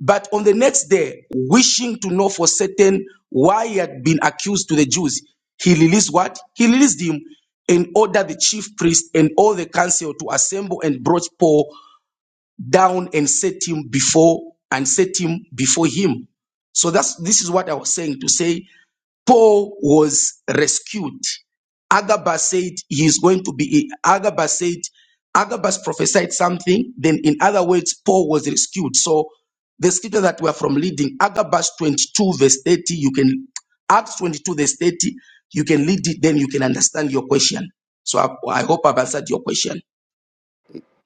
[SPEAKER 3] But on the next day, wishing to know for certain why he had been accused to the Jews, he released what? He released him and ordered the chief priest and all the council to assemble and brought Paul down and set him before and set him before him. So that's this is what I was saying to say Paul was rescued. Agabus said he is going to be Agabus said Agabus prophesied something, then in other words, Paul was rescued. So the scripture that we are from leading, Agabus 22, verse 30, you can Acts 22, verse 30, you can lead it, then you can understand your question. So I, I hope I've answered your question.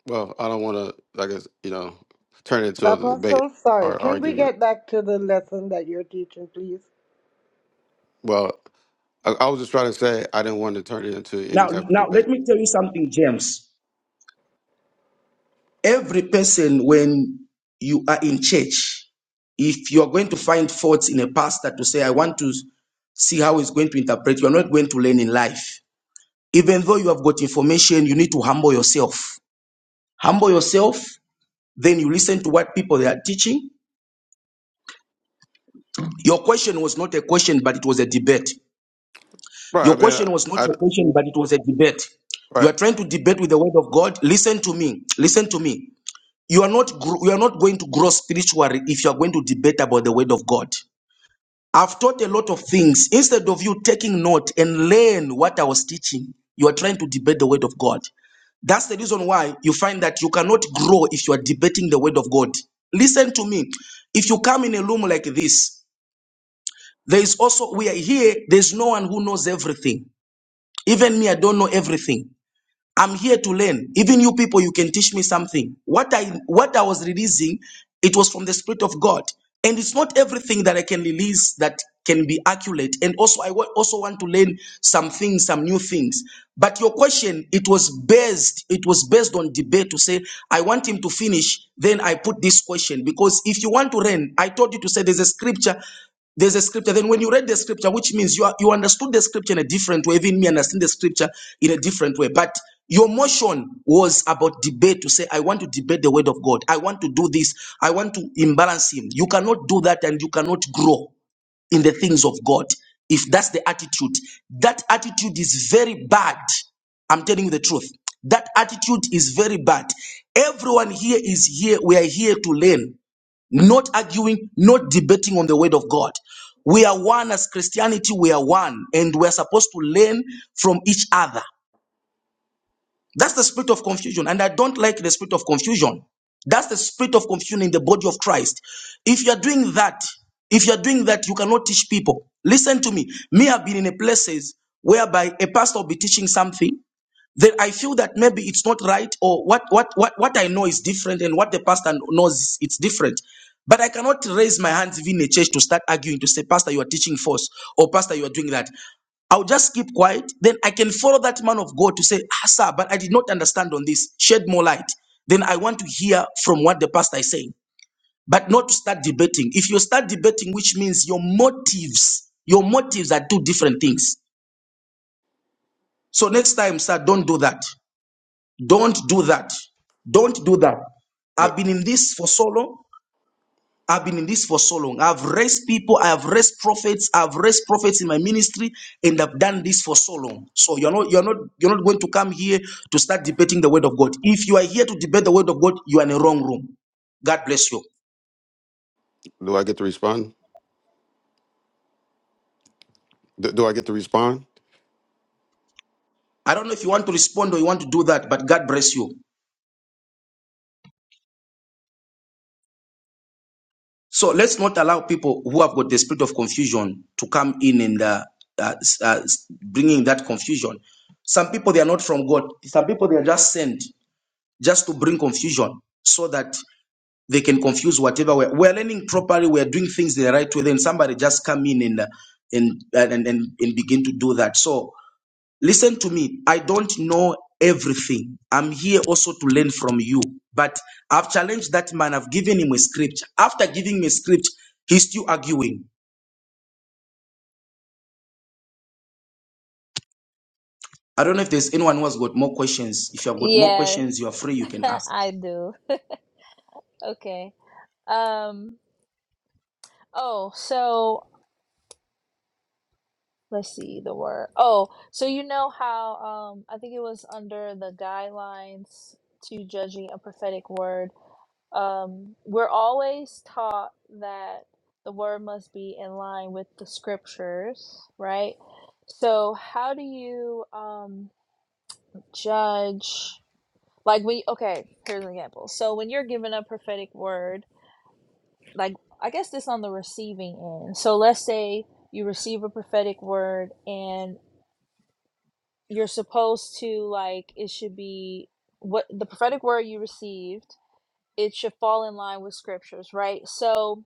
[SPEAKER 8] Well, I don't want to, I guess you know, turn it into a debate
[SPEAKER 6] Apostle, sorry,
[SPEAKER 8] or
[SPEAKER 6] can we
[SPEAKER 8] argument.
[SPEAKER 6] get back to the lesson that you're teaching, please?
[SPEAKER 8] Well, I, I was just trying to say I didn't want to turn it into any
[SPEAKER 3] Now,
[SPEAKER 8] type of
[SPEAKER 3] now let
[SPEAKER 8] debate.
[SPEAKER 3] me tell you something, James. Every person, when you are in church, if you are going to find faults in a pastor to say, I want to see how he's going to interpret, you are not going to learn in life. Even though you have got information, you need to humble yourself. Humble yourself, then you listen to what people they are teaching. Your question was not a question, but it was a debate.
[SPEAKER 8] Right. I
[SPEAKER 3] Your
[SPEAKER 8] mean,
[SPEAKER 3] question was
[SPEAKER 8] I,
[SPEAKER 3] not
[SPEAKER 8] I
[SPEAKER 3] a question, but it was a debate. You
[SPEAKER 8] right.
[SPEAKER 3] are trying to debate with the word of God. Listen to me. Listen to me. you are not gro- you are not going to grow spiritually if you are going to debate about the word of god i've taught a lot of things instead of you taking note and learn what i was teaching you are trying to debate the word of god that's the reason why you find that you cannot grow if you are debating the word of god listen to me if you come in a room like this there is also we are here there's no one who knows everything even me i don't know everything I'm here to learn. Even you people, you can teach me something. What I what I was releasing, it was from the Spirit of God, and it's not everything that I can release that can be accurate. And also, I wa- also want to learn some things, some new things. But your question, it was based, it was based on debate to say I want him to finish. Then I put this question because if you want to learn, I told you to say there's a scripture. There's a scripture. Then when you read the scripture, which means you are, you understood the scripture in a different way, even me understand the scripture in a different way. But your motion was about debate to say, I want to debate the word of God. I want to do this. I want to imbalance him. You cannot do that and you cannot grow in the things of God. If that's the attitude, that attitude is very bad. I'm telling you the truth. That attitude is very bad. Everyone here is here. We are here to learn not arguing, not debating on the word of God. We are one as Christianity, we are one, and we are supposed to learn from each other. That's the spirit of confusion. And I don't like the spirit of confusion. That's the spirit of confusion in the body of Christ. If you're doing that, if you're doing that, you cannot teach people. Listen to me. Me, I've been in a places whereby a pastor will be teaching something. that I feel that maybe it's not right, or what, what, what, what I know is different, and what the pastor knows it's different. But I cannot raise my hands even a church to start arguing to say, Pastor, you are teaching false, or Pastor, you are doing that. I'll just keep quiet. Then I can follow that man of God to say, ah, sir, but I did not understand on this. Shed more light. Then I want to hear from what the pastor is saying, but not to start debating. If you start debating, which means your motives, your motives are two different things. So next time, sir, don't do that. Don't do that. Don't do that.
[SPEAKER 8] Do,
[SPEAKER 3] I've been in this for so long. I've been in this for so long. I've raised people, I have raised prophets, I've raised prophets in my ministry, and I've done this for so long. So you're not you're not you're not going to come here to start debating the word of God. If you are here to debate the word of God, you are in the wrong room. God bless you.
[SPEAKER 8] do I get to respond? Do, do I get to respond?
[SPEAKER 3] I don't know if you want to respond or you want to do that, but God bless you. So let's not allow people who have got the spirit of confusion to come in and uh, uh, s- uh, s- bringing that confusion. Some people they are not from God. Some people they are just sent just to bring confusion so that they can confuse whatever we're, we're learning properly we're doing things the right way then somebody just come in and uh, and, and and and begin to do that so listen to me i don't know everything i'm here also to learn from you but i've challenged that man i've given him a scripture after giving me a script he's still arguing i don't know if there's anyone who has got more questions if you have got more
[SPEAKER 1] Yes,
[SPEAKER 3] questions you are free you can ask
[SPEAKER 1] I do. Okay. Um, oh, so let's see the word. Oh, so you know how um I think it was under the guidelines to judging a prophetic word. Um we're always taught that the word must be in line with the scriptures, right? So how do you um judge like we okay, here's an example. So when you're given a prophetic word, like I guess this on the receiving end. So let's say you receive a prophetic word and you're supposed to like it should be what the prophetic word you received it should fall in line with scriptures right so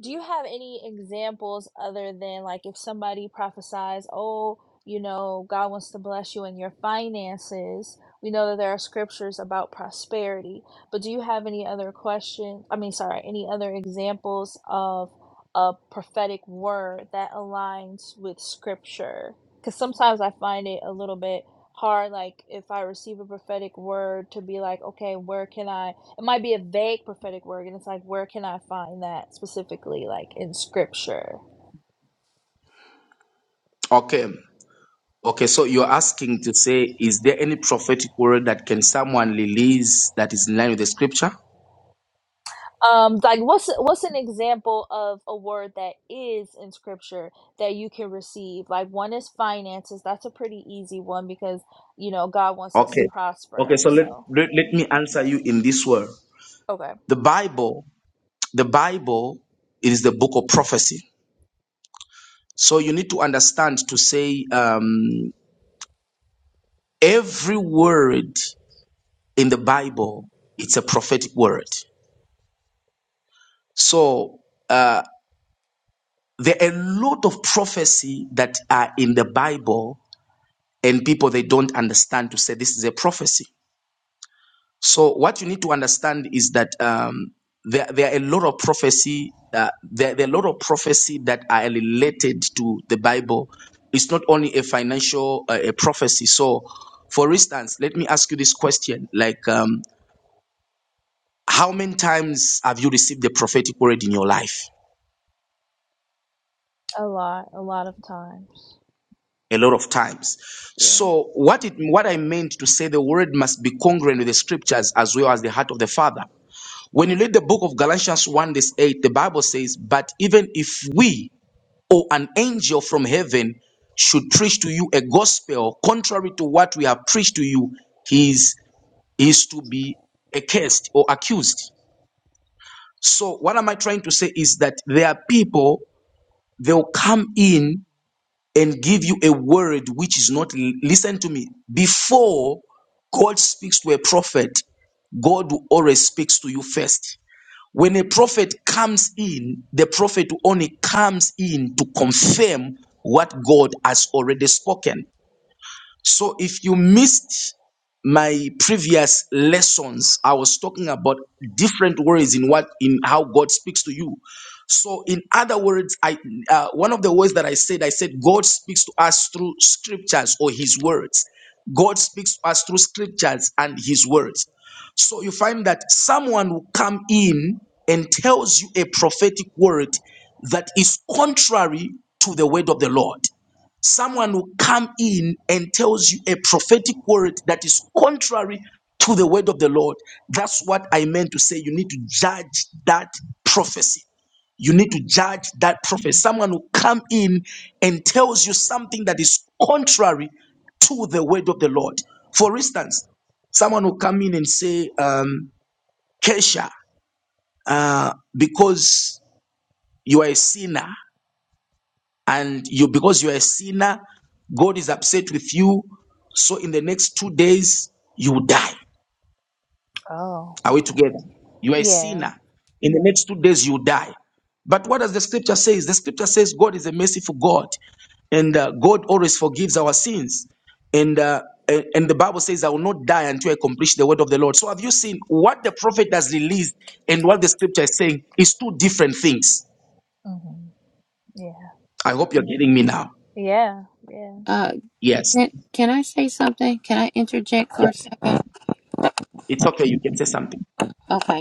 [SPEAKER 1] do you have any examples other than like if somebody prophesies oh you know god wants to bless you in your finances we know that there are scriptures about prosperity but do you have any other questions i mean sorry any other examples of a prophetic word that aligns with scripture because sometimes i find it a little bit hard like if i receive a prophetic word to be like okay where can i it might be a vague prophetic word and it's like where can i find that specifically like in scripture
[SPEAKER 3] okay okay so you're asking to say is there any prophetic word that can someone release that is in line with the scripture
[SPEAKER 1] um like what's what's an example of a word that is in scripture that you can receive like one is finances that's a pretty easy one because you know god wants us to
[SPEAKER 3] Okay. Okay,
[SPEAKER 1] prosper
[SPEAKER 3] so let,
[SPEAKER 1] so
[SPEAKER 3] let let me answer you in this word.
[SPEAKER 1] okay
[SPEAKER 3] The Bible, the Bible is the book of prophecy. So you need to understand to say um, every word in the Bible, it's a prophetic word. So uh, there are a lot of prophecy that are in the Bible, and people they don't understand to say this is a prophecy. So what you need to understand is that um, there, there are a lot of prophecy. Uh, there, there are a lot of prophecy that are related to the Bible. It's not only a financial uh, a prophecy. So, for instance, let me ask you this question: Like, um, how many times have you received the prophetic word in your life?
[SPEAKER 1] a lot a lot of times
[SPEAKER 3] A lot of times.
[SPEAKER 1] yeah
[SPEAKER 3] So, what it what I meant to say, the word must be congruent with the scriptures as well as the heart of the Father. When you read the book of Galatians 1, verse 8, the Bible says, But even if we or an angel from heaven should preach to you a gospel contrary to what we have preached to you, he is, he is to be accursed or accused. So, what am I trying to say is that there are people, they'll come in and give you a word which is not, listen to me, before God speaks to a prophet, God will always speaks to you first. When a prophet comes in, the prophet only comes in to confirm what God has already spoken. So if you missed my previous lessons, I was talking about different words in what in how God speaks to you. So in other words, I uh, one of the words that I said, I said God speaks to us through scriptures or His words. God speaks to us through scriptures and His words. So you find that someone will come in and tells you a prophetic word that is contrary to the word of the Lord. Someone who come in and tells you a prophetic word that is contrary to the word of the Lord. That's what I meant to say. You need to judge that prophecy. You need to judge that prophecy. Someone who come in and tells you something that is contrary to the word of the Lord. For instance, someone who come in and say, um, Kesha, uh, because you are a sinner, and you because you're a sinner god is upset with you so in the next two days you will die
[SPEAKER 1] oh
[SPEAKER 3] are we
[SPEAKER 1] okay
[SPEAKER 3] together you are a
[SPEAKER 1] yeah
[SPEAKER 3] sinner in the next two days you will die but what does the scripture say? the scripture says god is a merciful god and uh, god always forgives our sins and uh, a- and the bible says i will not die until i accomplish the word of the lord so have you seen what the prophet has released and what the scripture is saying is two different things
[SPEAKER 1] hmm yeah
[SPEAKER 3] i hope you're getting me now
[SPEAKER 1] yeah yeah
[SPEAKER 2] Uh,
[SPEAKER 3] yes
[SPEAKER 2] can, can I say something? Can I interject for a second?
[SPEAKER 3] it's okay you can say something
[SPEAKER 2] Okay.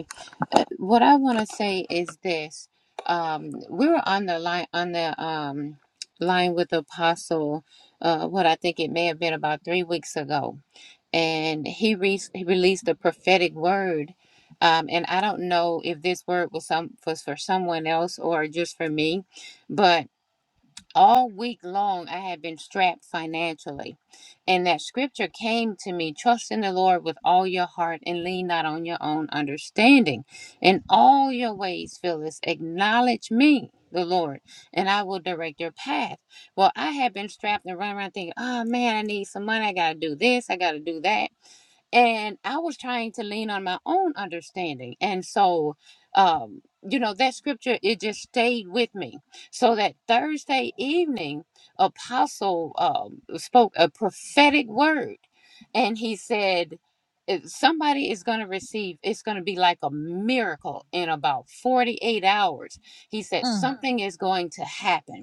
[SPEAKER 2] uh, what I want to say is this: um, we were on the line on the um, line with the Apostle. Uh, what I think it may have been about three weeks ago, and he, re- he released a prophetic word. Um, and I don't know if this word was some was for someone else or just for me, but all week long I had been strapped financially and that scripture came to me trust in the Lord with all your heart and lean not on your own understanding. In all your ways, Phyllis, acknowledge me. The Lord, and I will direct your path. Well, I had been strapped and running around thinking, oh man, I need some money. I got to do this. I got to do that and I was trying to lean on my own understanding. And so, um, you know, that scripture, it just stayed with me. So that Thursday evening, apostle um, spoke a prophetic word and he said "If somebody is going to receive it's going to be like a miracle in about 48 hours he said Mm.
[SPEAKER 1] mm,
[SPEAKER 2] something is going to happen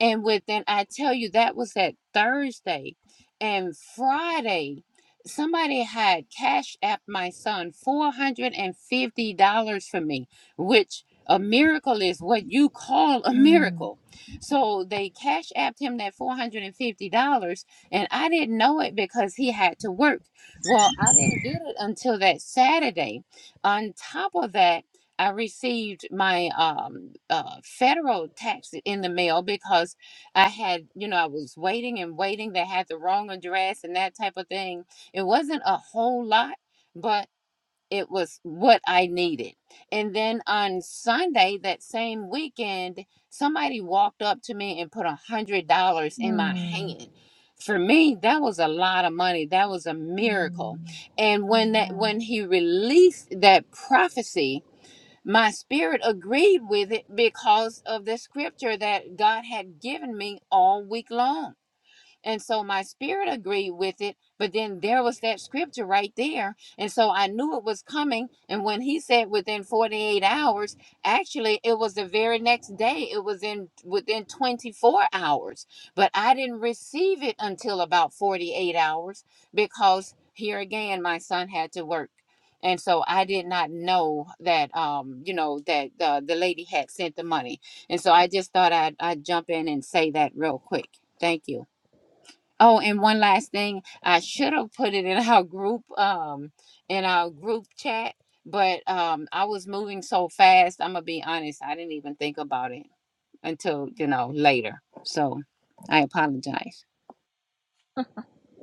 [SPEAKER 2] and within, I tell you, that was that Thursday and Friday. Somebody had cashed app my son $450 for me, which a miracle is what you call a
[SPEAKER 1] mm,
[SPEAKER 2] miracle. So they cash apped him that $450, and I didn't know it because he had to work. Well, I didn't get it until that Saturday. On top of that, I received my um, uh, federal tax in the mail because I had, you know, I was waiting and waiting. They had the wrong address and that type of thing. It wasn't a whole lot, but it was what I needed. And then on Sunday, that same weekend, somebody walked up to me and put a hundred dollars in my
[SPEAKER 1] mm,
[SPEAKER 2] hand. For me, that was a lot of money. That was a miracle.
[SPEAKER 1] mm.
[SPEAKER 2] And when that
[SPEAKER 1] Amen.
[SPEAKER 2] when he released that prophecy, my spirit agreed with it because of the scripture that God had given me all week long and so my spirit agreed with it, but then there was that scripture right there. And so I knew it was coming. And when he said within 48 hours, actually, it was the very next day. It was in within 24 hours. But I didn't receive it until about 48 hours because here again, my son had to work. And so I did not know that, um, you know, that uh, the lady had sent the money. And so I just thought I'd, I'd jump in and say that real quick. Thank you. Oh, and one last thing, I should have put it in our group, um, in our group chat, but um, I was moving so fast. I'm gonna be honest, I didn't even think about it until you know later. So I apologize.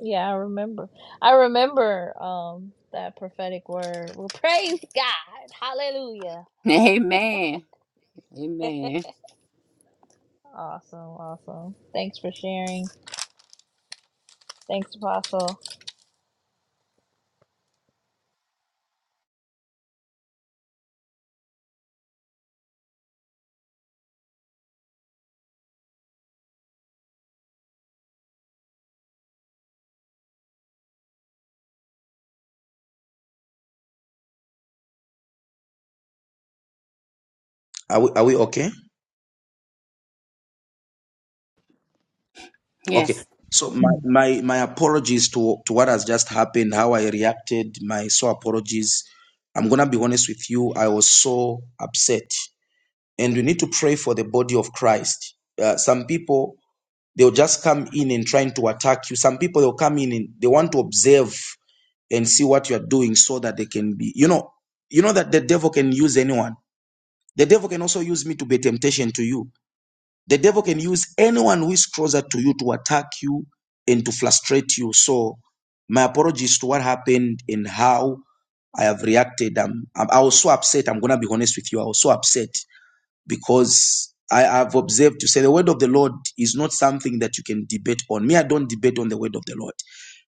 [SPEAKER 1] Yeah, I remember. I remember um that prophetic word. Well, praise God. Hallelujah.
[SPEAKER 2] Amen. Amen.
[SPEAKER 1] Awesome, awesome. Thanks for sharing. Thanks, Apostle.
[SPEAKER 3] Are we, are we okay?
[SPEAKER 2] Yes.
[SPEAKER 3] Okay. So my, my, my apologies to, to what has just happened, how I reacted, my so apologies. I'm going to be honest with you. I was so upset. And we need to pray for the body of Christ. Uh, some people, they'll just come in and trying to attack you. Some people, they'll come in and they want to observe and see what you're doing so that they can be, you know, you know that the devil can use anyone. The devil can also use me to be a temptation to you The devil can use anyone who is closer to you to attack you and to frustrate you. So, my apologies to what happened and how I have reacted. I'm, I'm, I was so upset. I'm going to be honest with you. I was so upset because I have observed to say the word of the Lord is not something that you can debate on. Me, I don't debate on the word of the Lord.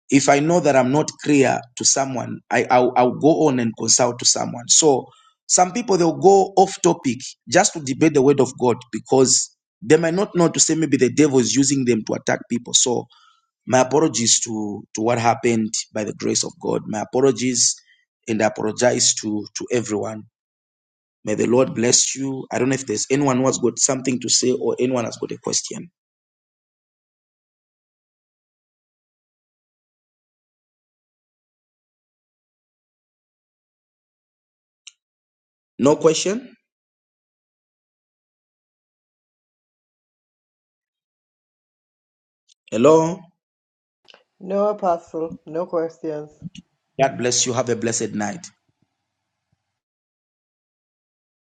[SPEAKER 3] If I know that I'm not clear to someone, I, I'll, I'll go on and consult to someone. So some people they'll go off topic just to debate the word of God because they might not know to say maybe the devil is using them to attack people. So my apologies to to what happened by the grace of God. My apologies and I apologize to to everyone May the Lord bless you. I don't know if there's anyone who has got something to say or anyone has got a question. No question? Hello?
[SPEAKER 6] No, Apostle, no questions.
[SPEAKER 3] God bless you. Have a blessed night.